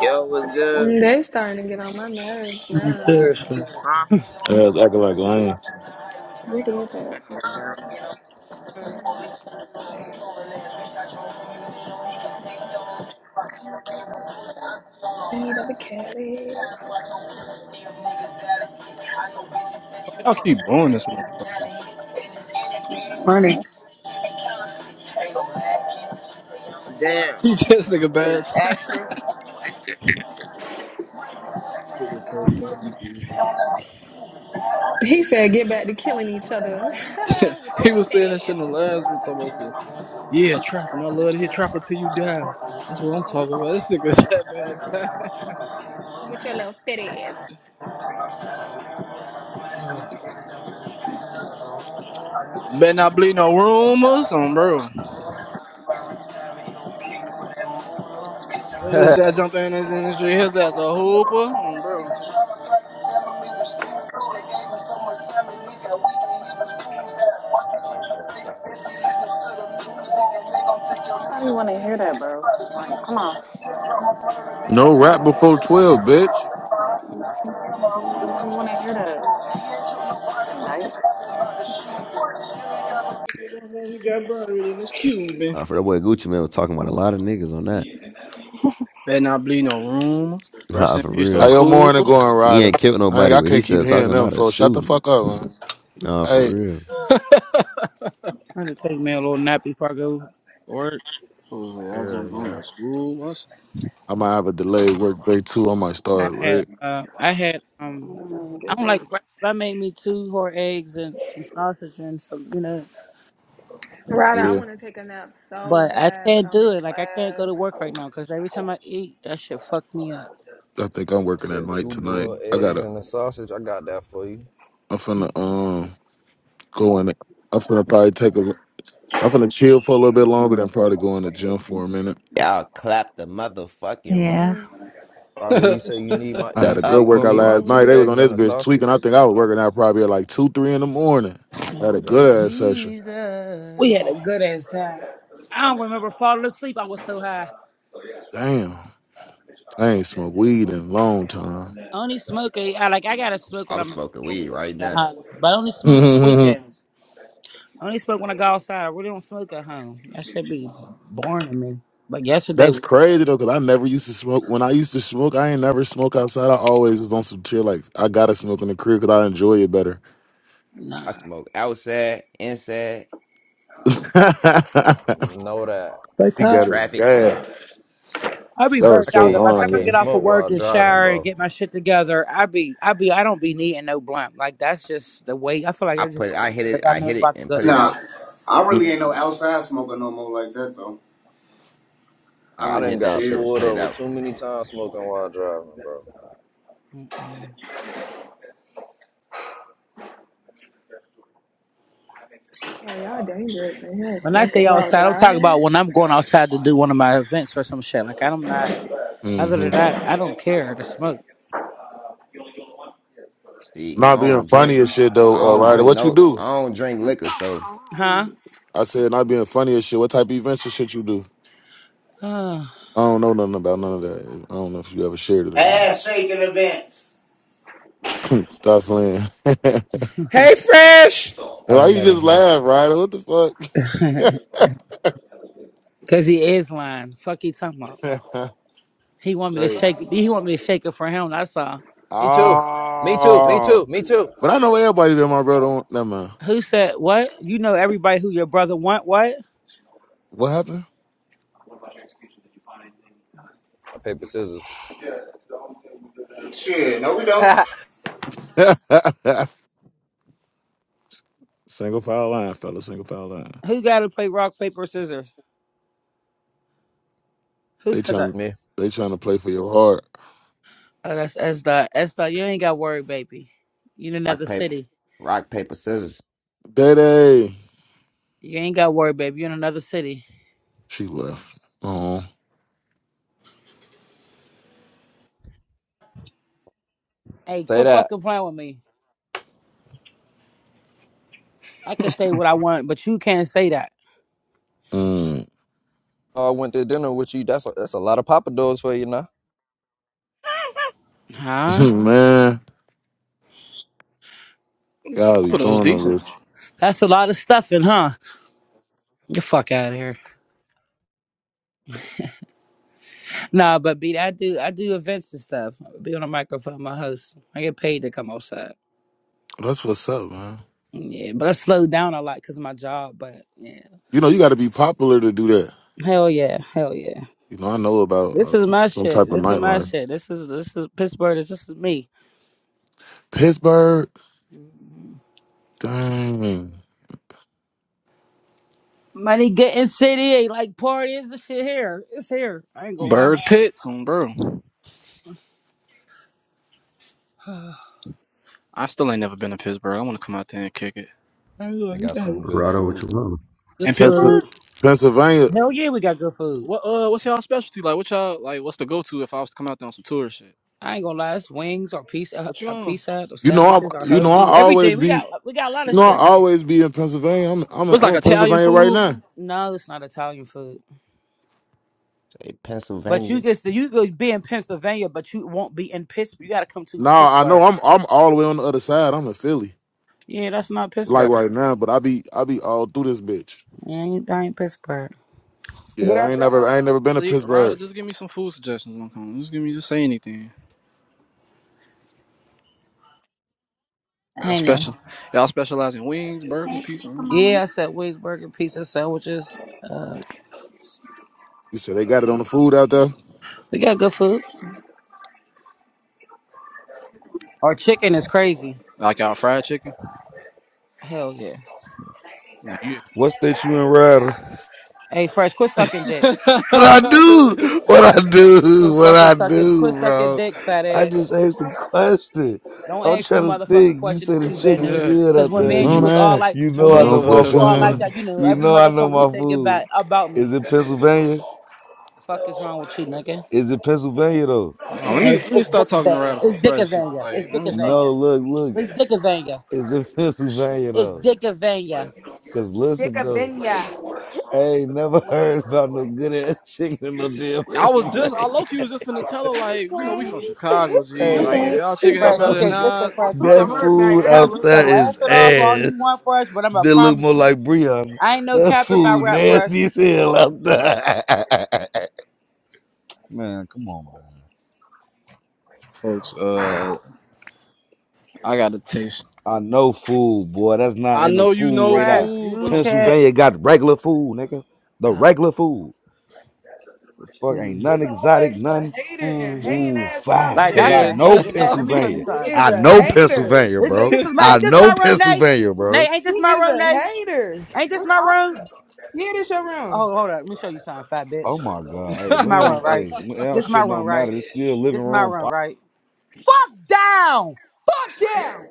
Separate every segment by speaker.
Speaker 1: Yo, what's good?
Speaker 2: Mm, They starting to get on my nerves
Speaker 3: Mm,
Speaker 2: now.
Speaker 3: Seriously.
Speaker 1: Huh?
Speaker 4: Yeah, it's acting like lame.
Speaker 5: Who did that?
Speaker 2: Uh, Need of a Cali.
Speaker 6: Y'all keep blowing this motherfucker.
Speaker 5: No,
Speaker 3: Morning.
Speaker 5: no.
Speaker 1: Damn.
Speaker 6: He just nigga
Speaker 1: Hey,
Speaker 6: bad.
Speaker 1: action.
Speaker 6: Nigga, so funny, G.
Speaker 2: He said, "Get back to killing each other with your
Speaker 6: he
Speaker 2: little
Speaker 6: was
Speaker 2: fat
Speaker 6: saying that shit
Speaker 2: ass."
Speaker 6: in the last room talking about so yeah, trapping. I love to hear trapper till you die. That's what I'm talking
Speaker 2: Oh,
Speaker 6: about. This nigga that
Speaker 2: with your little fat ass.
Speaker 6: bad. Better not bleed no rumors on bro. When this guy jump in this industry, his ass a hooper on bro.
Speaker 5: Nobody want to hear that, bro. Like, come on.
Speaker 7: No rap before 12, bitch.
Speaker 5: Nobody want to hear that. Fucking dyke.
Speaker 1: Thank you.
Speaker 6: If you don't know, he got buried in this Cuban.
Speaker 8: Uh, for that boy Gucci man was talking about a lot of niggas on that.
Speaker 6: Better not bleed no rumors. Rest
Speaker 8: Uh,
Speaker 6: in
Speaker 8: for
Speaker 6: peace to
Speaker 4: How
Speaker 8: real.
Speaker 4: your morning
Speaker 6: Cooper.
Speaker 4: going,
Speaker 8: He
Speaker 4: Ryder?
Speaker 8: ain't killed
Speaker 4: I ain't,
Speaker 8: nobody,
Speaker 4: I
Speaker 8: but he
Speaker 4: can't keep
Speaker 8: still
Speaker 4: hearing
Speaker 8: talking
Speaker 4: them
Speaker 8: about a
Speaker 4: folks. Shut the
Speaker 8: shooting.
Speaker 4: fuck up, man.
Speaker 8: Uh, for
Speaker 4: Hey,
Speaker 8: real.
Speaker 3: I had to take me a little nap before I go to work.
Speaker 6: Who was that? I
Speaker 4: yeah,
Speaker 6: jumped on
Speaker 4: yeah.
Speaker 6: the school bus.
Speaker 4: I might have a delayed work day too. I might
Speaker 3: I
Speaker 4: start
Speaker 3: had
Speaker 4: late.
Speaker 3: uh I had um
Speaker 5: Mm, get
Speaker 3: I don't
Speaker 5: up.
Speaker 3: like breakfast. I made me two hard eggs and some sausage and some you know a
Speaker 2: Ryder, I
Speaker 3: drink.
Speaker 4: Yeah,
Speaker 2: want to take a nap so
Speaker 3: but I
Speaker 2: bad, but
Speaker 3: can't
Speaker 2: I'm
Speaker 3: do
Speaker 2: in
Speaker 3: it. Like I can't go to
Speaker 2: class.
Speaker 3: work right now because every time I eat that shit fuck me up.
Speaker 4: I think I'm
Speaker 9: You
Speaker 4: working at
Speaker 9: said
Speaker 4: night
Speaker 9: two
Speaker 4: tonight.
Speaker 9: boiled
Speaker 4: I
Speaker 9: eggs
Speaker 4: gotta.
Speaker 9: and a sausage. I got that for you.
Speaker 4: I'm
Speaker 3: Mm,
Speaker 4: finna um go in. I'm finna probably take a. I'm finna chill for a little bit longer than probably going to gym for a minute.
Speaker 10: Y'all clap the motherfucking
Speaker 3: Yeah.
Speaker 10: room,
Speaker 9: Carter,
Speaker 6: I
Speaker 9: you say you need my
Speaker 4: I
Speaker 10: the
Speaker 4: had
Speaker 9: you
Speaker 4: a good
Speaker 9: said you
Speaker 10: upper
Speaker 4: workout
Speaker 9: need my
Speaker 4: last night.
Speaker 9: two
Speaker 4: They
Speaker 10: room.
Speaker 4: was on
Speaker 9: eggs
Speaker 4: this
Speaker 9: and a
Speaker 4: bitch tweaking. I
Speaker 9: sausage.
Speaker 4: think I was working out probably at like two, three in the morning. I
Speaker 3: Man,
Speaker 4: had a
Speaker 3: we
Speaker 10: Say
Speaker 4: good ass session.
Speaker 3: we
Speaker 10: Jesus.
Speaker 3: had a good ass time. I don't remember falling asleep. I was so high.
Speaker 4: Damn, I ain't smoked weed in a long time.
Speaker 3: I only smoke. a- I like I gotta smoke when
Speaker 10: I'm
Speaker 3: I'm in a
Speaker 10: smoking
Speaker 3: real good
Speaker 10: weed right
Speaker 3: mood at
Speaker 10: now.
Speaker 3: home, but I only smoke on the weekends. I only smoke when I go outside. I really don't smoke at home. That should be boring to me. But yesterday
Speaker 4: That's
Speaker 3: was
Speaker 4: crazy though, cause I never used to smoke. When I used to smoke, I ain't never smoke outside. I always was on some chill. Like I gotta smoke in the crib, cause I enjoy it better.
Speaker 3: nah.
Speaker 10: I smoke outside, inside,
Speaker 9: Know that.
Speaker 3: But
Speaker 4: he
Speaker 10: and
Speaker 4: got
Speaker 3: time
Speaker 4: it
Speaker 10: traffic.
Speaker 4: bad.
Speaker 3: I be
Speaker 4: That was
Speaker 3: burnt
Speaker 9: I
Speaker 4: so
Speaker 3: out. though.
Speaker 9: can't
Speaker 3: By the
Speaker 9: I
Speaker 3: time I
Speaker 9: can't
Speaker 3: get
Speaker 4: wrong.
Speaker 3: off of
Speaker 9: smoke
Speaker 3: work
Speaker 9: while
Speaker 3: and
Speaker 9: driving,
Speaker 3: shower and
Speaker 9: bro.
Speaker 3: get my shit together, I be I be I don't be needing no blunt. Like that's just the way I feel like
Speaker 10: I
Speaker 3: I
Speaker 10: put,
Speaker 3: just
Speaker 10: I hit
Speaker 3: wasted
Speaker 10: it,
Speaker 3: if I
Speaker 10: I
Speaker 3: know I'm
Speaker 10: hit it,
Speaker 3: about to
Speaker 10: and
Speaker 3: go
Speaker 10: put
Speaker 3: to
Speaker 10: it
Speaker 11: Nah,
Speaker 10: out.
Speaker 3: sleep.
Speaker 11: I
Speaker 4: Yeah.
Speaker 11: really ain't no outside smoker no more like that though. I be
Speaker 9: I
Speaker 10: I
Speaker 9: done
Speaker 11: wanna
Speaker 10: hit that
Speaker 9: got
Speaker 10: shit
Speaker 11: chill.
Speaker 10: and
Speaker 9: pulled
Speaker 10: put it
Speaker 9: over
Speaker 10: out.
Speaker 9: too many times smoking while driving, bro.
Speaker 3: Mm-mm.
Speaker 2: Oh, y'all dangerous in here
Speaker 3: When I say
Speaker 2: smoking while
Speaker 3: outside, I'm talking
Speaker 2: driving.
Speaker 3: about when I'm going outside to do one of my events or some shit. Like I'm not. Other
Speaker 4: hmm
Speaker 3: than that, I don't care to smoke.
Speaker 10: See, I
Speaker 4: Not being
Speaker 10: don't
Speaker 4: funny
Speaker 10: drink.
Speaker 4: as shit
Speaker 10: I
Speaker 4: though, uh
Speaker 10: don't
Speaker 4: Ryder.
Speaker 10: drink
Speaker 4: What you
Speaker 10: no.
Speaker 4: do?
Speaker 10: I don't drink
Speaker 5: I'm
Speaker 10: liquor.
Speaker 5: so
Speaker 10: So
Speaker 3: Huh?
Speaker 5: cold.
Speaker 4: I said not being funny as shit. What type of events and shit you do? I don't know nothing about none of that. I don't know if you ever shared it or not.
Speaker 11: Ass shaking events.
Speaker 4: Stop playing.
Speaker 12: Hey, Fresh.
Speaker 4: And
Speaker 12: Oh,
Speaker 4: Why
Speaker 12: he
Speaker 4: you
Speaker 12: not in
Speaker 4: just
Speaker 12: here.
Speaker 4: laugh, Ryder? What the
Speaker 3: Cause he is lying. Fuck you talking about?
Speaker 4: fuck?
Speaker 3: He want me to
Speaker 4: Great.
Speaker 3: shake it. He want me to shake it for him. That's all.
Speaker 9: Me too. Me too. Me
Speaker 4: Oh.
Speaker 9: too. Me too.
Speaker 4: But I know everybody that my brother on never mind.
Speaker 3: Who said what? You know everybody who your brother want what?
Speaker 4: What happened?
Speaker 9: I paper scissors.
Speaker 11: Shit, no we don't.
Speaker 4: single file line, fella, single file line.
Speaker 3: Who got to play rock paper scissors? Who
Speaker 4: They
Speaker 3: said that?
Speaker 4: trying
Speaker 9: me.
Speaker 4: they trying to play for your heart.
Speaker 3: Oh, that's Esda. Esda, you ain't got worried, baby. You in
Speaker 10: rock
Speaker 3: another
Speaker 10: paper,
Speaker 3: city.
Speaker 10: rock paper scissors.
Speaker 4: Day
Speaker 3: You ain't got worried, baby. You in another city.
Speaker 4: She left.
Speaker 3: Hey,
Speaker 9: Say
Speaker 3: quit
Speaker 9: that.
Speaker 3: fucking playing with me. I can say what I want, but you can't say that.
Speaker 4: Oh.
Speaker 9: I went to dinner with you. That's a, that's a lot of Papa Do's for you now.
Speaker 3: Huh?
Speaker 4: man, y'all be
Speaker 6: put those
Speaker 4: throwing them,
Speaker 6: decent.
Speaker 4: Rich.
Speaker 3: That's a lot of stuffing, huh? Get the fuck out of here. Nah, but beat, I do I do events and stuff. I be on the microphone, my host. I get paid to come outside.
Speaker 4: That's what's up, man.
Speaker 3: Yeah, but I slowed down a lot because of my job. But yeah,
Speaker 4: You know, you got to be popular to do that.
Speaker 3: hell yeah, hell yeah.
Speaker 4: You know, I know about uh,
Speaker 3: This is my
Speaker 4: some
Speaker 3: shit.
Speaker 4: type of
Speaker 3: This is my
Speaker 4: nightlife.
Speaker 3: shit. This is this is Pittsburgh. This, this is me.
Speaker 4: Pittsburgh, dang,
Speaker 3: Money getting city ain't like party is the shit here. It's here. I ain't gonna lie.
Speaker 6: Bird Pits, um, bro.
Speaker 3: I
Speaker 6: I still ain't never been to Pittsburgh. I want to come out there and kick it.
Speaker 3: ain't
Speaker 9: They
Speaker 3: gonna- we
Speaker 9: got some
Speaker 3: got
Speaker 9: good
Speaker 13: Righto,
Speaker 9: food.
Speaker 13: what you want?
Speaker 3: Good
Speaker 6: And
Speaker 4: Pensil-
Speaker 3: food.
Speaker 6: Pittsburgh,
Speaker 4: Pennsylvania.
Speaker 3: Hell yeah, we got good food.
Speaker 6: what uh, what's y'all specialty? Like, what y'all like? What's the go to if I was to come out there on some tour shit?
Speaker 3: I ain't gonna lie. It's wings or pizza,
Speaker 6: What you
Speaker 3: or
Speaker 6: on?
Speaker 3: pizza, or
Speaker 4: You know, I
Speaker 3: sandwiches, or
Speaker 4: you know
Speaker 3: hoagie.
Speaker 4: I
Speaker 3: Everything
Speaker 4: always
Speaker 3: we got.
Speaker 4: be
Speaker 3: We got a lot
Speaker 4: you
Speaker 3: of
Speaker 4: know I
Speaker 3: shit.
Speaker 4: always be in Pennsylvania. I'm I'm a,
Speaker 6: What's
Speaker 4: I'm
Speaker 6: like
Speaker 4: in
Speaker 6: Italian
Speaker 4: Pennsylvania right
Speaker 6: food?
Speaker 4: now.
Speaker 3: No, it's not Italian food.
Speaker 10: Say
Speaker 3: But you
Speaker 10: Pennsylvania.
Speaker 3: can you could be in Pennsylvania, but you won't be in Pittsburgh. You gotta come to
Speaker 4: Nah, I know
Speaker 3: Pittsburgh.
Speaker 4: I'm I'm all the way on the other side. I'm in Philly,
Speaker 3: Yeah, that's not
Speaker 4: like
Speaker 3: Pittsburgh.
Speaker 4: right now. But I be I be all through this bitch.
Speaker 3: Man, you that ain't Pittsburgh.
Speaker 4: Yeah,
Speaker 14: Good
Speaker 4: I ain't never
Speaker 14: afternoon.
Speaker 4: I ain't never been to
Speaker 6: Like, Ryder,
Speaker 4: Pittsburgh.
Speaker 6: just give me some food suggestions. When I'm coming. Just give me, just say anything. Y'all
Speaker 3: Ain't there.
Speaker 6: special? Y'all specialize in wings, burgers,
Speaker 5: I
Speaker 6: pizza. I
Speaker 5: stink, mama.
Speaker 3: Yeah, I said wings, burger, pizza, sandwiches. Uh,
Speaker 4: You said they got it on the food out there.
Speaker 3: we got good food. Our chicken is crazy.
Speaker 6: Like y'all fried chicken?
Speaker 3: Hell yeah.
Speaker 6: Nah, you.
Speaker 15: What state you in, Ryder?
Speaker 3: Hey, Fresh, quit
Speaker 6: she
Speaker 3: sucking dick.
Speaker 15: What I do? What I do?
Speaker 3: Quit
Speaker 15: What
Speaker 3: fucking
Speaker 15: I
Speaker 3: sucking. Quit
Speaker 15: do,
Speaker 3: sucking
Speaker 15: bro?
Speaker 3: dick, fat
Speaker 15: I
Speaker 3: ass.
Speaker 15: just asked a question.
Speaker 3: Don't
Speaker 15: I'm
Speaker 3: ask no
Speaker 15: trying to
Speaker 3: motherfucker
Speaker 15: think. You
Speaker 3: question
Speaker 15: say
Speaker 3: that
Speaker 15: the
Speaker 3: you been
Speaker 15: chicken
Speaker 3: to.
Speaker 15: good
Speaker 3: Cause
Speaker 15: out
Speaker 3: when me
Speaker 15: there.
Speaker 3: and you
Speaker 4: Don't
Speaker 15: You,
Speaker 3: was all like,
Speaker 4: ask.
Speaker 15: you
Speaker 3: when
Speaker 15: know I
Speaker 3: me and
Speaker 6: talking
Speaker 4: No
Speaker 3: you
Speaker 15: know
Speaker 6: to
Speaker 3: was
Speaker 15: my
Speaker 6: her ass
Speaker 3: cool
Speaker 6: no
Speaker 3: all
Speaker 15: food.
Speaker 3: like
Speaker 6: fun.
Speaker 3: that, you
Speaker 4: questions.
Speaker 3: know
Speaker 15: You
Speaker 3: every
Speaker 15: know I know
Speaker 5: Yeah,
Speaker 3: motherfucker
Speaker 15: my
Speaker 3: thing about
Speaker 15: food.
Speaker 3: about me.
Speaker 15: Is it Pennsylvania?
Speaker 3: The fuck is wrong with you, nigga?
Speaker 15: Is it Pennsylvania though?
Speaker 6: Nah, let
Speaker 3: Hey,
Speaker 6: me
Speaker 3: It's,
Speaker 6: let me
Speaker 3: it's
Speaker 6: start talking to
Speaker 3: Dickavanga.
Speaker 6: Ryder for
Speaker 3: It's
Speaker 6: fresh shit.
Speaker 3: Dickavanga. It's
Speaker 6: Like, let me stop.
Speaker 3: Dickavanga.
Speaker 15: No, look, look.
Speaker 3: It's Dickavanga.
Speaker 15: Is it Pennsylvania
Speaker 3: It's
Speaker 15: though?
Speaker 3: Dickavanga.
Speaker 15: Cause
Speaker 14: Dick
Speaker 15: listen
Speaker 14: a
Speaker 15: though,
Speaker 14: benya.
Speaker 15: I ain't never heard about no good ass chicken in no damn
Speaker 6: I was just, I
Speaker 15: Pennsylvania.
Speaker 6: low key was just finna tell her,
Speaker 14: Hey,
Speaker 6: like, you know, we
Speaker 14: Shay.
Speaker 6: from Chicago, G.
Speaker 15: Hey,
Speaker 6: Like, if y'all
Speaker 15: she
Speaker 6: chicken ain't
Speaker 15: talking
Speaker 3: Fresh,
Speaker 6: better
Speaker 3: you
Speaker 15: about
Speaker 6: than
Speaker 15: some
Speaker 3: can
Speaker 15: good-
Speaker 3: listen,
Speaker 6: us,
Speaker 14: I
Speaker 6: it's
Speaker 3: Fresh. You
Speaker 14: put the
Speaker 6: probably
Speaker 3: can,
Speaker 15: that
Speaker 6: gonna
Speaker 14: hurt
Speaker 6: be like,
Speaker 14: back.
Speaker 15: food
Speaker 14: I
Speaker 3: Fresh,
Speaker 14: got
Speaker 15: out
Speaker 3: you
Speaker 14: lotion
Speaker 3: can
Speaker 15: there
Speaker 14: on my
Speaker 3: laugh
Speaker 15: is
Speaker 3: it
Speaker 14: hands.
Speaker 3: off all
Speaker 15: ass.
Speaker 3: you want, Fresh. But I'm gonna
Speaker 15: They look
Speaker 3: promise
Speaker 15: more
Speaker 3: you,
Speaker 15: like Breon.
Speaker 3: I ain't no
Speaker 15: That
Speaker 3: cap in my
Speaker 15: food
Speaker 3: rap, Fresh.
Speaker 15: nasty as hell out there. man, come on,
Speaker 6: folks, uh,
Speaker 15: man.
Speaker 6: I gotta taste.
Speaker 15: I know food, boy. That's not
Speaker 6: I
Speaker 15: in the
Speaker 6: know you
Speaker 15: food
Speaker 6: know
Speaker 15: radar.
Speaker 3: Fresh,
Speaker 6: food, but
Speaker 3: you
Speaker 6: I'm saying,
Speaker 3: can.
Speaker 15: Pennsylvania got regular food, nigga. The regular food. Fuck, ain't
Speaker 3: Mm,
Speaker 15: none exotic,
Speaker 14: He's a
Speaker 15: none.
Speaker 14: hater and
Speaker 3: mm.
Speaker 14: hating
Speaker 15: Ooh,
Speaker 14: ass
Speaker 15: fine.
Speaker 14: comment
Speaker 3: Like
Speaker 15: Cause
Speaker 14: with
Speaker 3: that's
Speaker 15: I
Speaker 6: yeah,
Speaker 3: a
Speaker 14: him.
Speaker 6: G,
Speaker 15: know
Speaker 3: hate
Speaker 6: that's
Speaker 3: in that.
Speaker 6: how
Speaker 3: Let me
Speaker 6: he.
Speaker 3: show you
Speaker 15: Pennsylvania.
Speaker 14: He
Speaker 3: something.
Speaker 14: is
Speaker 15: I
Speaker 14: a
Speaker 15: know
Speaker 3: Mm.
Speaker 14: hater.
Speaker 15: Pennsylvania,
Speaker 3: This is
Speaker 15: bro.
Speaker 3: this is my
Speaker 15: I
Speaker 3: ain't this
Speaker 15: know
Speaker 3: my room, Nay?
Speaker 15: Pennsylvania, bro.
Speaker 3: Nay, ain't
Speaker 14: He
Speaker 3: this my
Speaker 14: is
Speaker 3: room,
Speaker 14: a
Speaker 3: Nay?
Speaker 14: hater.
Speaker 3: Ain't this
Speaker 14: What's
Speaker 3: my room?
Speaker 14: happening? Yeah, this your room.
Speaker 3: Oh, hold up. Let me show you something, fat
Speaker 15: Oh
Speaker 3: bitch.
Speaker 15: my God! Hey,
Speaker 3: This is
Speaker 15: we
Speaker 3: my room,
Speaker 15: don't.
Speaker 3: right?
Speaker 15: Hey, our
Speaker 3: This is my
Speaker 15: shit
Speaker 3: room,
Speaker 15: don't
Speaker 3: right?
Speaker 15: matter. It's still living
Speaker 3: This is my
Speaker 15: room. po-
Speaker 3: room, right? fuck down.
Speaker 14: Fuck down.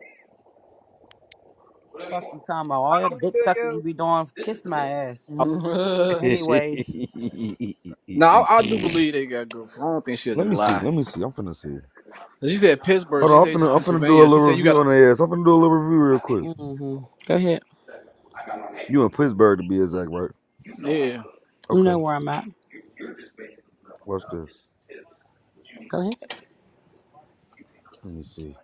Speaker 3: Fuck you talking about all your
Speaker 14: Oh,
Speaker 3: dick
Speaker 14: do
Speaker 3: sucking you
Speaker 14: you?
Speaker 3: be doing. Kiss my ass. Anyways,
Speaker 6: now, I, I do believe they got good food. I don't think she'll
Speaker 15: let
Speaker 6: just
Speaker 15: me see.
Speaker 6: lie.
Speaker 15: Let me see. I'm finna see.
Speaker 6: 'Cause She said Pittsburgh. She
Speaker 15: Hold on.
Speaker 6: didn't
Speaker 15: I'm
Speaker 6: say just
Speaker 15: finna. I'm finna do a
Speaker 6: Pennsylvania. She
Speaker 15: little
Speaker 6: said you
Speaker 15: review
Speaker 6: gotta,
Speaker 15: on their ass. I'm finna do a little review real quick.
Speaker 3: mm-hmm. go ahead.
Speaker 15: You in Pittsburgh to be exact, right?
Speaker 6: yeah.
Speaker 3: You know
Speaker 15: Okay.
Speaker 3: where I'm at.
Speaker 15: Watch this.
Speaker 3: Go ahead.
Speaker 15: Let me see.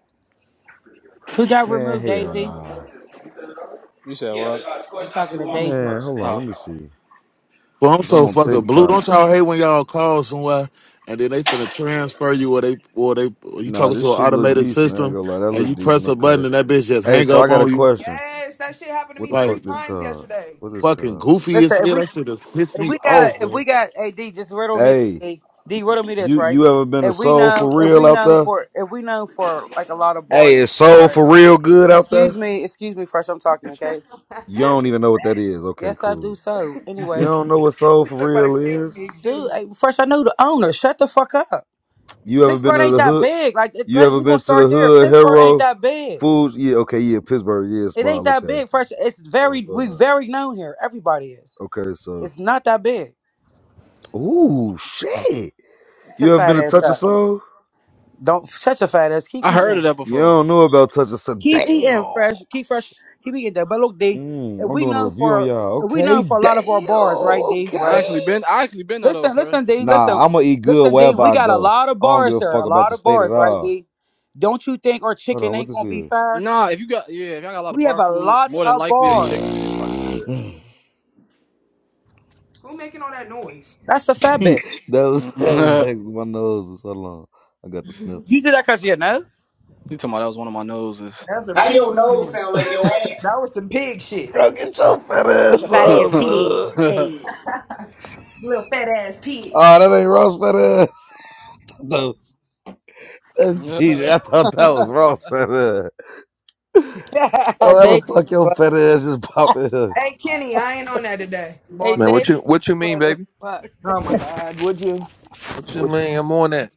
Speaker 3: Who got
Speaker 15: Man,
Speaker 3: removed,
Speaker 15: hell
Speaker 3: Daisy?
Speaker 15: nah.
Speaker 6: You said what?
Speaker 3: I'm talking to Daisy.
Speaker 15: Man, hold on. Let
Speaker 6: Oh,
Speaker 15: me see.
Speaker 4: Well, I'm
Speaker 15: Cause I'm
Speaker 4: so
Speaker 15: on
Speaker 4: fucking blue.
Speaker 15: TikTok.
Speaker 4: Don't y'all hate when y'all call somewhere and then they finna transfer you or they or they or you
Speaker 15: Nah,
Speaker 4: talking
Speaker 15: this
Speaker 4: to an
Speaker 15: shit look
Speaker 4: automated
Speaker 15: decent. I ain't
Speaker 4: system
Speaker 15: gonna lie. That
Speaker 4: and
Speaker 15: look
Speaker 4: you
Speaker 15: decent.
Speaker 4: press a button
Speaker 15: Okay.
Speaker 4: and that bitch just
Speaker 15: Hey,
Speaker 4: hang
Speaker 15: so I
Speaker 4: up
Speaker 15: got a
Speaker 4: on you
Speaker 15: question.
Speaker 14: Yes, that shit happened to
Speaker 15: What
Speaker 14: me
Speaker 15: the
Speaker 14: three
Speaker 4: like
Speaker 15: fuck this
Speaker 14: times
Speaker 15: called?
Speaker 14: yesterday.
Speaker 15: What this
Speaker 4: fucking
Speaker 15: called?
Speaker 4: goofy as
Speaker 3: Listen, if
Speaker 4: hell.
Speaker 3: we
Speaker 4: That shit has pissed
Speaker 3: if
Speaker 4: me
Speaker 3: we got
Speaker 4: off,
Speaker 3: a if we
Speaker 4: man.
Speaker 3: got AD, just riddle me
Speaker 15: Hey,
Speaker 3: D.
Speaker 15: y-
Speaker 3: D riddle me this,
Speaker 15: you
Speaker 3: right?
Speaker 15: you ever been a
Speaker 3: If we
Speaker 15: soul
Speaker 3: know
Speaker 15: for
Speaker 3: if
Speaker 15: real
Speaker 3: we
Speaker 15: out
Speaker 3: know
Speaker 15: there?
Speaker 3: for if we know for like a lot of
Speaker 15: Hey,
Speaker 3: bars and
Speaker 15: is
Speaker 3: shit,
Speaker 15: soul
Speaker 3: right?
Speaker 15: for real good out
Speaker 3: Excuse
Speaker 15: there?
Speaker 3: me, excuse me, fresh. I'm talking, okay?
Speaker 15: You don't even know what that is. Okay,
Speaker 3: Yes, I do.
Speaker 15: cool.
Speaker 3: So,
Speaker 15: You
Speaker 3: anyways,
Speaker 15: don't know what soul
Speaker 14: He
Speaker 15: for
Speaker 14: talking about
Speaker 15: real
Speaker 14: excuse me,
Speaker 15: is?
Speaker 14: excuse
Speaker 3: dude,
Speaker 14: me.
Speaker 3: hey, fresh. I know the owner. Shut the fuck up.
Speaker 15: You ever been
Speaker 3: Pittsburgh
Speaker 15: to
Speaker 3: ain't
Speaker 15: the
Speaker 3: that
Speaker 15: hood?
Speaker 3: big. Like it,
Speaker 15: You
Speaker 3: let,
Speaker 15: ever
Speaker 3: we gonna
Speaker 15: been to the
Speaker 3: start there.
Speaker 15: hood,
Speaker 3: Pittsburgh ain't
Speaker 15: Hero?
Speaker 3: that big.
Speaker 15: Foods? Yeah, okay, yeah, Pittsburgh, yeah,
Speaker 3: It ain't
Speaker 15: small,
Speaker 3: that
Speaker 15: okay.
Speaker 3: big. First, it's
Speaker 15: I'm
Speaker 3: very we
Speaker 15: feeling that.
Speaker 3: very known here. Everybody is.
Speaker 15: Okay, so,
Speaker 3: It's not that big.
Speaker 15: ooh, shit.
Speaker 3: Get your
Speaker 15: You ever been
Speaker 3: fat
Speaker 15: to
Speaker 3: ass
Speaker 15: Touch of
Speaker 3: up.
Speaker 15: Soul?
Speaker 3: Don't shut your fat ass. Keep
Speaker 6: I heard of
Speaker 3: eating.
Speaker 6: that
Speaker 15: You
Speaker 6: before.
Speaker 15: don't know about Touch of Soul. Damn.
Speaker 3: Keep eating fresh. Keep fresh. Keep eating that. But look, D, if
Speaker 15: Mm, I'm
Speaker 3: we
Speaker 15: doing a
Speaker 3: know
Speaker 15: review on
Speaker 3: for
Speaker 15: y'all.
Speaker 3: if we know
Speaker 15: Okay,
Speaker 3: for a lot
Speaker 15: damn.
Speaker 3: of our bars, right, D,
Speaker 6: I
Speaker 3: right.
Speaker 15: Okay.
Speaker 6: actually been, I actually been there though,
Speaker 3: Listen,
Speaker 6: bro.
Speaker 3: listen, D, listen,
Speaker 15: Nah, I'ma eat good
Speaker 3: listen, D.
Speaker 15: wherever
Speaker 3: We
Speaker 15: I
Speaker 3: got a
Speaker 15: go.
Speaker 3: lot of
Speaker 15: I don't give
Speaker 3: bars
Speaker 15: a
Speaker 3: here.
Speaker 15: fuck
Speaker 3: A
Speaker 15: about
Speaker 3: lot
Speaker 15: the
Speaker 3: of
Speaker 15: state at
Speaker 3: bars, right,
Speaker 15: all.
Speaker 3: D. Don't you think our
Speaker 15: Hold on,
Speaker 3: chicken
Speaker 15: what
Speaker 3: ain't
Speaker 15: this
Speaker 3: gonna be
Speaker 15: is?
Speaker 3: fair?
Speaker 6: Nah, if you got yeah, if y'all got a lot of
Speaker 3: We have
Speaker 6: bar
Speaker 3: a
Speaker 6: food,
Speaker 3: lot
Speaker 6: more than
Speaker 3: of
Speaker 6: likely they
Speaker 3: bars.
Speaker 6: chicken is probably good.
Speaker 15: that
Speaker 14: Who making all that noise?
Speaker 3: That's a fat bitch.
Speaker 15: was that was actually my nose. is- Hold on, I got the
Speaker 3: You
Speaker 15: sniffles.
Speaker 3: do that because of your nose?
Speaker 6: you talking about that was one of my noses.
Speaker 14: That's a
Speaker 11: How your
Speaker 14: pig
Speaker 11: nose
Speaker 14: snoring.
Speaker 11: sound like your
Speaker 14: That
Speaker 11: ass?
Speaker 14: was some pig shit.
Speaker 15: Bro, get your fat ass
Speaker 3: With your fat
Speaker 6: hey
Speaker 3: ass
Speaker 15: up,
Speaker 3: pig,
Speaker 15: bud.
Speaker 14: Little fat ass pig.
Speaker 15: Oh, that ain't Ross fat ass. That was, that's TJ. I thought that was Ross fat ass.
Speaker 3: fat
Speaker 15: Oh, how the fuck
Speaker 3: Davies,
Speaker 15: your
Speaker 3: bro.
Speaker 15: fat ass just popping here?
Speaker 14: Hey, Kenny, I ain't on that today,
Speaker 3: Hey,
Speaker 16: Man,
Speaker 14: boss.
Speaker 16: what
Speaker 3: Davies,
Speaker 16: you what you mean,
Speaker 3: bro.
Speaker 16: baby?
Speaker 3: Fuck.
Speaker 14: Oh my God, would you?
Speaker 16: What you mean? I'm on that.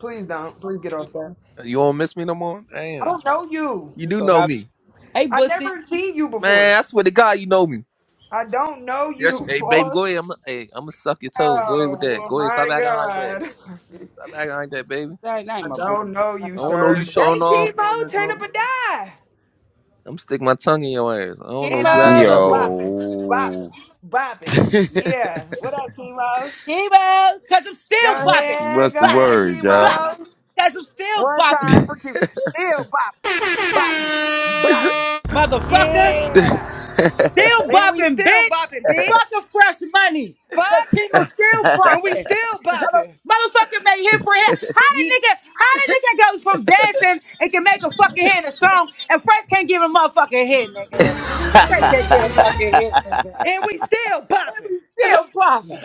Speaker 14: Please don't. Please get off that.
Speaker 16: You don't miss me no more?
Speaker 14: I
Speaker 16: Damn.
Speaker 14: don't know you.
Speaker 16: You
Speaker 3: You
Speaker 16: do
Speaker 3: so
Speaker 16: know
Speaker 3: happy.
Speaker 16: me.
Speaker 3: Hey,
Speaker 14: I
Speaker 3: Bussy.
Speaker 14: never seen you before.
Speaker 16: Man, I swear to God you know me.
Speaker 14: I don't know
Speaker 16: Yes.
Speaker 14: you,
Speaker 16: Hey baby, go ahead. I'm
Speaker 14: boss.
Speaker 16: hey, I'm gonna suck your toes. Go ahead
Speaker 14: Oh
Speaker 16: with that.
Speaker 14: well,
Speaker 16: Go ahead. Stop
Speaker 14: my
Speaker 16: acting like that.
Speaker 14: God.
Speaker 16: Stop acting like that, baby.
Speaker 3: That ain't, that
Speaker 14: I
Speaker 3: ain't my Bussy.
Speaker 14: don't know
Speaker 3: That
Speaker 14: you,
Speaker 16: I don't know you
Speaker 14: sir. Hey,
Speaker 16: showing off for in
Speaker 14: chemo,
Speaker 16: this
Speaker 14: turn up
Speaker 16: room.
Speaker 14: a die.
Speaker 16: I'm gonna stick my tongue in your ass. I don't
Speaker 3: ain't
Speaker 16: know
Speaker 14: And
Speaker 16: you
Speaker 14: I'm
Speaker 3: my
Speaker 16: acting
Speaker 3: Bussy.
Speaker 14: still
Speaker 16: up for.
Speaker 14: bopping, bopping,
Speaker 17: Yo,
Speaker 14: bopping. Yeah. What up, chemo?
Speaker 3: Chemo. Chemo. Because I'm still
Speaker 14: Go
Speaker 3: bopping.
Speaker 14: ahead,
Speaker 17: what's the
Speaker 14: go
Speaker 3: Bop.
Speaker 14: ahead,
Speaker 17: word,
Speaker 3: Bop.
Speaker 17: y'all?
Speaker 14: chemo.
Speaker 3: Because I'm still
Speaker 14: One
Speaker 3: bopping.
Speaker 14: time for Q. Still bopping, bopping, bopping.
Speaker 3: Motherfucker.
Speaker 14: Yeah.
Speaker 3: Still
Speaker 14: And we
Speaker 3: bopping,
Speaker 14: still
Speaker 3: bitch.
Speaker 14: bopping, bitch.
Speaker 3: Fucking fresh money. Because
Speaker 14: Fuck.
Speaker 3: chemo still
Speaker 14: And we
Speaker 3: bopping.
Speaker 14: still
Speaker 3: Mother-
Speaker 14: bopping.
Speaker 3: Motherfucker made hit for hit. How the
Speaker 14: Ye-
Speaker 3: nigga, how the nigga goes from dancing and can make a fucking hit in a song and Fresh can't give a motherfucking hit, nigga. Fresh can't get a fucking hit, nigga.
Speaker 14: and we still
Speaker 3: And
Speaker 14: bopping.
Speaker 3: we still popping.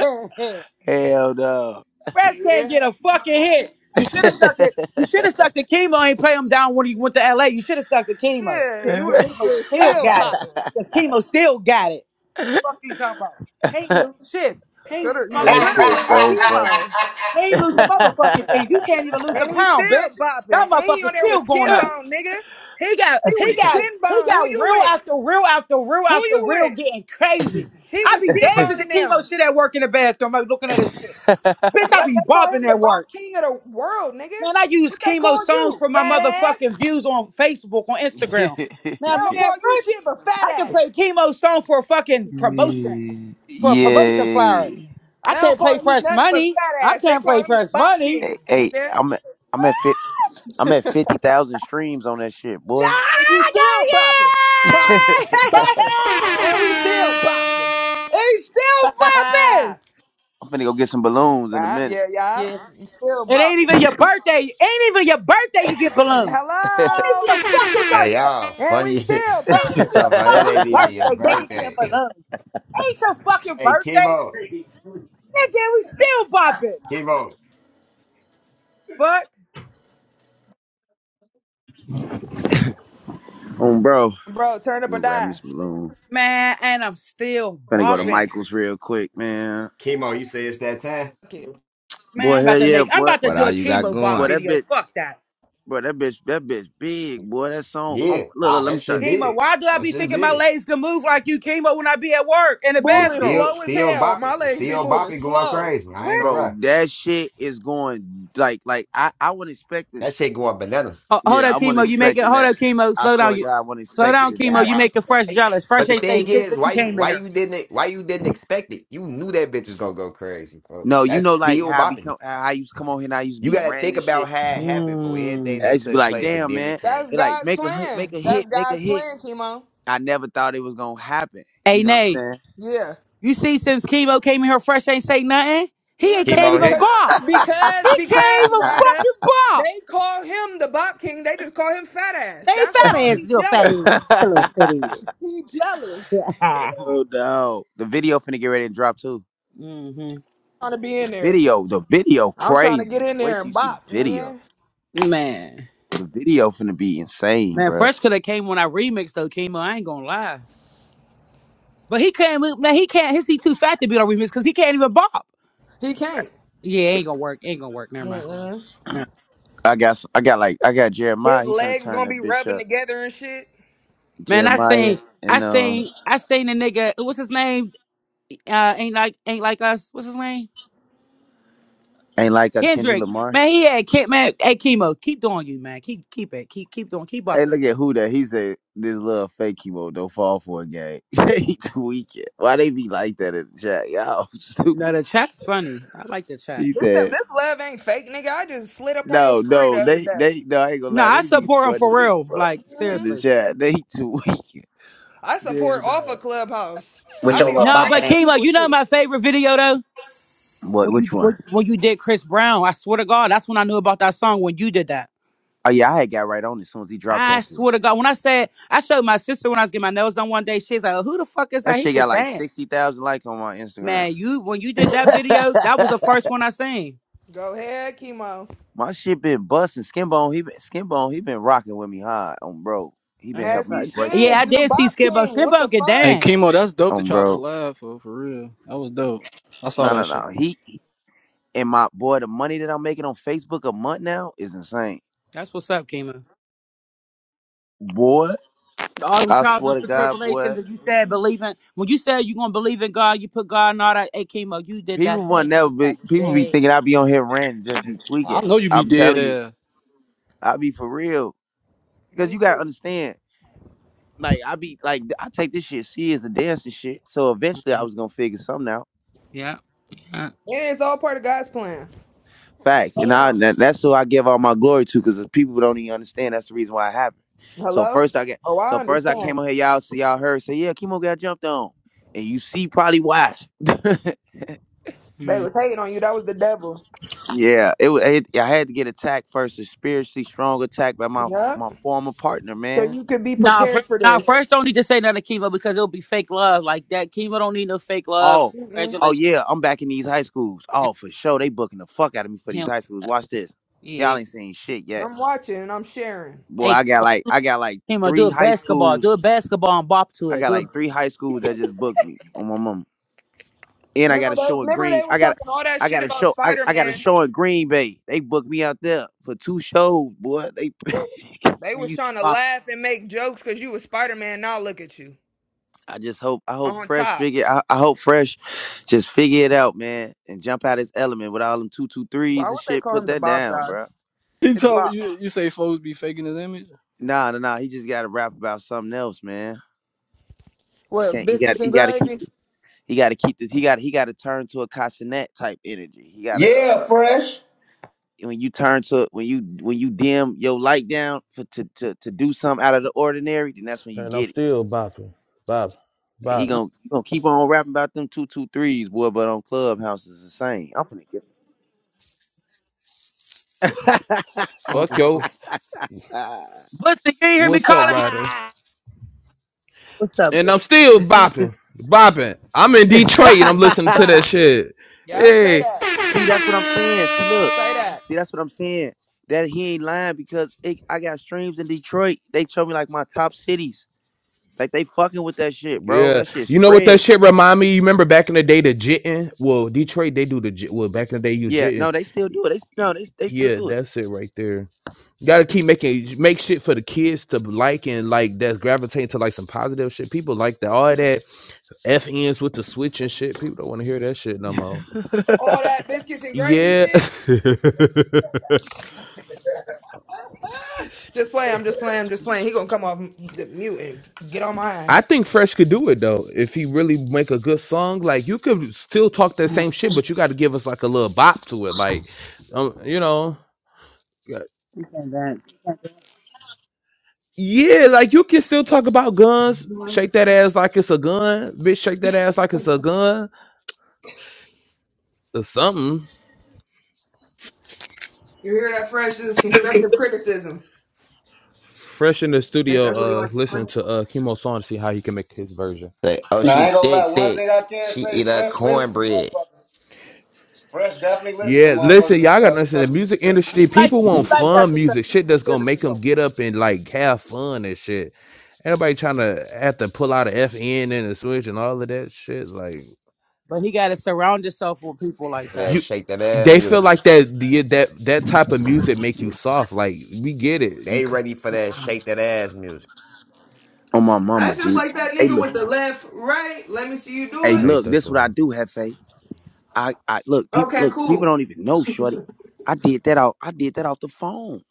Speaker 17: Hell no.
Speaker 3: Fresh can't Yeah. get a fucking hit. You should have stuck to you should have stuck to chemo and play him down when he went to LA. You should have stuck to chemo.
Speaker 14: Yeah, you
Speaker 3: 'Cause
Speaker 14: would have
Speaker 3: chemo
Speaker 14: been
Speaker 3: still
Speaker 14: still
Speaker 3: got it.
Speaker 14: bopping.
Speaker 3: Cause chemo still got it. Fuck you talking about. Hey, little shit. Hey,
Speaker 14: Shoulda,
Speaker 3: Luke,
Speaker 14: you should
Speaker 17: that
Speaker 3: motherfucker.
Speaker 14: have
Speaker 17: shit's
Speaker 14: went with
Speaker 17: so funny.
Speaker 14: chemo.
Speaker 3: He ain't lose a motherfucking thing. You can't even lose a
Speaker 14: And he
Speaker 3: pound,
Speaker 14: still
Speaker 3: bitch.
Speaker 14: bopping.
Speaker 3: That
Speaker 14: And he
Speaker 3: motherfucker's
Speaker 14: on there
Speaker 3: still
Speaker 14: with
Speaker 3: going
Speaker 14: skin
Speaker 3: up.
Speaker 14: bone, nigga.
Speaker 3: He got,
Speaker 14: He
Speaker 3: he
Speaker 14: was
Speaker 3: got,
Speaker 14: skin
Speaker 3: he
Speaker 14: bone. Who
Speaker 3: got
Speaker 14: you
Speaker 3: real
Speaker 14: with?
Speaker 3: after real after real
Speaker 14: Who
Speaker 3: after
Speaker 14: you
Speaker 3: real
Speaker 14: with?
Speaker 3: getting crazy.
Speaker 14: He
Speaker 3: I
Speaker 14: was
Speaker 3: be
Speaker 14: skin
Speaker 3: dancing
Speaker 14: bone
Speaker 3: to
Speaker 14: in them.
Speaker 3: chemo shit at work in the bathroom, like looking at this shit. Bitch, I
Speaker 14: What
Speaker 3: be
Speaker 14: they call him
Speaker 3: bopping
Speaker 14: the
Speaker 3: at work.
Speaker 14: bop king of the world, nigga.
Speaker 3: Man, I use
Speaker 14: What they
Speaker 3: chemo
Speaker 14: call
Speaker 3: songs
Speaker 14: you?
Speaker 3: for my
Speaker 14: Fat
Speaker 3: motherfucking
Speaker 14: ass.
Speaker 3: views on Facebook, on Instagram. Now,
Speaker 14: They
Speaker 3: man,
Speaker 14: don't call you
Speaker 3: what?
Speaker 14: shit but fat
Speaker 3: I can play
Speaker 14: ass.
Speaker 3: chemo song for a fucking promotion, for a promotion
Speaker 17: yeah.
Speaker 3: flyer. I
Speaker 14: They don't
Speaker 3: can't
Speaker 14: call
Speaker 3: play
Speaker 14: you
Speaker 3: Fresh
Speaker 14: nothing but
Speaker 3: Money.
Speaker 14: fat
Speaker 3: I
Speaker 14: ass. They
Speaker 3: can't
Speaker 14: call
Speaker 3: play
Speaker 14: him the
Speaker 3: Fresh
Speaker 14: bop
Speaker 3: Money.
Speaker 17: Hey,
Speaker 14: king,
Speaker 17: hey,
Speaker 14: nigga.
Speaker 17: I'm at, I'm at fit. I'm at fifty thousand streams on that shit, boy.
Speaker 14: So you
Speaker 3: Ah,
Speaker 14: still bopping,
Speaker 17: I'm
Speaker 14: bopping,
Speaker 3: Yeah!
Speaker 14: bopping, and we still bopping.
Speaker 3: It's still popping!
Speaker 17: finna go get some balloons in a
Speaker 14: Bop,
Speaker 17: minute.
Speaker 14: yeah, yeah,
Speaker 3: Yes.
Speaker 14: still
Speaker 3: It ain't
Speaker 14: bopping.
Speaker 3: even your birthday. Ain't even your birthday you get balloons. Ain't even your
Speaker 14: Hello,
Speaker 3: fucking
Speaker 10: Hey
Speaker 3: birthday.
Speaker 10: y'all,
Speaker 14: and we
Speaker 10: funny
Speaker 14: still
Speaker 3: Ain't
Speaker 17: oh,
Speaker 10: talking
Speaker 14: bopping,
Speaker 3: even your
Speaker 10: about it ain't
Speaker 3: fucking
Speaker 14: bopping,
Speaker 10: even your
Speaker 3: birthday, nigga,
Speaker 14: bopping.
Speaker 3: Get
Speaker 10: birthday.
Speaker 3: balloons. Ain't your fucking
Speaker 10: Hey,
Speaker 3: birthday.
Speaker 10: Kimo.
Speaker 3: Nigga, we still bopping.
Speaker 10: Kimo,
Speaker 3: Fuck,
Speaker 17: bro,
Speaker 14: Bro, turn
Speaker 17: you
Speaker 14: up or
Speaker 17: going grab me
Speaker 14: die.
Speaker 17: some balloons?
Speaker 3: man, and I'm still
Speaker 17: Finna go to
Speaker 10: hey,
Speaker 3: bopping.
Speaker 17: Michael's real quick, man.
Speaker 10: Kimo, you say it's that time?
Speaker 14: Fuck it.
Speaker 3: Man,
Speaker 17: Boy,
Speaker 3: I'm
Speaker 17: hell
Speaker 3: about to
Speaker 17: yeah,
Speaker 3: make, I'm
Speaker 17: boy.
Speaker 3: about to
Speaker 15: What
Speaker 3: do
Speaker 15: all
Speaker 3: a
Speaker 15: you got
Speaker 3: chemo bop
Speaker 17: Boy,
Speaker 15: going?
Speaker 17: that
Speaker 3: video.
Speaker 17: bitch,
Speaker 3: Fuck that.
Speaker 17: bro, that bitch, that bitch big, boy. That song.
Speaker 10: Yeah,
Speaker 17: Um, look, look,
Speaker 10: nah,
Speaker 17: let me
Speaker 10: that
Speaker 17: show
Speaker 10: shit
Speaker 17: you.
Speaker 3: Kima,
Speaker 10: big.
Speaker 3: why do I
Speaker 10: That
Speaker 3: be
Speaker 10: shit
Speaker 3: thinking my
Speaker 10: big.
Speaker 3: legs can move like you, Kima, when I be at work in the
Speaker 10: Hey,
Speaker 14: Moving
Speaker 3: bathroom?
Speaker 10: still,
Speaker 14: slow as
Speaker 10: still
Speaker 14: hell. My
Speaker 10: bopping,
Speaker 14: legs be
Speaker 10: still
Speaker 14: moving
Speaker 10: bopping, going
Speaker 14: slow.
Speaker 10: crazy. I ain't
Speaker 3: What?
Speaker 10: gonna
Speaker 17: Bro,
Speaker 10: lie,
Speaker 17: that shit is going like like I, I wasn't expecting.
Speaker 10: that shit going bananas.
Speaker 3: Oh, hold
Speaker 17: Yeah, I
Speaker 3: up, Kimo.
Speaker 17: wasn't
Speaker 3: You make it.
Speaker 17: expecting
Speaker 3: Hold
Speaker 17: that.
Speaker 3: up, Kimo.
Speaker 17: I
Speaker 3: Slow
Speaker 17: swear
Speaker 3: down.
Speaker 17: to
Speaker 3: You
Speaker 17: God, I wasn't
Speaker 3: slow
Speaker 17: expecting
Speaker 3: down,
Speaker 17: it to
Speaker 3: Kimo. You
Speaker 17: happen
Speaker 3: make it
Speaker 17: like that.
Speaker 3: fresh
Speaker 10: Hey,
Speaker 3: jealous.
Speaker 10: but
Speaker 3: Fresh
Speaker 10: the
Speaker 3: ain't say
Speaker 10: thing
Speaker 3: shit
Speaker 10: is,
Speaker 3: since you
Speaker 10: why you,
Speaker 3: came in
Speaker 10: why
Speaker 3: here.
Speaker 10: you didn't, e, why you didn't expect it? You knew that bitch was gonna go crazy. Bro.
Speaker 17: No, you
Speaker 10: That's
Speaker 17: know like
Speaker 10: still
Speaker 17: how I
Speaker 10: bopping.
Speaker 17: become how I used to come on here and I used to
Speaker 10: You
Speaker 17: be
Speaker 10: gotta
Speaker 17: ranting
Speaker 10: think
Speaker 17: and shit.
Speaker 10: about how it happened for everything
Speaker 3: Mm.
Speaker 17: I
Speaker 10: that
Speaker 17: used to be
Speaker 10: took
Speaker 17: like,
Speaker 10: place, and
Speaker 17: damn
Speaker 10: then it
Speaker 17: man.
Speaker 10: came.
Speaker 14: That's
Speaker 17: They like
Speaker 14: God's
Speaker 17: make a hit, make
Speaker 14: plan.
Speaker 17: a hit,
Speaker 14: That's
Speaker 17: make a
Speaker 14: God's
Speaker 17: hit.
Speaker 14: plan, Kimo.
Speaker 17: I never thought it was gonna happen.
Speaker 3: Hey,
Speaker 17: You know
Speaker 3: Nay.
Speaker 17: what
Speaker 14: Yeah.
Speaker 3: You see, since Kimo came in here, fresh ain't say nothing. He
Speaker 14: Yeah,
Speaker 3: ain't-
Speaker 14: because
Speaker 3: can't
Speaker 10: Kimo
Speaker 14: they
Speaker 3: even
Speaker 10: hit.
Speaker 14: cause,
Speaker 3: bop.
Speaker 14: because
Speaker 3: He can't
Speaker 14: because
Speaker 3: even
Speaker 17: I'm
Speaker 14: Ryder,
Speaker 3: fucking bop.
Speaker 14: they call him the Bop King. They just call him fat
Speaker 3: They
Speaker 14: ass.
Speaker 3: ain't
Speaker 14: That's
Speaker 3: fat
Speaker 14: wrong.
Speaker 3: ass,
Speaker 14: He's
Speaker 3: little fat ass.
Speaker 14: jealous.
Speaker 17: saying?
Speaker 3: It's a little fat ass.
Speaker 14: He jealous.
Speaker 17: Hell no. The video finna get ready to drop too.
Speaker 3: hmm
Speaker 14: Trying to be in there.
Speaker 17: Video, the video
Speaker 14: I'm trying to get
Speaker 17: crazy.
Speaker 14: in
Speaker 17: Wait
Speaker 14: there
Speaker 17: till you
Speaker 14: and
Speaker 17: see the
Speaker 14: bop,
Speaker 17: video.
Speaker 14: nigga.
Speaker 3: Man,
Speaker 17: The video finna be insane,
Speaker 3: man,
Speaker 17: bruh.
Speaker 3: fresh could have came when I remixed though, Kimo. I ain't gonna lie. But he can't move. Now he can't. His he too fat to be on remix because he can't even bop.
Speaker 14: He can't.
Speaker 3: Yeah, ain't gonna work. Ain't gonna work. Never mind.
Speaker 14: Mm-mm.
Speaker 3: Never.
Speaker 17: I got, s- I got like, I got Jeremiah.
Speaker 14: His
Speaker 17: He finna
Speaker 14: legs
Speaker 17: turn
Speaker 14: gonna
Speaker 17: that
Speaker 14: be
Speaker 17: bitch
Speaker 14: rubbing
Speaker 17: up.
Speaker 14: together and shit.
Speaker 3: mind. Man, I
Speaker 17: Jeremiah
Speaker 3: seen. I
Speaker 17: and um,
Speaker 3: seen. I seen a nigga. What's his name? Uh, ain't like. Ain't like us. What's his name?
Speaker 17: ain't like us Kendrick
Speaker 3: Kendrick.
Speaker 17: Lamar.
Speaker 3: Man, he had. Ke- Man, hey chemo. Keep doing you, man. Keep keep it. Keep keep doing. Keep
Speaker 17: Hey,
Speaker 3: bopping.
Speaker 17: look at who that. He said this little fake chemo don't fall for a game. he tweaking. Why they be like that in the chat? Y'all stupid.
Speaker 3: No, the chat's funny. I like the chat.
Speaker 17: He
Speaker 14: This
Speaker 17: said,
Speaker 14: this love ain't fake, nigga. I just slid up on your
Speaker 17: no,
Speaker 14: story the
Speaker 17: no,
Speaker 14: other
Speaker 17: they, they,
Speaker 14: day.
Speaker 17: no, I ain't gonna
Speaker 3: No,
Speaker 17: lie.
Speaker 3: I
Speaker 17: They be
Speaker 3: support him
Speaker 17: funny
Speaker 3: for
Speaker 17: as
Speaker 3: real.
Speaker 17: fuck
Speaker 3: Like
Speaker 17: in
Speaker 14: hmm
Speaker 17: the
Speaker 3: seriously.
Speaker 17: chat. They tweaking.
Speaker 14: I support
Speaker 17: Damn.
Speaker 14: off a clubhouse.
Speaker 11: With
Speaker 14: I
Speaker 11: your
Speaker 14: be all
Speaker 11: little
Speaker 3: No, but
Speaker 11: bopping ass.
Speaker 14: random
Speaker 3: chemo.
Speaker 14: people
Speaker 3: You know
Speaker 14: shit.
Speaker 3: my favorite video though.
Speaker 17: What?
Speaker 3: When
Speaker 17: Which
Speaker 3: you
Speaker 17: one?
Speaker 3: when, when you did Chris Brown, I swear to God, that's when I knew about that song when you did that.
Speaker 17: Oh yeah, I had got right on it as soon as he dropped
Speaker 3: I
Speaker 17: that shit.
Speaker 3: swear to God, when I said I showed my sister when I was getting my nails done one day, she's like, "Oh, "Who the fuck is
Speaker 17: That
Speaker 3: that? He
Speaker 17: shit
Speaker 3: can
Speaker 17: got like
Speaker 3: dance,
Speaker 17: sixty thousand likes on my Instagram.
Speaker 3: man." You when you did that video, that was the first one I seen.
Speaker 14: Go ahead, chemo.
Speaker 17: my shit been busting. Skinbone, he been Skinbone, he been rocking with me hard on bro. He been
Speaker 3: That's
Speaker 14: As
Speaker 3: what's
Speaker 17: helping me
Speaker 14: he
Speaker 3: up.
Speaker 17: break that
Speaker 3: Yeah,
Speaker 14: should.
Speaker 3: I
Speaker 14: You the
Speaker 3: did
Speaker 17: motherfucker.
Speaker 3: see
Speaker 14: bop
Speaker 3: Skibbo.
Speaker 14: king. What the
Speaker 3: Skibbo can
Speaker 14: fuck?
Speaker 3: dance.
Speaker 6: chemo, that's dope that
Speaker 17: On
Speaker 6: y'all
Speaker 17: bro.
Speaker 6: collab for for real. That was dope. I saw
Speaker 17: No,
Speaker 6: that
Speaker 17: no,
Speaker 6: shit.
Speaker 17: no. He and my boy, the money that I'm making on Facebook a month now is insane.
Speaker 3: That's what's up, Kima.
Speaker 17: Boy,
Speaker 3: All them
Speaker 17: I
Speaker 3: trials
Speaker 17: swear
Speaker 3: and
Speaker 17: to God, boy.
Speaker 3: tribulations that you said believing when you said you gonna believe in God, you put God in all that. Hey, Kimo, you did
Speaker 17: People
Speaker 3: that day.
Speaker 17: want
Speaker 3: You
Speaker 17: never
Speaker 3: did
Speaker 17: be
Speaker 3: that
Speaker 17: people be
Speaker 3: day.
Speaker 17: thinking I be on here ranting just be
Speaker 6: I
Speaker 17: tweaking.
Speaker 6: know you be
Speaker 17: I'm
Speaker 6: dead
Speaker 17: telling you,
Speaker 6: ass.
Speaker 17: I be for real. Because you
Speaker 14: Me
Speaker 17: gotta
Speaker 14: too.
Speaker 17: understand. Like I be like I take this shit serious and dance and shit. So eventually I was gonna figure something out.
Speaker 3: Yeah. yeah.
Speaker 14: And it's all part of God's plan.
Speaker 17: Facts.
Speaker 14: Stay
Speaker 17: And I
Speaker 14: down.
Speaker 17: that- that's who I give all my glory to because people don't even understand that's the reason why it happened. So
Speaker 14: Hello?
Speaker 17: first I get
Speaker 14: Oh,
Speaker 17: so
Speaker 14: I
Speaker 17: first I came
Speaker 14: understand.
Speaker 17: on here, y'all see y'all heard say, yeah, Kimo got jumped on. And you see probably why.
Speaker 14: They
Speaker 3: Mm.
Speaker 14: was hating on you. That was the devil.
Speaker 17: yeah, it was it, I had to get attacked first, a spiritually strong attack by my
Speaker 14: Yup.
Speaker 17: my former partner,
Speaker 14: So
Speaker 17: man.
Speaker 14: you could be
Speaker 3: Nah,
Speaker 14: prepared
Speaker 3: fir-
Speaker 14: for
Speaker 3: nah.
Speaker 14: this.
Speaker 3: First, don't need to say nothing to Kimo because it'll be fake love like that. Kimo don't need no fake love.
Speaker 17: Oh,
Speaker 14: Mm-mm.
Speaker 17: oh
Speaker 3: Congratulations.
Speaker 17: yeah, I'm back in these high schools. Oh, for sure. They booking the fuck out of me for
Speaker 3: He
Speaker 17: these
Speaker 3: don't
Speaker 17: high schools.
Speaker 3: like that.
Speaker 17: Watch this.
Speaker 3: Yeah.
Speaker 17: Y'all ain't seen shit yet.
Speaker 14: I'm watching and I'm sharing.
Speaker 17: Boy,
Speaker 3: Hey,
Speaker 17: I got
Speaker 3: Kimo,
Speaker 17: like I got like
Speaker 3: Kimo, do
Speaker 17: three
Speaker 3: a
Speaker 17: high
Speaker 3: basketball. Do
Speaker 17: schools.
Speaker 3: a basketball and bop to
Speaker 17: I
Speaker 3: it.
Speaker 17: got
Speaker 3: Do it,
Speaker 17: like three high schools that just booked me on my mom. And I got
Speaker 14: Remember
Speaker 17: a
Speaker 14: they
Speaker 17: show in
Speaker 14: remember
Speaker 17: Green.
Speaker 14: they
Speaker 17: I
Speaker 14: was
Speaker 17: got
Speaker 14: talking all that
Speaker 17: I
Speaker 14: shit
Speaker 17: got a
Speaker 14: about
Speaker 17: show I,
Speaker 14: Spider
Speaker 17: I got a
Speaker 14: Man.
Speaker 17: show in Green Bay. They booked me out there for two shows, boy. They
Speaker 14: They
Speaker 3: and
Speaker 14: was
Speaker 3: you
Speaker 14: trying to
Speaker 3: bop.
Speaker 14: laugh and make jokes because you was Spider Man. Now look at you
Speaker 17: I just hope I hope
Speaker 14: on
Speaker 17: Fresh
Speaker 14: top.
Speaker 17: figure I, I hope Fresh just figure it out, man, and jump out his element with all them two two
Speaker 14: Why
Speaker 17: threes and
Speaker 14: would they
Speaker 17: shit.
Speaker 14: call
Speaker 17: Put
Speaker 14: him the
Speaker 17: that
Speaker 14: Bob
Speaker 17: down,
Speaker 14: Dog?
Speaker 17: bro.
Speaker 6: He
Speaker 14: It's
Speaker 17: Put
Speaker 6: told me
Speaker 14: Bob.
Speaker 6: you, you say folks be faking his image.
Speaker 17: Nah, nah, nah. He just got to rap about something else, man. He
Speaker 14: What
Speaker 17: can't. He got.
Speaker 14: biscuits
Speaker 17: He
Speaker 14: and
Speaker 17: got to keep.
Speaker 14: gravy?
Speaker 17: He got to keep this. He got he got to turn to a Cassinet type energy. He got to
Speaker 11: Yeah,
Speaker 17: uh,
Speaker 11: fresh.
Speaker 17: when you turn to when you when you dim your light down for to to to do something out of the ordinary, then that's when you
Speaker 12: And I'm
Speaker 17: get it.
Speaker 12: still bopping, bopping,
Speaker 17: He
Speaker 12: bopping.
Speaker 17: gonna he gonna keep on rapping about them two two threes, boy. But on Clubhouse is the same. I'm gonna get.
Speaker 12: Fuck
Speaker 3: Uh-huh.
Speaker 12: yo.
Speaker 3: Buster, you ain't hear me
Speaker 12: What's up,
Speaker 3: calling you?
Speaker 12: Ryder?
Speaker 3: What's up,
Speaker 12: And
Speaker 3: bro?
Speaker 12: I'm still bopping, bopping. I'm in Detroit
Speaker 3: Bop
Speaker 12: and I'm
Speaker 3: it.
Speaker 12: listening to
Speaker 14: Bop.
Speaker 12: that shit.
Speaker 14: Yup. Say
Speaker 12: Hey,
Speaker 14: that.
Speaker 17: See, that's what I'm saying. See, look.
Speaker 14: Say that.
Speaker 17: See, that's what I'm saying. That he ain't lying because it, I got streams in Detroit. They show me like my top cities. Like they fucking with that shit, bro.
Speaker 12: yeah.
Speaker 17: That shit
Speaker 12: You know what that
Speaker 17: spread.
Speaker 12: shit remind me? You remember back in the day, the jitting? Well, Detroit, they do the jit. Well, back in the day, you
Speaker 17: Yeah,
Speaker 12: jitting.
Speaker 17: no, they still do it. They no,
Speaker 12: Y-
Speaker 17: they they still
Speaker 12: Yeah,
Speaker 17: do
Speaker 12: that's it right there. You gotta keep making make shit for the kids to like and like that's gravitating to like some positive shit. People like that. All that F ends with the switch and shit. People don't want to hear that shit no more.
Speaker 17: it.
Speaker 14: All that biscuits and gravy
Speaker 12: Yeah.
Speaker 14: shit. Ah, Just playing. I'm just playing. I'm just playing. He gonna come off the mute and get on my ass.
Speaker 12: I think Fresh could do it though. If he really make a good song, like you could still talk that
Speaker 3: Uh,
Speaker 12: same shit, but you got to give us like a little bop to it. Like, um, you know, uh,
Speaker 3: He can't dance. He can't dance.
Speaker 12: yeah, like you can still talk about guns. Shake that ass like it's a gun, bitch. Shake that ass like it's a gun or something.
Speaker 14: You hear that fresh? This is constructive criticism.
Speaker 12: Fresh in the
Speaker 14: I Think
Speaker 12: studio,
Speaker 14: that's what he
Speaker 12: uh,
Speaker 14: likes. to
Speaker 12: listen
Speaker 14: play?
Speaker 12: to uh Chemo song to see how he can make his version.
Speaker 10: like, oh,
Speaker 11: Now I
Speaker 10: she
Speaker 11: ain't gonna lie.
Speaker 10: thick,
Speaker 11: One
Speaker 10: thick.
Speaker 11: thing I can
Speaker 10: She
Speaker 11: say,
Speaker 10: eat her
Speaker 11: fresh listen to
Speaker 10: cornbread
Speaker 11: motherfuckers. Fresh definitely listen to
Speaker 12: Yeah, listen,
Speaker 11: motherfuckers.
Speaker 12: y'all gotta
Speaker 11: Uh,
Speaker 12: listen. The
Speaker 11: constructive
Speaker 12: music
Speaker 11: criticism.
Speaker 3: He
Speaker 12: industry,
Speaker 3: like,
Speaker 12: people
Speaker 3: he
Speaker 12: want
Speaker 3: like that
Speaker 12: fun music,
Speaker 3: constructive
Speaker 12: shit that's gonna make them
Speaker 3: criticism.
Speaker 12: get up and like have fun and shit. Everybody trying to have to pull out a FN and a switch and all of that shit. Like
Speaker 3: But he got to surround himself with people like
Speaker 10: for
Speaker 3: that.
Speaker 10: that
Speaker 12: you,
Speaker 10: shake that ass
Speaker 12: they
Speaker 10: music.
Speaker 12: feel like that the that that type of music make you soft. Like we get it. You,
Speaker 10: They
Speaker 12: c-
Speaker 10: ready for that shake that ass music.
Speaker 17: On my mama,
Speaker 14: That's just
Speaker 17: G.
Speaker 14: like that
Speaker 17: Hey,
Speaker 14: nigga
Speaker 17: look.
Speaker 14: with the left, right. Let me see you do
Speaker 17: Hey,
Speaker 12: I
Speaker 14: it.
Speaker 12: hate
Speaker 17: look.
Speaker 12: that
Speaker 17: This what I
Speaker 12: song.
Speaker 17: do, Hefe. I I look. People
Speaker 14: Okay,
Speaker 17: look. People
Speaker 14: cool.
Speaker 17: don't even know, shorty. I did that out. I did that off the phone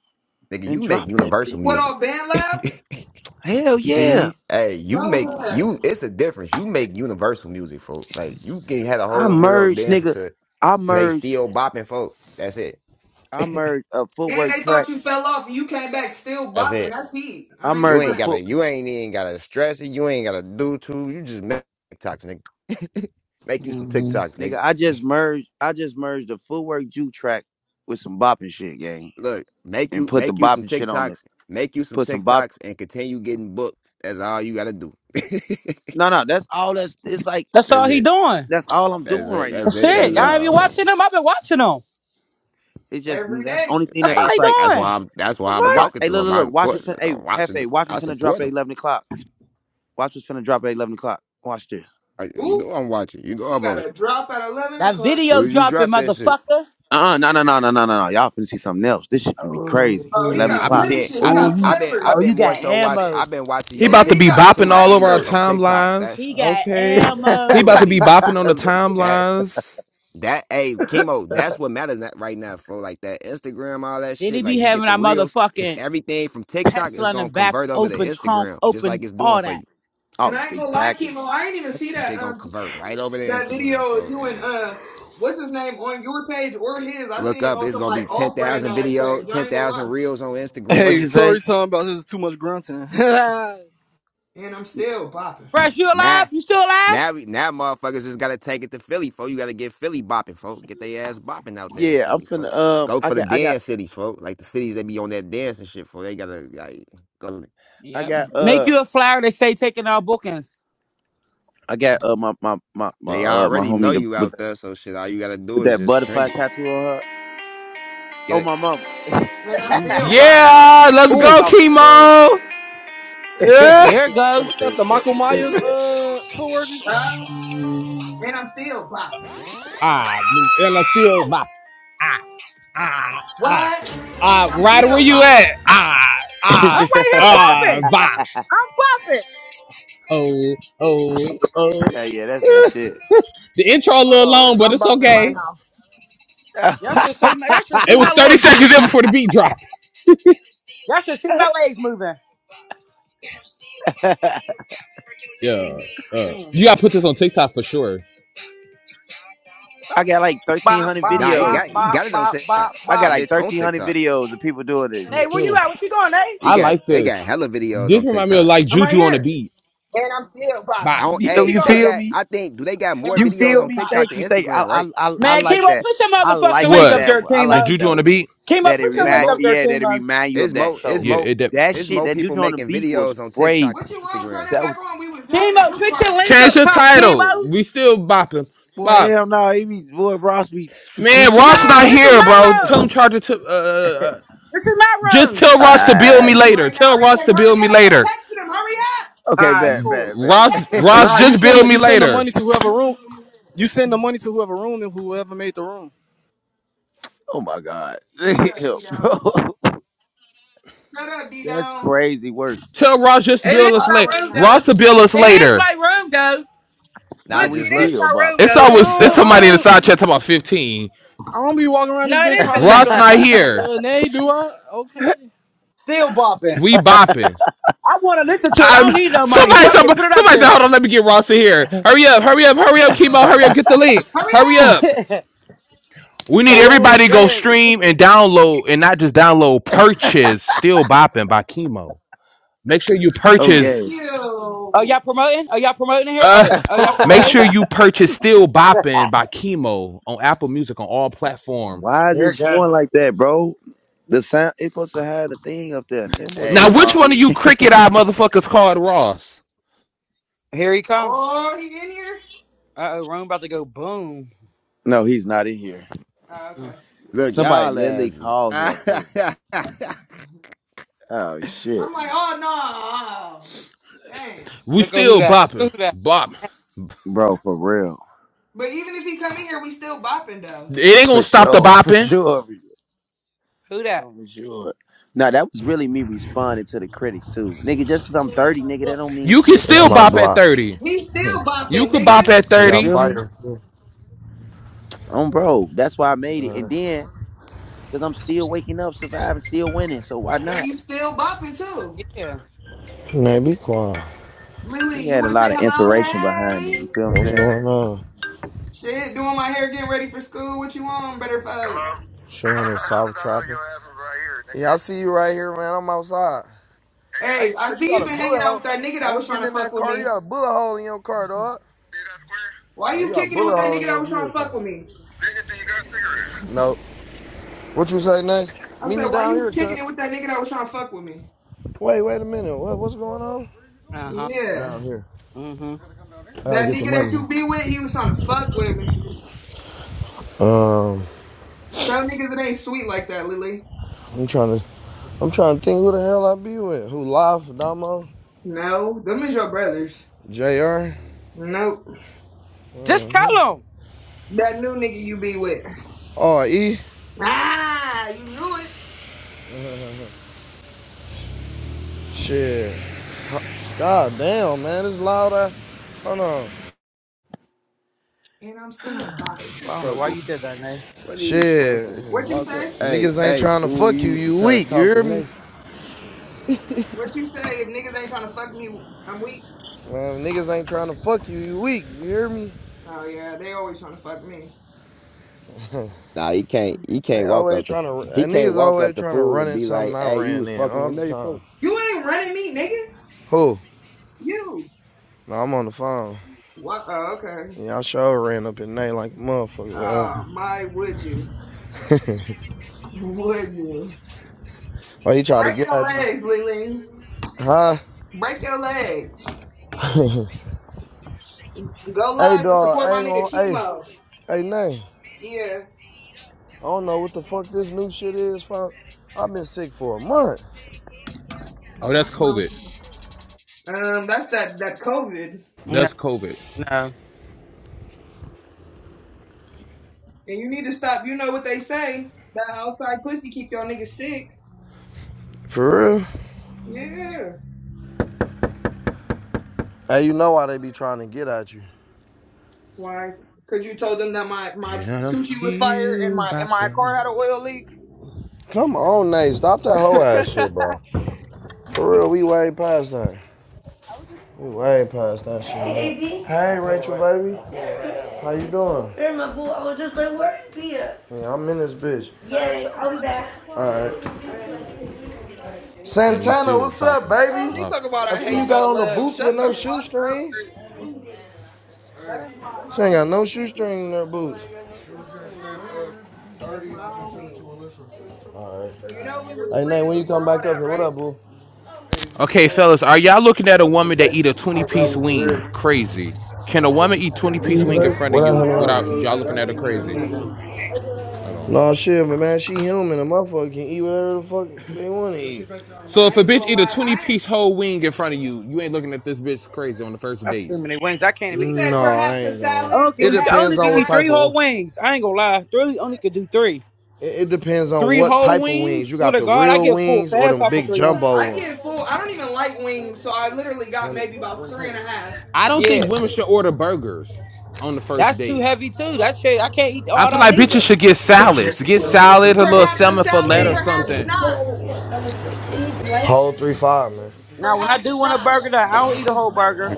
Speaker 10: Nigga,
Speaker 17: and
Speaker 10: you make
Speaker 17: dropped that
Speaker 10: universal
Speaker 17: bit.
Speaker 14: What
Speaker 10: music.
Speaker 14: off band lab?
Speaker 17: Hell yeah.
Speaker 12: See,
Speaker 10: hey, you
Speaker 14: Bro,
Speaker 10: make
Speaker 14: good.
Speaker 10: you it's a difference. You make universal music, folk. Like you can have the
Speaker 17: I
Speaker 10: whole world
Speaker 17: merged,
Speaker 10: dancing
Speaker 17: nigga.
Speaker 10: to
Speaker 17: I
Speaker 10: to they
Speaker 17: merged.
Speaker 10: still bopping folk. That's it.
Speaker 17: I merged a
Speaker 14: And
Speaker 17: footwork
Speaker 14: they thought
Speaker 17: track.
Speaker 14: you fell off and you came back still
Speaker 10: That's
Speaker 14: bopping.
Speaker 10: it.
Speaker 14: That's heat.
Speaker 17: I
Speaker 14: I ain't
Speaker 10: You
Speaker 14: gonna
Speaker 17: merged a
Speaker 10: ain't
Speaker 14: lie.
Speaker 10: gotta
Speaker 17: foot,
Speaker 10: you ain't even gotta stress it. You ain't gotta do too. You just make TikToks, nigga. make you some
Speaker 3: hmm
Speaker 10: TikToks,
Speaker 17: nigga.
Speaker 10: nigga.
Speaker 17: I just merged. I just merged a footwork Jew track with some bopping shit, gang,
Speaker 10: Look, make
Speaker 17: and
Speaker 10: you
Speaker 17: put the
Speaker 10: make you some
Speaker 17: bopping shit on the
Speaker 10: TikToks, make you some
Speaker 17: put some bop.
Speaker 10: TikToks and continue getting booked. That's all you gotta do.
Speaker 17: No, no, that's all. That's it's like
Speaker 3: That's
Speaker 10: That's
Speaker 3: all he
Speaker 10: it.
Speaker 3: doing.
Speaker 17: That's all I'm
Speaker 10: That's
Speaker 17: doing
Speaker 10: it.
Speaker 17: right
Speaker 10: That's
Speaker 17: now.
Speaker 3: That's
Speaker 10: it.
Speaker 17: It
Speaker 3: it.
Speaker 17: ain't
Speaker 10: That's
Speaker 3: Y'all
Speaker 17: nothing.
Speaker 3: ain't been
Speaker 10: uh,
Speaker 3: watching him. I've been watching him.
Speaker 17: It's just
Speaker 14: Every
Speaker 17: that's the
Speaker 14: day.
Speaker 17: only thing
Speaker 3: That's
Speaker 17: that
Speaker 3: all
Speaker 10: right.
Speaker 17: it's
Speaker 3: he
Speaker 17: like.
Speaker 10: That's
Speaker 3: doing.
Speaker 10: why I'm. That's
Speaker 3: All
Speaker 10: why I'm
Speaker 3: right.
Speaker 17: Watch,
Speaker 10: talking
Speaker 17: hey,
Speaker 10: to
Speaker 17: look,
Speaker 10: him.
Speaker 17: look,
Speaker 10: I,
Speaker 17: look.
Speaker 10: of
Speaker 17: Watch what's
Speaker 10: course,
Speaker 17: finna. Hey,
Speaker 10: I'm
Speaker 17: Hefe.
Speaker 10: watching him.
Speaker 17: Watch
Speaker 10: I
Speaker 17: what's finna drop
Speaker 10: support
Speaker 17: at
Speaker 10: him.
Speaker 17: eleven o'clock. Watch what's finna drop at eleven o'clock. Watch this.
Speaker 10: Like you know
Speaker 14: Ooh,
Speaker 10: I'm watching. You know
Speaker 14: he
Speaker 10: I'm on
Speaker 14: got
Speaker 10: it.
Speaker 14: a drop at 11
Speaker 3: That
Speaker 14: o'clock.
Speaker 3: video
Speaker 10: Soon as you
Speaker 3: dropping,
Speaker 10: drop that shit,
Speaker 3: motherfucker.
Speaker 17: Uh, uh no, no, no, no, no, no, no. Y'all finna see something else. This shit finna be
Speaker 3: Oh,
Speaker 17: crazy.
Speaker 14: Oh, he
Speaker 17: Eleven
Speaker 10: I
Speaker 14: got
Speaker 10: be
Speaker 17: o'clock.
Speaker 14: plenty
Speaker 10: saying.
Speaker 14: shit. He
Speaker 10: I
Speaker 3: oh,
Speaker 10: be.
Speaker 14: got
Speaker 10: I
Speaker 3: you,
Speaker 10: been. I
Speaker 3: oh,
Speaker 14: flavors.
Speaker 3: you
Speaker 10: been more
Speaker 3: got
Speaker 10: so watch. I
Speaker 3: ammo.
Speaker 10: been watching
Speaker 12: he
Speaker 10: your
Speaker 14: Yeah,
Speaker 12: about to
Speaker 14: he
Speaker 12: be
Speaker 10: TikToks
Speaker 14: got
Speaker 12: bopping
Speaker 10: too. The
Speaker 12: all over our
Speaker 10: videos on
Speaker 14: flavors.
Speaker 10: TikToks. That's.
Speaker 12: timelines.
Speaker 3: He got
Speaker 12: Okay,
Speaker 17: oh,
Speaker 10: I'm
Speaker 12: he about
Speaker 3: ammo.
Speaker 12: to
Speaker 10: telling
Speaker 12: be
Speaker 10: you
Speaker 12: bopping on the
Speaker 10: that.
Speaker 12: timelines.
Speaker 10: That hey chemo, that's what matters not- right now for like that Instagram, all that
Speaker 3: Then
Speaker 10: shit.
Speaker 3: he be
Speaker 10: Like you
Speaker 3: having
Speaker 10: get the
Speaker 3: our
Speaker 10: reels, cause
Speaker 3: motherfucking
Speaker 10: everything from TikTok is
Speaker 3: Tesla in the
Speaker 10: gonna
Speaker 3: back,
Speaker 10: convert over to
Speaker 3: open trunk,
Speaker 10: Instagram, just
Speaker 3: open
Speaker 10: like it's doing
Speaker 3: all
Speaker 10: for you.
Speaker 3: that.
Speaker 14: And I ain't gonna lie,
Speaker 17: exactly.
Speaker 14: Kimo, I ain't even see that
Speaker 10: Shit gonna
Speaker 14: um
Speaker 10: convert right over to
Speaker 14: that
Speaker 10: Instagram,
Speaker 14: video of
Speaker 10: folks.
Speaker 14: you and
Speaker 10: And
Speaker 14: uh what's his name on your page or his. I
Speaker 10: look
Speaker 14: seen it
Speaker 10: up,
Speaker 14: on
Speaker 10: it's
Speaker 14: some
Speaker 10: gonna be
Speaker 14: like
Speaker 10: ten
Speaker 14: off brand
Speaker 10: thousand
Speaker 14: ass
Speaker 10: video,
Speaker 14: page. I
Speaker 10: ten
Speaker 14: ain't gonna
Speaker 10: thousand
Speaker 14: lie.
Speaker 10: reels on
Speaker 17: What
Speaker 6: Hey,
Speaker 17: you
Speaker 10: Instagram.
Speaker 6: Tory
Speaker 17: say?
Speaker 6: talking about this is too much grunting.
Speaker 14: And I'm still bopping.
Speaker 3: Fresh, you
Speaker 10: Nah,
Speaker 3: alive? You still alive?
Speaker 10: now, we, now, motherfuckers just gotta take it to Philly, folks. You gotta get Philly bopping, folks. Get their ass bopping out there in
Speaker 17: Yeah, I'm
Speaker 10: Philly,
Speaker 17: finna.
Speaker 10: folks.
Speaker 17: Um,
Speaker 10: Go
Speaker 17: I
Speaker 10: for the
Speaker 17: got, I got,
Speaker 10: dance cities, folks. Like the cities that be on that dance and shit, folks. They gotta like go.
Speaker 17: I
Speaker 3: Yep.
Speaker 17: got.
Speaker 3: Make
Speaker 17: Uh,
Speaker 3: you a flyer that say taking our bookings.
Speaker 17: I got. Uh, my, my, my, my,
Speaker 10: They
Speaker 17: uh, my
Speaker 10: already know
Speaker 17: homie the,
Speaker 10: you
Speaker 17: with
Speaker 10: out there, so shit. All you gotta do
Speaker 17: with
Speaker 10: is
Speaker 17: that
Speaker 10: just
Speaker 17: butterfly
Speaker 10: trend it.
Speaker 17: tattoo on her.
Speaker 10: Get
Speaker 17: Oh,
Speaker 10: it.
Speaker 17: my mama.
Speaker 14: And I'm
Speaker 3: Ooh,
Speaker 14: still bopping.
Speaker 12: Yeah, let's
Speaker 3: ooh,
Speaker 17: That's
Speaker 12: go,
Speaker 17: off the phone.
Speaker 12: chemo.
Speaker 17: what
Speaker 12: Yeah.
Speaker 3: there it go.
Speaker 17: a
Speaker 6: What's that?
Speaker 17: thing,
Speaker 6: The
Speaker 17: yeah.
Speaker 6: Michael
Speaker 17: What a thing,
Speaker 6: Myers
Speaker 17: yeah.
Speaker 6: uh footwork and shit?
Speaker 14: Huh? And I'm still bopping. What? And I'm still bopping.
Speaker 3: I'm
Speaker 12: ah,
Speaker 3: right here
Speaker 12: ah,
Speaker 3: bumping.
Speaker 12: bah,
Speaker 3: I'm bumping.
Speaker 12: oh, oh, oh.
Speaker 17: Hell yeah, that's that shit.
Speaker 12: The intro a little
Speaker 14: Hold on.
Speaker 12: long, but
Speaker 14: I'm
Speaker 12: it's
Speaker 14: bopping right
Speaker 12: okay.
Speaker 14: now.
Speaker 3: Y'all
Speaker 17: I
Speaker 3: should see my, y'all should see
Speaker 12: It was
Speaker 3: my
Speaker 12: 30
Speaker 3: legs
Speaker 12: seconds in
Speaker 3: moving.
Speaker 12: before the beat dropped.
Speaker 3: Y'all should see my legs moving.
Speaker 12: Yeah,
Speaker 3: Mm.
Speaker 12: uh, you gotta put this on TikTok for sure.
Speaker 17: got like
Speaker 3: Bop,
Speaker 17: 1,300
Speaker 3: bop,
Speaker 10: Nah, he
Speaker 17: videos.
Speaker 10: got
Speaker 3: bop,
Speaker 10: he got
Speaker 3: bop,
Speaker 10: it on
Speaker 3: bop,
Speaker 10: TikTok.
Speaker 3: bop,
Speaker 17: I got
Speaker 3: bop.
Speaker 10: That
Speaker 17: like
Speaker 10: bitch on
Speaker 17: 1,300
Speaker 10: TikTok.
Speaker 17: videos of people doing this
Speaker 3: Hey,
Speaker 17: shit.
Speaker 3: where you at? What you going, eh?
Speaker 10: He
Speaker 12: I
Speaker 10: got
Speaker 12: like
Speaker 10: they
Speaker 12: this.
Speaker 10: got hella videos on
Speaker 12: This remind me of
Speaker 10: TikTok.
Speaker 12: like
Speaker 14: I'm right
Speaker 12: Juju on the
Speaker 14: here.
Speaker 12: beat.
Speaker 14: And I'm still bopping.
Speaker 10: I
Speaker 12: Bah.
Speaker 17: You,
Speaker 10: hey,
Speaker 17: you
Speaker 10: they
Speaker 14: PTR.
Speaker 17: feel
Speaker 10: got.
Speaker 17: me?
Speaker 10: I think do they got
Speaker 14: And
Speaker 10: more
Speaker 14: I'm
Speaker 17: You
Speaker 10: videos
Speaker 17: feel
Speaker 10: on
Speaker 14: still
Speaker 17: me?
Speaker 10: TikTok
Speaker 14: bopping.
Speaker 17: Thank
Speaker 10: than
Speaker 17: you. Thank you. I,
Speaker 10: Instagram? Right?
Speaker 17: I, I, I
Speaker 3: Man,
Speaker 17: like
Speaker 3: Chemo,
Speaker 17: that.
Speaker 3: put your
Speaker 17: I
Speaker 3: motherfucking
Speaker 17: liked it
Speaker 3: link up
Speaker 12: What?
Speaker 17: that
Speaker 3: there,
Speaker 17: one. I
Speaker 12: The
Speaker 17: liked
Speaker 3: Chemo.
Speaker 17: it
Speaker 12: Juju
Speaker 17: that
Speaker 12: on the
Speaker 17: one.
Speaker 12: beat?
Speaker 3: Chemo,
Speaker 17: That it
Speaker 3: put your
Speaker 10: It's
Speaker 3: link
Speaker 17: remind,
Speaker 3: up
Speaker 10: mo.
Speaker 3: there,
Speaker 17: yeah, that it
Speaker 3: Chemo.
Speaker 17: remind you of
Speaker 10: It's
Speaker 17: that.
Speaker 10: mo. It's
Speaker 17: So
Speaker 12: Yeah,
Speaker 10: mo.
Speaker 12: it did.
Speaker 17: that
Speaker 10: It's
Speaker 17: shit,
Speaker 10: mo
Speaker 17: that
Speaker 10: people
Speaker 17: Juju on the
Speaker 10: making
Speaker 17: beat was
Speaker 10: videos on TikTok,
Speaker 14: What
Speaker 17: crazy.
Speaker 14: you
Speaker 10: than
Speaker 14: wrong? Turn
Speaker 10: Instagram.
Speaker 14: that
Speaker 17: That was,
Speaker 14: back on. We was having a
Speaker 3: Chemo,
Speaker 14: juke
Speaker 3: put your
Speaker 14: party.
Speaker 3: link
Speaker 12: change
Speaker 3: up
Speaker 12: your
Speaker 3: top,
Speaker 12: title.
Speaker 3: Chemo.
Speaker 12: We still bopping.
Speaker 17: boy,
Speaker 12: Bop.
Speaker 17: hell no. He be, boy, Ross be t-
Speaker 12: Man,
Speaker 17: tweaking,
Speaker 3: No,
Speaker 12: Ross
Speaker 17: boy,
Speaker 12: not
Speaker 17: that
Speaker 3: this
Speaker 17: stuff.
Speaker 3: is
Speaker 12: here,
Speaker 17: All
Speaker 12: bro.
Speaker 3: my
Speaker 12: Tell
Speaker 3: room.
Speaker 12: him charge it to uh uh, uh.
Speaker 3: This is my
Speaker 12: just
Speaker 3: room.
Speaker 12: tell Ross to
Speaker 14: They
Speaker 12: bill
Speaker 17: right,
Speaker 12: me
Speaker 14: texting him
Speaker 12: later.
Speaker 14: right now.
Speaker 12: Tell
Speaker 14: They text,
Speaker 12: Ross to bill
Speaker 14: hurry
Speaker 12: me
Speaker 14: up. They
Speaker 12: later.
Speaker 14: texted him, hurry up.
Speaker 3: All
Speaker 17: Okay,
Speaker 3: right,
Speaker 17: bad,
Speaker 3: cool.
Speaker 17: bad,
Speaker 14: They
Speaker 12: Ross,
Speaker 14: texted
Speaker 17: bad.
Speaker 14: him, hurry
Speaker 12: Ross,
Speaker 6: Nah, you
Speaker 14: up.
Speaker 12: just
Speaker 6: send
Speaker 12: build
Speaker 6: the,
Speaker 12: me
Speaker 6: you send the
Speaker 12: later.
Speaker 6: money to whoever room. You send the money to whoever room and whoever made the room.
Speaker 17: Oh my God,
Speaker 14: Shut up,
Speaker 17: Damn,
Speaker 14: D Down.
Speaker 17: bro,
Speaker 14: Shut up, D
Speaker 17: that's
Speaker 14: Down.
Speaker 17: crazy work.
Speaker 12: Tell Ross just to
Speaker 3: It
Speaker 14: We
Speaker 3: is
Speaker 12: build
Speaker 17: All
Speaker 12: us
Speaker 17: right.
Speaker 14: bumping
Speaker 12: later.
Speaker 3: my
Speaker 14: right
Speaker 3: room,
Speaker 14: now.
Speaker 3: though.
Speaker 12: Ross will build us
Speaker 3: It is
Speaker 12: later.
Speaker 3: my room, though.
Speaker 10: Nah,
Speaker 17: And
Speaker 3: Bussy,
Speaker 17: we
Speaker 10: just
Speaker 3: it is
Speaker 10: look.
Speaker 17: still
Speaker 3: my room,
Speaker 17: bopping.
Speaker 12: It's
Speaker 6: They
Speaker 3: though.
Speaker 12: always it's
Speaker 6: don't, I
Speaker 17: Yo,
Speaker 12: somebody in the
Speaker 17: buddy.
Speaker 6: don't,
Speaker 12: side chat talking about fifteen.
Speaker 6: I don't be walking around this
Speaker 3: No, it
Speaker 6: bitch
Speaker 3: is
Speaker 6: calling you
Speaker 3: 15.
Speaker 12: Ross
Speaker 6: Thrax
Speaker 12: not
Speaker 6: Coochie
Speaker 12: here.
Speaker 6: uh, Nay, do I? Okay.
Speaker 3: Still bopping.
Speaker 12: We bopping.
Speaker 3: I want to listen to it. I
Speaker 12: I'm,
Speaker 3: don't need no money.
Speaker 12: somebody,
Speaker 3: Fuck it.
Speaker 12: somebody,
Speaker 3: Put it up
Speaker 12: somebody said,
Speaker 3: there.
Speaker 12: hold on, let me get Ross in here. Hurry up, hurry up, hurry up, Kimo. hurry up, get the link.
Speaker 14: Hurry
Speaker 12: Hurry
Speaker 14: up.
Speaker 12: up. We need
Speaker 3: no, go ahead.
Speaker 12: everybody to
Speaker 3: Go
Speaker 12: go
Speaker 3: ahead.
Speaker 12: stream and download and not just download, purchase Still Bopping by Kimo. Make sure you purchase
Speaker 3: Mm.
Speaker 14: Thank
Speaker 17: okay.
Speaker 14: you.
Speaker 3: Oh, y'all
Speaker 14: Oh,
Speaker 3: promoting? Oh, y'all promoting here?
Speaker 12: Uh,
Speaker 3: Oh, oh, y'all
Speaker 14: oh,
Speaker 12: make
Speaker 3: promoting?
Speaker 14: oh.
Speaker 12: sure you purchase "Still Boppin'" by Chemo on Apple Music on all platforms.
Speaker 17: Why is
Speaker 3: Here
Speaker 17: it
Speaker 3: it goes.
Speaker 17: showing like that, bro? The sound it supposed to have the thing up there. It supposed to
Speaker 10: Hey,
Speaker 17: say
Speaker 12: Now, which
Speaker 10: wrong.
Speaker 12: one of
Speaker 17: YouTube.
Speaker 12: you cricket eye motherfuckers called Ross?
Speaker 3: Here he comes.
Speaker 14: Oh, he in here?
Speaker 3: Uh oh, Rome about to go boom.
Speaker 17: No, he's not in here.
Speaker 14: Oh,
Speaker 3: Uh,
Speaker 14: okay.
Speaker 10: look,
Speaker 17: Somebody
Speaker 10: y'all
Speaker 17: literally
Speaker 10: asses.
Speaker 17: called
Speaker 10: what
Speaker 17: him. Too.
Speaker 10: are
Speaker 17: Oh
Speaker 14: I'm
Speaker 17: shit,
Speaker 14: like, oh no. Damn.
Speaker 12: We
Speaker 3: Look at who
Speaker 12: still
Speaker 3: that. Who
Speaker 12: bopping,
Speaker 3: that?
Speaker 12: bop.
Speaker 17: bro, for real,
Speaker 14: But even if he come in here, we still bopping though.
Speaker 12: It ain't gonna
Speaker 17: for
Speaker 12: stop the
Speaker 17: sure, for
Speaker 12: bopping.
Speaker 17: sure.
Speaker 3: Who that?
Speaker 17: Oh, for sure. Now that was really me responding to the critics too, nigga. Just cause I'm 30, nigga, that don't mean
Speaker 12: You can
Speaker 17: shit,
Speaker 18: That's
Speaker 12: still
Speaker 17: bro.
Speaker 18: my
Speaker 12: bop at
Speaker 18: block.
Speaker 12: thirty.
Speaker 14: We still
Speaker 12: You
Speaker 14: bopping,
Speaker 12: could bop
Speaker 14: nigga.
Speaker 12: at
Speaker 18: They
Speaker 17: You
Speaker 18: got
Speaker 12: thirty.
Speaker 17: feel me?
Speaker 18: fire.
Speaker 17: i bro. That's why I made it, and then cause I'm still waking up, surviving, still winning. So why
Speaker 14: And
Speaker 17: not?
Speaker 14: you still bopping too.
Speaker 3: Yeah.
Speaker 18: Man, be quiet.
Speaker 14: Lily,
Speaker 17: He
Speaker 14: you
Speaker 17: had a
Speaker 14: wanna
Speaker 17: lot
Speaker 14: say
Speaker 17: of
Speaker 14: hello?
Speaker 17: inspiration behind it.
Speaker 14: Hey.
Speaker 17: You feel what I'm
Speaker 18: What's
Speaker 17: saying?
Speaker 18: going on?
Speaker 14: Shit, doing my hair, getting ready for school. What you on, better fuck?
Speaker 18: Sure. Yeah, I see you right here, man. I'm outside. Hey,
Speaker 14: Hey, I
Speaker 18: guys, you
Speaker 14: see you
Speaker 18: got a
Speaker 14: been
Speaker 18: bullet
Speaker 14: hanging out
Speaker 18: hole.
Speaker 14: with that nigga
Speaker 18: I
Speaker 14: that was
Speaker 18: ain't
Speaker 14: trying
Speaker 18: getting
Speaker 14: to
Speaker 18: in
Speaker 14: fuck
Speaker 18: that
Speaker 14: with
Speaker 18: car. You
Speaker 14: me.
Speaker 18: got a bullet hole in your car, dog.
Speaker 14: Why
Speaker 18: No,
Speaker 14: you
Speaker 18: you got a
Speaker 14: kicking it with
Speaker 18: bullet
Speaker 14: that
Speaker 18: hole
Speaker 14: nigga
Speaker 18: in
Speaker 14: that
Speaker 18: your
Speaker 14: was trying to
Speaker 18: vehicle.
Speaker 14: fuck with me?
Speaker 18: No. What you say, next?
Speaker 14: I
Speaker 18: Meet
Speaker 14: said,
Speaker 18: me
Speaker 14: why
Speaker 18: down
Speaker 14: you
Speaker 18: here,
Speaker 14: kicking
Speaker 18: cut.
Speaker 14: it with that nigga that was trying to fuck with me?
Speaker 18: Wait, wait a minute. What, what's going on?
Speaker 3: Uh huh.
Speaker 14: Yeah,
Speaker 18: Down here.
Speaker 3: Mm hmm.
Speaker 18: I gotta
Speaker 14: that
Speaker 18: get the
Speaker 14: nigga that
Speaker 18: money.
Speaker 14: you be with, he was trying to fuck with me.
Speaker 18: Um,
Speaker 14: Some niggas it ain't sweet like that, Lily.
Speaker 18: I'm trying to, I'm trying to think who the hell I be with. Who live? Damo,
Speaker 14: No, them is your brothers.
Speaker 18: Jr.
Speaker 14: Nope,
Speaker 3: Just tell
Speaker 18: Uh-huh.
Speaker 3: them.
Speaker 14: that new nigga you be with.
Speaker 18: Oh, E.
Speaker 14: Ah, you knew it.
Speaker 18: Shit. God damn, man, it's loud. out. Hold on.
Speaker 14: And I'm still bopping.
Speaker 10: you
Speaker 3: Well, I don't know
Speaker 10: supposed
Speaker 3: why
Speaker 10: to?
Speaker 3: you did that, man.
Speaker 10: What are you supposed
Speaker 18: Shit,
Speaker 10: to
Speaker 14: What you
Speaker 10: walk up?
Speaker 14: say?
Speaker 10: Hey,
Speaker 18: niggas ain't
Speaker 10: hey,
Speaker 18: trying to
Speaker 10: fool! You
Speaker 18: fuck you.
Speaker 10: used to
Speaker 18: You
Speaker 10: try to
Speaker 18: weak. You
Speaker 10: talk to
Speaker 18: hear me?
Speaker 10: me.
Speaker 14: What you say? If niggas ain't trying to fuck me, I'm weak.
Speaker 18: Man, niggas ain't trying to fuck you. You weak. You hear me?
Speaker 14: Oh yeah, they always trying to fuck me.
Speaker 10: nah, he can't. He
Speaker 18: They
Speaker 10: can't walk
Speaker 18: always
Speaker 10: up the.
Speaker 18: trying to. Uh,
Speaker 10: He can't
Speaker 18: niggas
Speaker 10: walk
Speaker 18: always
Speaker 10: up the
Speaker 18: trying to
Speaker 10: fool
Speaker 18: run
Speaker 10: and
Speaker 18: in
Speaker 10: be like,
Speaker 18: something I
Speaker 10: "Hey, you
Speaker 18: ran
Speaker 10: was
Speaker 18: in
Speaker 10: fucking
Speaker 18: all
Speaker 10: with
Speaker 18: the
Speaker 10: Nate, folk."
Speaker 18: time.
Speaker 14: You ain't running me, nigga.
Speaker 18: Who?
Speaker 14: You.
Speaker 18: No, I'm on the phone.
Speaker 14: What? Oh, okay.
Speaker 18: Yeah, I sure ran up in night like a motherfucker.
Speaker 14: Oh my, would you?
Speaker 18: Dog.
Speaker 14: Would you?
Speaker 18: oh, he tried to
Speaker 14: Break
Speaker 18: get
Speaker 14: your
Speaker 18: at you,
Speaker 14: legs, Lily.
Speaker 18: huh?
Speaker 14: Break your legs. Go
Speaker 18: Hey,
Speaker 14: live and
Speaker 18: dog.
Speaker 14: support
Speaker 18: I
Speaker 14: my
Speaker 18: ain't
Speaker 14: nigga
Speaker 18: gonna. Hey,
Speaker 14: chemo.
Speaker 18: hey, nay.
Speaker 14: Yeah.
Speaker 18: I don't know what the fuck this new shit is. Fuck. I've been sick for a month.
Speaker 14: I don't know. Um, that's that that COVID.
Speaker 3: No,
Speaker 12: That's COVID.
Speaker 3: no.
Speaker 14: And you need to stop. You know what they say? That outside pussy keep y'all niggas sick.
Speaker 18: For real?
Speaker 14: Yeah.
Speaker 18: Hey, you know why they be trying to get at you.
Speaker 14: Why? Because you told them that my my
Speaker 12: And I'm
Speaker 14: coochie was fire and
Speaker 12: still
Speaker 14: my and my car
Speaker 12: bopping.
Speaker 14: had an oil leak.
Speaker 18: Come on, Nate. Stop that whole
Speaker 14: I
Speaker 18: ass shit,
Speaker 14: heard
Speaker 18: bro. For real, we way past that. We way past that shit. Hey, Rachel, baby. How you doing? Yeah, I'm in this bitch.
Speaker 14: shut the fuck
Speaker 18: All right.
Speaker 12: And we
Speaker 14: up.
Speaker 18: Santana,
Speaker 12: still
Speaker 18: what's up,
Speaker 12: bopping,
Speaker 18: baby?
Speaker 14: He talk
Speaker 12: bopping,
Speaker 14: about
Speaker 18: I
Speaker 14: I
Speaker 18: see
Speaker 12: bopping.
Speaker 18: you
Speaker 14: hate
Speaker 18: got
Speaker 14: y'all
Speaker 18: on the
Speaker 14: love.
Speaker 18: boots
Speaker 14: Shut
Speaker 18: with
Speaker 14: the
Speaker 18: no
Speaker 14: fuck up,
Speaker 18: shoestrings.
Speaker 14: Chris. That is my
Speaker 18: She ain't got
Speaker 14: homie.
Speaker 18: no
Speaker 14: Please.
Speaker 18: shoestring in her boots.
Speaker 14: That's my homie.
Speaker 18: All right.
Speaker 14: You know we was
Speaker 18: Hey, Nate,
Speaker 14: friends
Speaker 18: when you come
Speaker 14: before all
Speaker 18: back up
Speaker 14: that,
Speaker 18: here, what
Speaker 14: right?
Speaker 18: up, boo?
Speaker 12: Okay, fellas, are y'all looking at a woman that eat a 20 piece wing? Crazy. Can a woman eat
Speaker 14: I'm
Speaker 12: 20
Speaker 14: not.
Speaker 12: piece wing in
Speaker 14: I ain't
Speaker 12: front of
Speaker 18: What
Speaker 14: gonna lie.
Speaker 12: you
Speaker 14: I'm
Speaker 18: up,
Speaker 14: not
Speaker 18: honey?
Speaker 12: without
Speaker 14: eating
Speaker 12: y'all
Speaker 14: no
Speaker 12: looking at her
Speaker 14: twenty piece
Speaker 12: crazy?
Speaker 14: wing.
Speaker 12: Hold on.
Speaker 18: No, shit, but man, she human. A motherfucker can eat whatever the fuck they want to eat.
Speaker 12: So
Speaker 14: I
Speaker 12: if a
Speaker 14: ain't gonna
Speaker 12: bitch eat a
Speaker 14: lie.
Speaker 12: 20
Speaker 14: I. Ain't,
Speaker 12: piece whole wing in front of you, you ain't looking at this bitch crazy on the first
Speaker 3: That's too
Speaker 12: date.
Speaker 3: many wings. I can't
Speaker 14: he
Speaker 3: even eat.
Speaker 14: said
Speaker 18: No, I
Speaker 14: perhaps a
Speaker 18: ain't gonna.
Speaker 3: I only
Speaker 14: salad,
Speaker 3: can
Speaker 18: It
Speaker 3: eat. I
Speaker 14: perhaps
Speaker 3: only
Speaker 18: depends
Speaker 3: can
Speaker 18: on what
Speaker 3: eat
Speaker 14: not.
Speaker 3: three
Speaker 18: type
Speaker 3: whole
Speaker 18: of.
Speaker 3: wings. I ain't gonna lie. Three only could do three.
Speaker 18: It, it depends on
Speaker 12: Three
Speaker 18: what
Speaker 12: whole
Speaker 18: type of wings. You
Speaker 12: wings?
Speaker 3: Swear
Speaker 18: got
Speaker 3: to
Speaker 18: the
Speaker 3: God, I
Speaker 18: real
Speaker 3: get full
Speaker 18: wings or
Speaker 3: fast
Speaker 18: them
Speaker 3: off of
Speaker 18: big
Speaker 3: three wings.
Speaker 18: jumbo
Speaker 14: I
Speaker 18: ones.
Speaker 14: get full. I don't even like wings, so I literally got
Speaker 18: Hundred-
Speaker 14: maybe about three and a half.
Speaker 12: I don't
Speaker 3: Yeah,
Speaker 12: think women should order burgers on the first
Speaker 3: that's too
Speaker 12: date.
Speaker 3: heavy too. That shit, I can't eat
Speaker 12: I
Speaker 3: all
Speaker 12: feel
Speaker 3: that
Speaker 12: like bitches
Speaker 3: neither.
Speaker 12: should get salads. Get salad, a little
Speaker 14: Perhaps a
Speaker 12: salmon fillet
Speaker 14: salad,
Speaker 12: or
Speaker 14: perhaps
Speaker 12: something.
Speaker 14: not.
Speaker 18: Whole three five, man.
Speaker 3: Now, when I
Speaker 14: Perhaps
Speaker 3: do want a
Speaker 14: not.
Speaker 3: burger, that I don't eat a whole burger.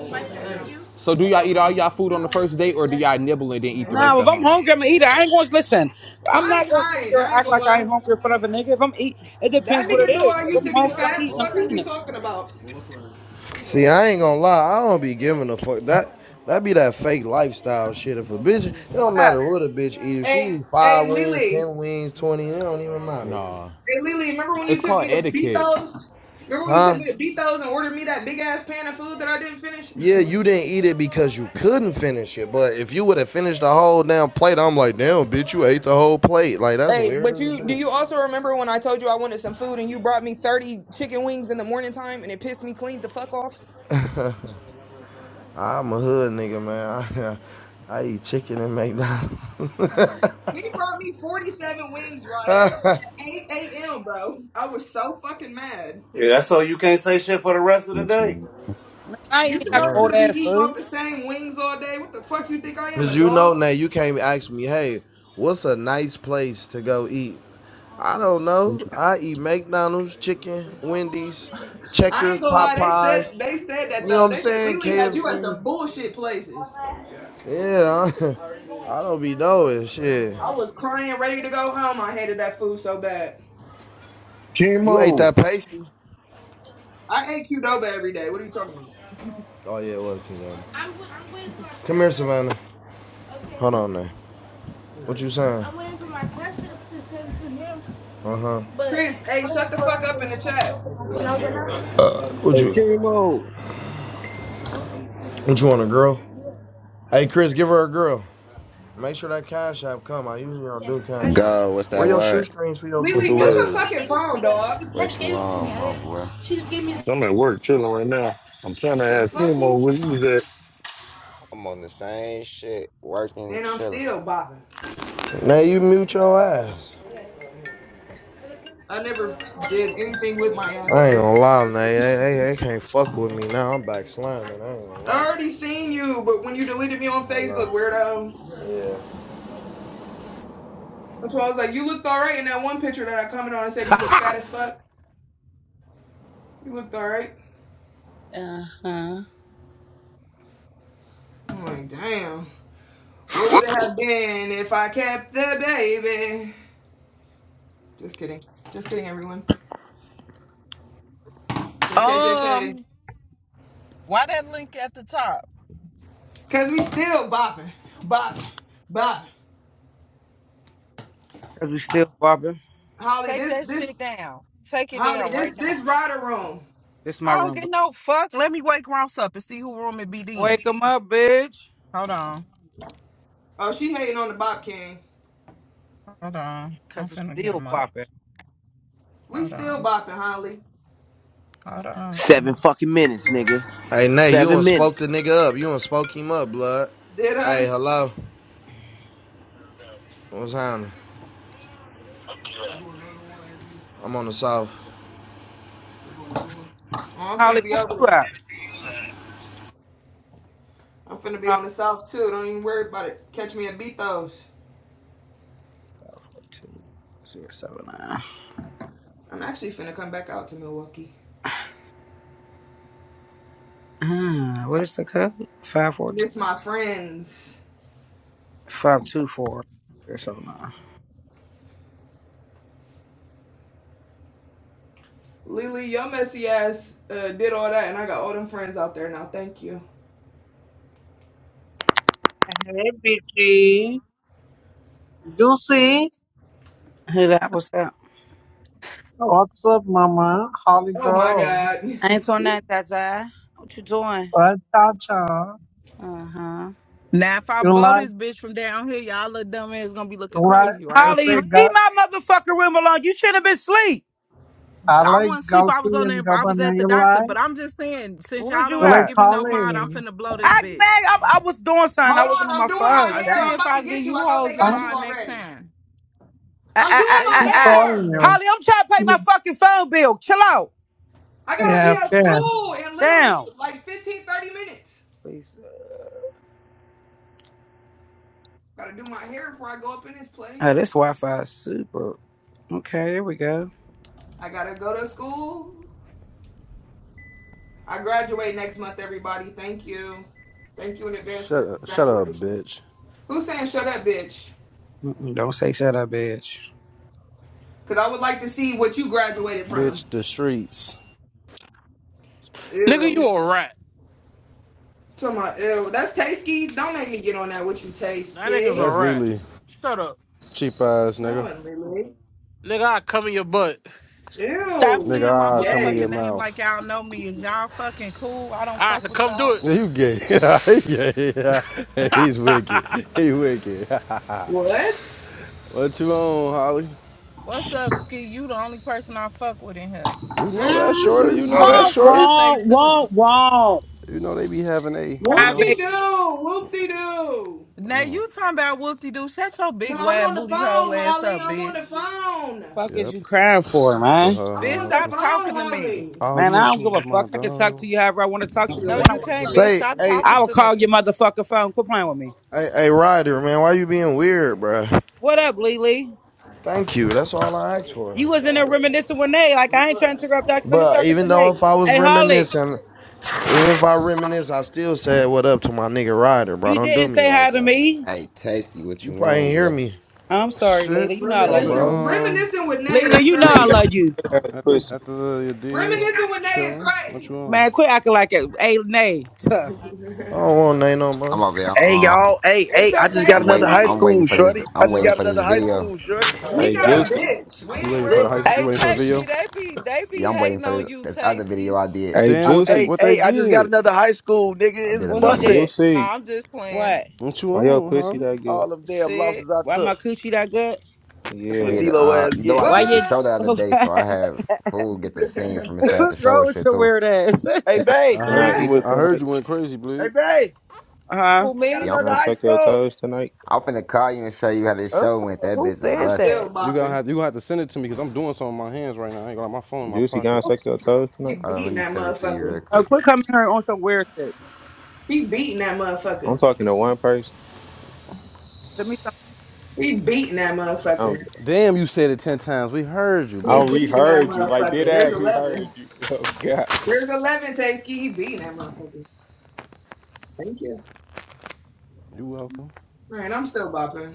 Speaker 12: So do y'all eat all y'all food on the first date or do y'all nibble and then eat the
Speaker 3: Now,
Speaker 12: rest
Speaker 3: if
Speaker 12: at
Speaker 3: I'm
Speaker 12: home?
Speaker 3: hungry, I'm gonna eat it. I ain't going to listen. I'm
Speaker 14: I
Speaker 3: not
Speaker 14: ain't
Speaker 3: going to sit
Speaker 14: hiding.
Speaker 3: there and
Speaker 14: I ain't
Speaker 3: act
Speaker 14: gonna
Speaker 3: like I
Speaker 14: lie.
Speaker 3: ain't hungry in front of a nigga. If I'm eat, it depends
Speaker 14: That
Speaker 3: what
Speaker 14: nigga
Speaker 3: it
Speaker 14: knew
Speaker 3: is.
Speaker 14: I
Speaker 3: If
Speaker 14: used
Speaker 3: I'm
Speaker 14: to be
Speaker 3: hungry, I'm
Speaker 14: fat.
Speaker 3: eating. I'm
Speaker 14: Fuck is
Speaker 3: eating
Speaker 14: we
Speaker 3: it.
Speaker 14: talking about?
Speaker 18: See, I ain't gonna lie. I don't be giving a fuck. That that be that fake lifestyle shit. If a bitch, it don't
Speaker 3: Facts.
Speaker 18: matter what a bitch eat. If she
Speaker 14: Hey,
Speaker 18: eat
Speaker 14: hey,
Speaker 18: five wings,
Speaker 14: Lily.
Speaker 18: ten wings, twenty, it don't even matter,
Speaker 12: Nah.
Speaker 14: Hey, Lily, remember when you
Speaker 12: It's
Speaker 14: took
Speaker 12: called
Speaker 14: me to
Speaker 12: etiquette.
Speaker 14: Betos? Remember when you took
Speaker 18: huh?
Speaker 14: me to Betos and ordered me that big ass pan of food that I didn't finish?
Speaker 18: Yeah, you didn't eat it because you couldn't finish it. But if you would have finished the whole damn plate, I'm like, damn, bitch, you ate the whole plate. Like that's
Speaker 14: hey,
Speaker 18: weird
Speaker 14: but
Speaker 18: as a
Speaker 14: you do
Speaker 18: bitch.
Speaker 14: you also remember when I told you I wanted some food and you brought me 30 chicken wings in the morning time and it pissed me clean the fuck off?
Speaker 18: I'm a hood nigga, man. I, I eat chicken and McDonald's.
Speaker 14: He brought me 47 wings, Rada, at 8 a.m., bro. I was so fucking mad.
Speaker 11: Yeah, that's so you can't say shit for the rest of the day.
Speaker 3: I ain't
Speaker 14: You
Speaker 3: eating
Speaker 14: think
Speaker 3: that
Speaker 14: I'm
Speaker 18: Yeah.
Speaker 3: cold
Speaker 14: gonna be
Speaker 3: ass
Speaker 14: eating
Speaker 3: food.
Speaker 14: off the same wings all day? What the fuck you think I am,
Speaker 18: Cause
Speaker 14: a
Speaker 18: you know
Speaker 14: dog?
Speaker 18: now you can't ask me, hey, what's a nice place to go eat? I don't know. I eat McDonald's, chicken, Wendy's,
Speaker 14: I
Speaker 18: Checkers,
Speaker 14: ain't gonna lie, they
Speaker 18: Popeyes.
Speaker 14: said they said that
Speaker 18: You know
Speaker 14: though.
Speaker 18: what I'm
Speaker 14: They said
Speaker 18: saying?
Speaker 14: Lily had you at
Speaker 18: KFC.
Speaker 14: some bullshit places.
Speaker 18: Yeah, I don't be knowing shit.
Speaker 14: I was crying, ready to go home. I hated that food so bad.
Speaker 18: You ate
Speaker 19: Chemo.
Speaker 18: that pasty?
Speaker 14: I ate Qdoba every day. What are you talking about?
Speaker 18: Oh yeah, it was King Come here, Savannah. Hold on now. What
Speaker 14: Alright.
Speaker 18: you saying? Uh huh.
Speaker 14: Chris, hey, shut the fuck up in the chat.
Speaker 18: Uh, What
Speaker 19: Hey,
Speaker 18: you?
Speaker 19: chemo.
Speaker 18: What you want, a girl? Hey, Chris, give her a girl. Make sure that cash app come. I usually don't do.
Speaker 10: Go. What's
Speaker 18: Where
Speaker 10: that
Speaker 18: your
Speaker 10: word?
Speaker 18: shoestrings for your
Speaker 19: What's
Speaker 18: boots,
Speaker 14: Lily,
Speaker 19: the
Speaker 14: mute your
Speaker 18: baby?
Speaker 19: word?
Speaker 14: fucking phone, dog.
Speaker 10: What you on, my boy?
Speaker 19: So I'm at work chilling right now. I'm trying to
Speaker 14: The
Speaker 19: ask
Speaker 14: fuck you?
Speaker 19: chemo where you was
Speaker 10: I'm on the same shit, working and
Speaker 14: And I'm
Speaker 10: chilling.
Speaker 14: still bopping.
Speaker 18: Nay, you mute your ass.
Speaker 14: I never did anything with my
Speaker 18: I
Speaker 14: ass.
Speaker 18: ain't gonna lie, Nay. They, they, they can't fuck with me now. I'm back slamming. I ain't gonna lie.
Speaker 14: I already seen you, but when you deleted me on
Speaker 18: Hello.
Speaker 14: Facebook, weirdo.
Speaker 18: Yeah.
Speaker 14: That's why I was like, you looked all right in that one picture that I commented on and said you look fat as fuck. You looked all right.
Speaker 3: Uh huh.
Speaker 14: I'm like, damn. What would it have been if I kept the baby? Just kidding. Just kidding, everyone. JK, JK.
Speaker 20: Um, why that link at the top?
Speaker 14: Cause we still bopping, bopping, bopping.
Speaker 3: Cause we still bopping.
Speaker 14: Holly,
Speaker 20: Take
Speaker 14: this,
Speaker 20: that shit
Speaker 14: this,
Speaker 20: down. Take it
Speaker 14: Holly,
Speaker 20: down right
Speaker 14: this,
Speaker 20: now.
Speaker 14: this rider room.
Speaker 3: This is my
Speaker 20: I don't
Speaker 3: room.
Speaker 20: get
Speaker 3: Boo.
Speaker 20: no fuck. Let me wake Ross up and see who room it be then.
Speaker 3: Wake 'em up, bitch.
Speaker 20: Hold on.
Speaker 14: Oh, she hating on the Bop King.
Speaker 20: Hold on. I'm
Speaker 3: Cause we
Speaker 20: finna get
Speaker 3: still
Speaker 20: him up.
Speaker 3: bopping.
Speaker 14: We
Speaker 20: Hold
Speaker 14: still
Speaker 20: on.
Speaker 14: bopping, Holly.
Speaker 20: Hold on.
Speaker 17: Seven fucking minutes, nigga.
Speaker 18: Hey, Nay, you done
Speaker 17: Seven
Speaker 18: spoke
Speaker 17: minutes.
Speaker 18: the nigga up. You done spoke him up, blood.
Speaker 14: Did
Speaker 18: Hey,
Speaker 14: I?
Speaker 18: hello. What's happening? I'm on the south.
Speaker 14: Oh, I'm
Speaker 3: Holly,
Speaker 14: finna be
Speaker 3: where
Speaker 14: over
Speaker 3: you
Speaker 14: there.
Speaker 3: at?
Speaker 14: I'm finna be
Speaker 3: Huh?
Speaker 14: on the south too. Don't even worry about it. Catch me at Bethos.
Speaker 3: Five four two zero seven nine.
Speaker 14: I'm actually finna come back out to Milwaukee.
Speaker 3: Ah, what is the code? Five four two
Speaker 14: Miss my friends.
Speaker 3: five two four zero seven nine.
Speaker 14: Lily, your messy ass uh, did all that, and I got all them friends out there now. Thank you.
Speaker 21: Hey, Beatty. You see
Speaker 3: Who that? What's that?
Speaker 21: What's up, Mama? How you
Speaker 14: Oh my
Speaker 21: go?
Speaker 14: God.
Speaker 3: Ain't Antoinette, that's I. What you doing?
Speaker 21: Well, Chacha,
Speaker 3: Uh huh.
Speaker 20: Now, if I
Speaker 21: you
Speaker 20: blow
Speaker 21: like,
Speaker 20: this bitch from down here, y'all little dumb ass gonna be looking
Speaker 21: you like,
Speaker 20: crazy,
Speaker 21: you
Speaker 20: right?
Speaker 3: Holly,
Speaker 21: say,
Speaker 3: leave
Speaker 21: ga-
Speaker 3: my motherfucking room alone. You shouldn't have been asleep.
Speaker 21: I
Speaker 20: I
Speaker 21: like
Speaker 20: wasn't sleep. I was
Speaker 21: Gulfi
Speaker 20: on
Speaker 21: and
Speaker 20: there. I was
Speaker 21: Gabbana.
Speaker 20: at the
Speaker 21: You
Speaker 20: doctor,
Speaker 21: like,
Speaker 20: but I'm just saying, since
Speaker 3: Where's
Speaker 20: y'all
Speaker 3: you
Speaker 20: don't
Speaker 21: you
Speaker 20: want to
Speaker 21: like
Speaker 3: at?
Speaker 20: give me no mod, I'm
Speaker 21: Holly.
Speaker 20: finna blow this
Speaker 3: I man,
Speaker 20: bitch.
Speaker 3: I, I was doing something. I
Speaker 14: Hold on,
Speaker 3: wasn't on
Speaker 14: I'm
Speaker 3: my
Speaker 14: doing
Speaker 20: I,
Speaker 14: my
Speaker 3: phone.
Speaker 20: I
Speaker 14: hair.
Speaker 20: see
Speaker 14: I'm
Speaker 3: Damn.
Speaker 20: if
Speaker 14: about
Speaker 20: I
Speaker 14: to
Speaker 20: give
Speaker 14: get you.
Speaker 20: you
Speaker 14: I thought
Speaker 20: hoes
Speaker 14: they
Speaker 20: the
Speaker 14: got
Speaker 21: I'm
Speaker 14: you
Speaker 20: mod next
Speaker 14: already.
Speaker 20: time.
Speaker 3: I, I,
Speaker 14: I'm doing
Speaker 3: I,
Speaker 20: Hey,
Speaker 14: my
Speaker 3: I,
Speaker 21: keep
Speaker 20: stop
Speaker 3: I.
Speaker 20: talking
Speaker 14: hair.
Speaker 21: calling
Speaker 20: to me.
Speaker 21: you.
Speaker 3: Holly, I'm trying to pay my fucking phone bill. Chill out.
Speaker 14: I gotta be
Speaker 21: yeah,
Speaker 14: at
Speaker 21: okay.
Speaker 14: school in literally
Speaker 3: Damn.
Speaker 14: like 15, 30 minutes.
Speaker 3: Please.
Speaker 14: Gotta do my hair before I go up in this
Speaker 3: Oh,
Speaker 14: place.
Speaker 3: this Wi-Fi is super. Okay, here we go.
Speaker 14: I gotta go to school. I graduate next month, everybody. Thank you. Thank you in advance for the
Speaker 22: Shut up, shut up,
Speaker 14: congratulations.
Speaker 22: bitch.
Speaker 14: Who's saying shut up, bitch?
Speaker 3: Mm-mm, don't say shut up, bitch.
Speaker 14: Because I would like to see what you graduated from.
Speaker 22: Bitch, the streets.
Speaker 23: Nigga, you
Speaker 14: Ew.
Speaker 23: a rat.
Speaker 14: Talking about, ew. That's tasty. Don't make me get on that with you,
Speaker 23: That nigga's a
Speaker 14: tasty.
Speaker 22: That's
Speaker 23: rat.
Speaker 22: Lily.
Speaker 23: Shut up.
Speaker 22: Cheap ass
Speaker 14: That
Speaker 22: nigga.
Speaker 14: wasn't really.
Speaker 23: Nigga, I come in your butt.
Speaker 20: Stop
Speaker 22: Nigga,
Speaker 14: Ew.
Speaker 20: saying my
Speaker 22: ah come in your
Speaker 20: motherfucking
Speaker 14: Yay.
Speaker 20: name like
Speaker 22: mouth.
Speaker 20: y'all know me. Is y'all fucking cool? I don't
Speaker 23: I have to
Speaker 20: fuck with
Speaker 23: come
Speaker 20: y'all.
Speaker 23: do
Speaker 22: Yeah, you gay. yeah, yeah, yeah.
Speaker 23: it.
Speaker 22: He's wicked. He wicked.
Speaker 14: What?
Speaker 22: what you on, Holly?
Speaker 20: What's up, Ski? You the only person I fuck with in here.
Speaker 22: You know that shorty. You
Speaker 14: Mm.
Speaker 22: know
Speaker 20: I
Speaker 22: that
Speaker 20: fuck
Speaker 3: Whoa,
Speaker 20: with
Speaker 22: shorty.
Speaker 3: whoa,
Speaker 20: Hefe too.
Speaker 3: whoa, whoa.
Speaker 22: You know they be having a, you
Speaker 3: Cry
Speaker 22: know.
Speaker 3: baby,
Speaker 14: Whoop-de-doo. Whoop-de-doo.
Speaker 20: Now you talking about whoopty doo. Shut your
Speaker 14: No,
Speaker 20: big
Speaker 14: I'm
Speaker 20: wide
Speaker 14: on the
Speaker 20: booty hole
Speaker 14: phone,
Speaker 20: ass
Speaker 14: Holly.
Speaker 20: up,
Speaker 14: I'm on the
Speaker 20: bitch.
Speaker 14: phone.
Speaker 3: fuck is
Speaker 22: Yep.
Speaker 3: you crying for, man?
Speaker 14: I'm
Speaker 20: Bitch,
Speaker 14: on the
Speaker 20: stop talking
Speaker 14: phone,
Speaker 20: to me.
Speaker 14: Holly.
Speaker 22: Oh, you
Speaker 3: Man, I
Speaker 22: went
Speaker 3: don't
Speaker 22: to it
Speaker 3: give a
Speaker 22: with my
Speaker 3: fuck. I can talk
Speaker 22: dog.
Speaker 3: to you however I want to talk to you and
Speaker 20: No,
Speaker 3: when I
Speaker 20: you
Speaker 3: want to
Speaker 20: can't,
Speaker 3: talk to
Speaker 20: bitch.
Speaker 18: Say,
Speaker 3: you.
Speaker 20: Stop
Speaker 18: hey,
Speaker 20: talking
Speaker 3: I will
Speaker 20: to me.
Speaker 3: call your motherfucking phone. Quit playing with me.
Speaker 18: hey, hey, Ryder, man, why you being weird, bruh?
Speaker 3: What up, Lily?
Speaker 18: Thank you. That's all I asked
Speaker 3: You
Speaker 18: for.
Speaker 3: was in there reminiscing with Nate. Like, I ain't trying to interrupt. I finished
Speaker 18: But
Speaker 3: talking to
Speaker 18: even though
Speaker 3: Nate.
Speaker 18: if I was
Speaker 3: Hey, Holly,
Speaker 18: reminiscing, even if I reminisce, I still said what up to my nigga Ryder, bro.
Speaker 3: you
Speaker 18: Don't
Speaker 3: didn't
Speaker 18: do me
Speaker 3: say hi
Speaker 18: like
Speaker 3: to
Speaker 18: that.
Speaker 3: me.
Speaker 10: Hey, Tasty, what
Speaker 18: You
Speaker 10: you
Speaker 18: probably
Speaker 10: on,
Speaker 18: ain't hear
Speaker 10: bro?
Speaker 18: me.
Speaker 3: I'm sorry,
Speaker 22: Shit.
Speaker 3: Lily. You know I
Speaker 18: Come
Speaker 22: At
Speaker 3: love
Speaker 18: on,
Speaker 22: the
Speaker 3: you.
Speaker 14: Reminiscing,
Speaker 18: bro.
Speaker 22: um
Speaker 14: reminiscing with Nay
Speaker 3: Lily,
Speaker 14: is
Speaker 3: you know
Speaker 24: Juicy
Speaker 3: I
Speaker 24: got
Speaker 14: crazy.
Speaker 3: love you.
Speaker 24: good ass
Speaker 22: at the
Speaker 24: pussy.
Speaker 22: at the your dig.
Speaker 14: Reminiscing with Nay is
Speaker 22: Chilling. What you
Speaker 14: crazy.
Speaker 22: on?
Speaker 3: Man, quit acting like it. Hey, Nate. Tuh.
Speaker 18: I don't want Nay no
Speaker 10: I'm
Speaker 18: more.
Speaker 10: over here.
Speaker 17: Hey
Speaker 10: Uh,
Speaker 17: y'all. Hey,
Speaker 14: It's
Speaker 17: hey. I just
Speaker 14: okay,
Speaker 17: got
Speaker 10: I'm
Speaker 17: another
Speaker 10: waiting.
Speaker 17: high
Speaker 14: Lily.
Speaker 10: I'm
Speaker 17: school,
Speaker 10: waiting for this.
Speaker 17: shorty. I
Speaker 10: I'm
Speaker 17: just
Speaker 10: waiting
Speaker 17: got
Speaker 10: for
Speaker 17: another
Speaker 10: this
Speaker 17: high
Speaker 10: video.
Speaker 17: school, shorty. Go
Speaker 14: He
Speaker 24: Hey
Speaker 17: back.
Speaker 14: got
Speaker 3: Hey,
Speaker 14: a
Speaker 24: Juicy,
Speaker 14: bitch. We
Speaker 22: You
Speaker 14: ain't
Speaker 22: waiting for
Speaker 14: worried
Speaker 22: the
Speaker 17: Look.
Speaker 22: high,
Speaker 14: about
Speaker 22: you
Speaker 20: Hey,
Speaker 14: him.
Speaker 22: waiting for the video?
Speaker 20: Tasty, they be they be
Speaker 10: Yeah, I'm waiting
Speaker 20: hating
Speaker 10: for
Speaker 20: on
Speaker 10: this.
Speaker 20: you,
Speaker 10: This other video
Speaker 20: Tasty.
Speaker 10: I did.
Speaker 24: hey
Speaker 17: I,
Speaker 22: Damn, what they
Speaker 17: hey,
Speaker 24: Juicy,
Speaker 22: what they
Speaker 17: hey. I just got
Speaker 22: did?
Speaker 17: another high school, nigga.
Speaker 10: I
Speaker 17: It's
Speaker 10: did
Speaker 3: well, who
Speaker 10: another one.
Speaker 17: busted.
Speaker 3: did?
Speaker 24: Juicy.
Speaker 20: Nah, I'm just playing.
Speaker 3: What?
Speaker 22: What you
Speaker 24: Why your
Speaker 22: on,
Speaker 24: pussy
Speaker 22: Holly?
Speaker 24: that good?
Speaker 17: All them damn
Speaker 20: Shit.
Speaker 17: losses I
Speaker 3: Why
Speaker 17: took.
Speaker 3: my coochie that good?
Speaker 17: That's
Speaker 10: I
Speaker 17: what
Speaker 24: Yeah.
Speaker 10: did.
Speaker 17: D-Lo
Speaker 10: Uh,
Speaker 17: ass
Speaker 10: you know,
Speaker 17: get.
Speaker 14: What?
Speaker 10: I
Speaker 3: Why
Speaker 10: did the
Speaker 3: you...
Speaker 10: show the other day, so I had fool get the scenes from inside the
Speaker 3: What's
Speaker 10: show
Speaker 3: wrong
Speaker 10: and
Speaker 3: with
Speaker 10: shit
Speaker 3: your
Speaker 10: too.
Speaker 3: weird ass?
Speaker 17: Hey,
Speaker 24: Can I
Speaker 22: I
Speaker 17: Bay.
Speaker 24: can I
Speaker 22: heard you
Speaker 14: Ah,
Speaker 24: eat
Speaker 22: went.
Speaker 24: it
Speaker 22: I heard you
Speaker 24: tonight?
Speaker 22: went crazy,
Speaker 17: Hey,
Speaker 22: bleed.
Speaker 17: Bay.
Speaker 3: Uh-huh.
Speaker 20: Who
Speaker 17: I got
Speaker 20: me?
Speaker 10: Yeah, I'm
Speaker 24: Can
Speaker 17: another
Speaker 24: I
Speaker 10: finna.
Speaker 17: high
Speaker 24: suck your
Speaker 17: school.
Speaker 24: toes tonight?
Speaker 10: I'm finna call you and show you how this
Speaker 20: Oh,
Speaker 10: show went. That
Speaker 20: who
Speaker 10: bitch is
Speaker 14: I'm
Speaker 20: said
Speaker 10: busting.
Speaker 20: that?
Speaker 14: still
Speaker 22: You gonna
Speaker 14: bopping.
Speaker 22: have you gonna have to send it to me because I'm doing something with my hands right now. I ain't got my phone in my
Speaker 24: Juicy, can I
Speaker 22: pocket.
Speaker 24: suck your toes
Speaker 14: He
Speaker 24: tonight?
Speaker 10: Uh, let
Speaker 14: beating
Speaker 10: me
Speaker 14: that
Speaker 10: send it to you real
Speaker 14: motherfucker.
Speaker 3: Oh,
Speaker 10: quick.
Speaker 3: quit coming here on some weird shit.
Speaker 14: He beating that
Speaker 24: I'm
Speaker 14: motherfucker.
Speaker 24: talking to one person.
Speaker 3: Give me some
Speaker 14: He beating that
Speaker 24: Um,
Speaker 14: motherfucker.
Speaker 22: Damn, you said it ten times. We heard you,
Speaker 14: He
Speaker 24: I we
Speaker 22: bitch.
Speaker 14: beating that
Speaker 24: heard you like dead
Speaker 14: motherfucker. There's
Speaker 24: ass. We
Speaker 14: 11.
Speaker 24: heard you. Oh God,
Speaker 14: There's 11, Tasky. He beating that motherfucker. Thank you.
Speaker 22: You welcome.
Speaker 14: All right, I'm still bopping.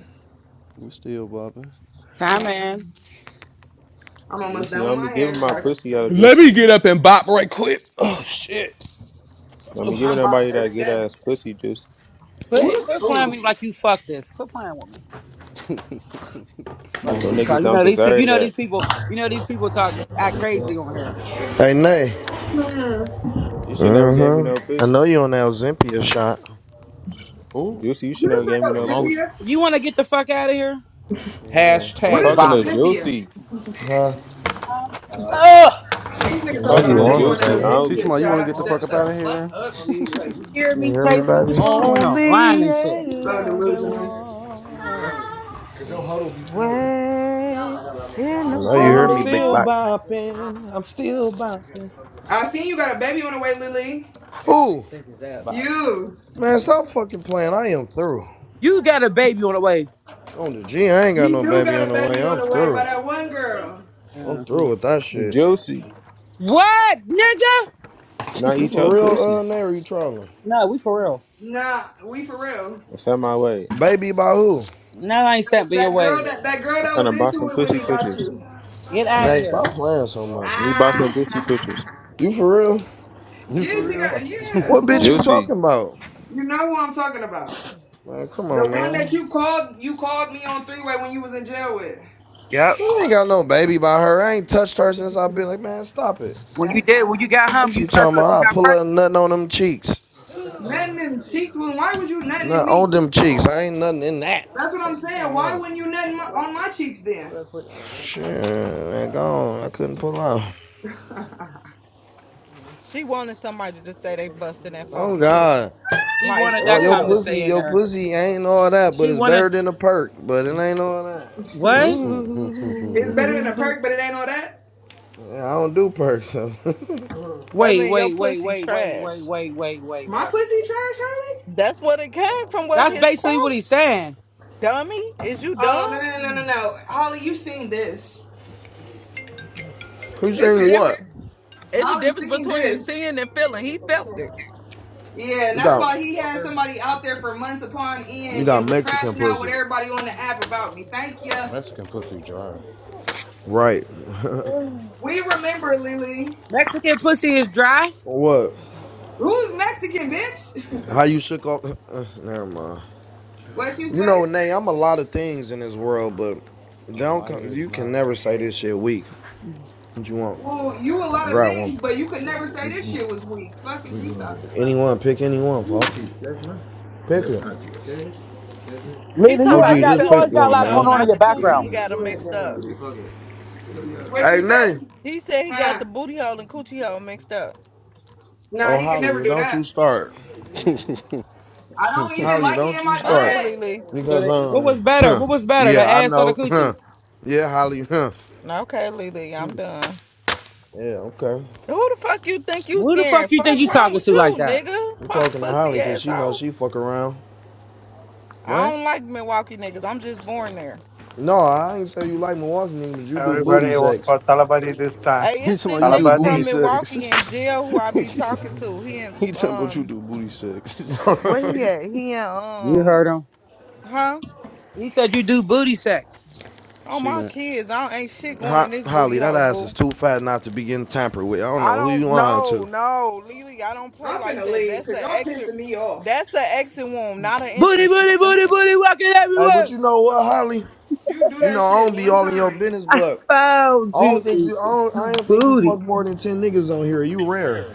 Speaker 22: We still bopping.
Speaker 3: Time
Speaker 14: Yep.
Speaker 3: man.
Speaker 14: I'm almost
Speaker 24: Juicy,
Speaker 14: done with
Speaker 24: don't be
Speaker 14: my hair.
Speaker 24: giving my
Speaker 14: Gotta go.
Speaker 24: pussy out,
Speaker 12: Let
Speaker 24: Juicy.
Speaker 12: me get up and bop right quick. Oh shit.
Speaker 24: Don't be
Speaker 14: I
Speaker 24: giving
Speaker 14: bop
Speaker 24: nobody that
Speaker 14: every
Speaker 24: good
Speaker 14: day.
Speaker 24: ass pussy, Juicy.
Speaker 14: Who
Speaker 3: Quit,
Speaker 14: the
Speaker 3: quit playing
Speaker 14: oh
Speaker 3: with me like you fucked this. Quit playing with me.
Speaker 24: Those
Speaker 3: Fucking cry.
Speaker 24: niggas
Speaker 3: You
Speaker 24: don't
Speaker 3: know these people. You
Speaker 24: deserve
Speaker 3: know these
Speaker 24: that.
Speaker 3: people. You know these people talk act crazy on here.
Speaker 18: Hey, Nay.
Speaker 14: man?
Speaker 24: You should never gave me no
Speaker 18: Mm-hmm. I
Speaker 24: pussy,
Speaker 18: know you on that Olympia shot.
Speaker 12: Oh,
Speaker 24: Juicy. You should
Speaker 14: What is
Speaker 24: never
Speaker 14: that
Speaker 24: gave me
Speaker 12: a
Speaker 24: no
Speaker 12: long
Speaker 24: pussy.
Speaker 14: Ozympia?
Speaker 3: You want to get the fuck out of here?
Speaker 18: Yeah.
Speaker 24: I'm
Speaker 14: What
Speaker 12: hashtag
Speaker 14: is
Speaker 24: talking to
Speaker 12: bopping.
Speaker 14: Ozympia?
Speaker 24: Juicy.
Speaker 18: Huh?
Speaker 3: Um,
Speaker 12: Ugh.
Speaker 14: These
Speaker 18: I
Speaker 24: I'm
Speaker 14: niggas
Speaker 18: know
Speaker 14: talking
Speaker 22: She
Speaker 24: talking
Speaker 22: talking
Speaker 14: about I
Speaker 18: you
Speaker 22: about
Speaker 24: to
Speaker 14: know
Speaker 22: you
Speaker 18: on
Speaker 14: you
Speaker 22: want.
Speaker 18: it,
Speaker 14: want that
Speaker 22: to
Speaker 24: Juicy
Speaker 18: baby.
Speaker 22: She talking
Speaker 24: only.
Speaker 14: Ozympia
Speaker 22: about you want to get
Speaker 14: shot.
Speaker 22: the fuck
Speaker 14: Shut
Speaker 22: up
Speaker 14: the
Speaker 22: out of
Speaker 14: fuck
Speaker 22: here.
Speaker 14: up, G. Like you
Speaker 3: hear
Speaker 18: You
Speaker 3: me,
Speaker 18: hear me,
Speaker 3: Jason? What's
Speaker 18: baby?
Speaker 3: wrong with him? Lying
Speaker 12: Only
Speaker 3: and
Speaker 12: a
Speaker 3: shit.
Speaker 14: are so
Speaker 12: loving
Speaker 14: delusional.
Speaker 12: war,
Speaker 20: Way in
Speaker 18: I
Speaker 20: the
Speaker 18: know you
Speaker 12: and
Speaker 18: hear
Speaker 12: I'm
Speaker 18: me, Big
Speaker 20: water.
Speaker 12: still
Speaker 18: Bot.
Speaker 12: bopping. I'm still bopping.
Speaker 14: I seen you got a baby on the way, Lily.
Speaker 18: Ooh,
Speaker 12: Bop.
Speaker 14: You.
Speaker 18: man, stop fucking playing. I am through.
Speaker 3: You got a baby on the way.
Speaker 18: On the G, I ain't got
Speaker 14: You
Speaker 18: no
Speaker 14: do
Speaker 18: baby on
Speaker 14: got a
Speaker 18: the way.
Speaker 14: baby on
Speaker 18: I'm
Speaker 14: the way by
Speaker 18: through.
Speaker 14: that one girl.
Speaker 18: I'm through
Speaker 3: Uh-huh.
Speaker 18: with that
Speaker 24: Hey,
Speaker 18: shit.
Speaker 24: Juicy,
Speaker 3: What, nigga?
Speaker 24: can I
Speaker 18: You
Speaker 24: eat your
Speaker 18: for real, uh,
Speaker 24: pussy?
Speaker 18: Nay, or you trolling?
Speaker 3: No, we for real.
Speaker 14: Nah, we for real.
Speaker 24: That's out my way.
Speaker 18: Baby about who?
Speaker 3: No, I ain't
Speaker 14: That,
Speaker 3: sent me your
Speaker 14: that girl
Speaker 3: way.
Speaker 14: that that girl
Speaker 24: I'm trying
Speaker 14: that
Speaker 24: to
Speaker 14: was
Speaker 24: buy some
Speaker 14: into it with
Speaker 24: pussy
Speaker 14: me about
Speaker 24: pictures.
Speaker 14: you.
Speaker 3: Get out of
Speaker 18: Nay, stop
Speaker 3: here.
Speaker 18: playing so much,
Speaker 24: Let me
Speaker 18: bro.
Speaker 24: buy some pussy pictures.
Speaker 14: Ah
Speaker 18: You for real?
Speaker 22: You
Speaker 14: Yeah,
Speaker 22: for
Speaker 14: she
Speaker 22: real?
Speaker 14: got yeah.
Speaker 18: What bitch you
Speaker 3: when
Speaker 24: Juicy.
Speaker 18: talking about?
Speaker 14: You know who I'm talking about.
Speaker 18: Man, come
Speaker 14: The
Speaker 18: on,
Speaker 14: one that
Speaker 18: man.
Speaker 14: you called you called me on three way when you was in jail with.
Speaker 18: I ain't got no baby by her. I ain't touched her since I've been like, man, stop it.
Speaker 3: you did, when you got home,
Speaker 18: Fuck
Speaker 3: you
Speaker 18: you
Speaker 3: touched
Speaker 18: talking
Speaker 3: her. She
Speaker 18: about? I
Speaker 3: got
Speaker 18: pull
Speaker 3: pregnant.
Speaker 18: up nothing on them cheeks.
Speaker 14: nothing in cheeks. Well, why would you nothing in
Speaker 18: Not on
Speaker 14: me?
Speaker 18: them cheeks. I ain't nothing in that.
Speaker 14: That's what
Speaker 18: Fuck
Speaker 14: I'm
Speaker 18: you
Speaker 14: saying.
Speaker 18: talking
Speaker 14: Why
Speaker 18: about?
Speaker 14: wouldn't you nothing my, on my cheeks then?
Speaker 18: Shit, man, gone. I couldn't pull out.
Speaker 20: She wanted somebody to just say they busting that
Speaker 18: Oh
Speaker 20: funky pussy.
Speaker 18: God.
Speaker 3: She
Speaker 20: Like,
Speaker 3: wanted
Speaker 18: No,
Speaker 3: that
Speaker 18: your
Speaker 3: cum to
Speaker 20: ugh,
Speaker 18: pussy,
Speaker 3: stay in
Speaker 18: your
Speaker 3: there.
Speaker 18: pussy ain't all that, but
Speaker 3: She
Speaker 18: it's
Speaker 3: wanted.
Speaker 18: better than a perk. But it ain't all that.
Speaker 3: What?
Speaker 14: it's better than a
Speaker 12: mm
Speaker 14: perk, but it ain't all that.
Speaker 18: Yeah, I don't do perks. so.
Speaker 20: that
Speaker 3: Wait,
Speaker 20: mean your
Speaker 3: wait, wait,
Speaker 20: pussy
Speaker 3: wait, wait, wait,
Speaker 20: trash.
Speaker 3: wait, wait, wait,
Speaker 14: My
Speaker 3: wait.
Speaker 14: pussy trash, Holly?
Speaker 20: That's what it came from. What
Speaker 3: That's
Speaker 20: his quote,
Speaker 3: basically what he's saying.
Speaker 20: dummy? Is you
Speaker 14: Oh no
Speaker 20: dumb?
Speaker 14: no no no no. Holly, you seen this.
Speaker 18: Who
Speaker 20: It's a
Speaker 18: saying what?
Speaker 20: different. It's a
Speaker 14: Holly
Speaker 20: difference
Speaker 14: seen
Speaker 20: between
Speaker 14: this.
Speaker 20: seeing and feeling. He felt it.
Speaker 14: Yeah, and
Speaker 18: You
Speaker 14: that's
Speaker 18: got
Speaker 14: why he had somebody out there for months upon
Speaker 18: you
Speaker 14: end
Speaker 18: got
Speaker 14: and was
Speaker 18: Mexican
Speaker 14: crashing out with
Speaker 18: pussy,
Speaker 14: everybody on the app about me. Thank
Speaker 12: Oh,
Speaker 14: ya.
Speaker 12: Mexican pussy dry.
Speaker 18: right?
Speaker 14: We remember, Lily.
Speaker 3: Mexican pussy is dry.
Speaker 18: what?
Speaker 14: Who's Mexican, bitch?
Speaker 18: How you shook off? Uh, never mind.
Speaker 14: What'd you
Speaker 18: You know,
Speaker 14: say?
Speaker 18: Nay, I'm a lot of things in this world, but
Speaker 12: A
Speaker 18: don't come,
Speaker 12: liar is
Speaker 18: you can
Speaker 12: not.
Speaker 18: never say this shit weak. What you want?
Speaker 14: Well, you a lot of
Speaker 18: Grab one.
Speaker 14: things, but you could never say this shit was weak. Fuck is you talking about?
Speaker 18: Anyone, pick anyone, folks. Pick it.
Speaker 20: He
Speaker 3: Lena,
Speaker 20: talking
Speaker 3: you
Speaker 18: Oh,
Speaker 20: about
Speaker 3: already
Speaker 18: gee,
Speaker 20: he
Speaker 3: got
Speaker 18: just
Speaker 3: you
Speaker 20: felt
Speaker 18: pick
Speaker 20: the
Speaker 3: always got a
Speaker 20: booty
Speaker 18: one,
Speaker 3: lot
Speaker 20: hole,
Speaker 3: going on in
Speaker 20: not
Speaker 18: man.
Speaker 3: your
Speaker 20: the coochie.
Speaker 3: background.
Speaker 20: He got them mixed up.
Speaker 14: What you
Speaker 18: Hey,
Speaker 14: say?
Speaker 18: Nay.
Speaker 20: He said he got
Speaker 14: Huh?
Speaker 20: the booty hole and coochie hole mixed up.
Speaker 14: Nah,
Speaker 18: Oh,
Speaker 14: he could
Speaker 18: Holly,
Speaker 14: never do
Speaker 18: don't
Speaker 14: that.
Speaker 18: you start.
Speaker 14: I don't even
Speaker 18: Holly,
Speaker 14: like it
Speaker 18: don't
Speaker 14: in
Speaker 18: you
Speaker 14: my
Speaker 18: start.
Speaker 20: Okay,
Speaker 14: butt.
Speaker 20: Lily.
Speaker 3: So
Speaker 18: Because
Speaker 3: that, what
Speaker 18: um
Speaker 3: was better?
Speaker 18: huh.
Speaker 3: What was better, the
Speaker 18: Yeah, I
Speaker 3: ass or the
Speaker 18: know. Huh.
Speaker 3: coochie?
Speaker 18: Yeah, Holly, huh.
Speaker 20: Okay, Lily. I'm done.
Speaker 18: Yeah, okay.
Speaker 20: Who the fuck you think you
Speaker 3: Who the fuck
Speaker 20: scaring?
Speaker 3: you
Speaker 20: Fuck
Speaker 3: think you
Speaker 20: wrong
Speaker 3: talking
Speaker 20: with
Speaker 3: to
Speaker 20: you,
Speaker 3: like that?
Speaker 20: nigga.
Speaker 18: I'm
Speaker 20: Punk
Speaker 18: talking to
Speaker 20: pussy
Speaker 18: Holly because she knows
Speaker 20: asshole.
Speaker 18: she fuck around.
Speaker 20: I
Speaker 3: What?
Speaker 20: don't like Milwaukee niggas. I'm just born there.
Speaker 18: No, I ain't say you like Milwaukee nigga, but you do booty
Speaker 21: Everybody vote
Speaker 18: sex.
Speaker 21: for Talabadi this time.
Speaker 20: Hey,
Speaker 22: He
Speaker 20: it's
Speaker 22: talking about
Speaker 20: this
Speaker 22: you do
Speaker 20: nigga
Speaker 21: Talabadi.
Speaker 22: booty
Speaker 20: from
Speaker 22: sex.
Speaker 20: Milwaukee in jail who I be talking to. He in
Speaker 22: he talking about you
Speaker 20: um
Speaker 22: do booty sex.
Speaker 20: where
Speaker 18: Ho-
Speaker 20: he at? He in
Speaker 3: You
Speaker 20: um
Speaker 3: heard him.
Speaker 20: huh?
Speaker 3: He said you do booty sex.
Speaker 20: Oh
Speaker 22: she
Speaker 20: my
Speaker 22: went.
Speaker 20: kids. I don't, ain't shit going in this booty
Speaker 18: Holly, that
Speaker 20: hole,
Speaker 18: ass is
Speaker 20: boo.
Speaker 18: too fat not to be getting tampered with. I don't
Speaker 20: I
Speaker 18: know who you
Speaker 20: don't
Speaker 18: lying
Speaker 20: know,
Speaker 18: to.
Speaker 20: no, Lily, I don't play
Speaker 14: I'm
Speaker 20: like
Speaker 14: finna
Speaker 20: that.
Speaker 14: leave
Speaker 20: That's
Speaker 14: because
Speaker 20: a
Speaker 14: y'all
Speaker 20: exit
Speaker 14: pissing me off.
Speaker 20: that's a exit wound, not an
Speaker 3: Booty,
Speaker 20: interest,
Speaker 3: booty,
Speaker 20: nigga.
Speaker 3: booty, booty, walking
Speaker 18: Hey, but
Speaker 3: everywhere.
Speaker 18: you know what, Holly?
Speaker 14: You do
Speaker 18: You
Speaker 14: that
Speaker 18: know I
Speaker 14: shit
Speaker 18: don't be
Speaker 14: one
Speaker 18: all in your
Speaker 14: time.
Speaker 18: business,
Speaker 3: I
Speaker 18: but
Speaker 3: found
Speaker 18: I don't think
Speaker 3: you.
Speaker 18: you. I
Speaker 3: It's
Speaker 18: don't. I
Speaker 3: new
Speaker 18: don't think you
Speaker 3: booty.
Speaker 18: fuck more than ten niggas on here. You rare.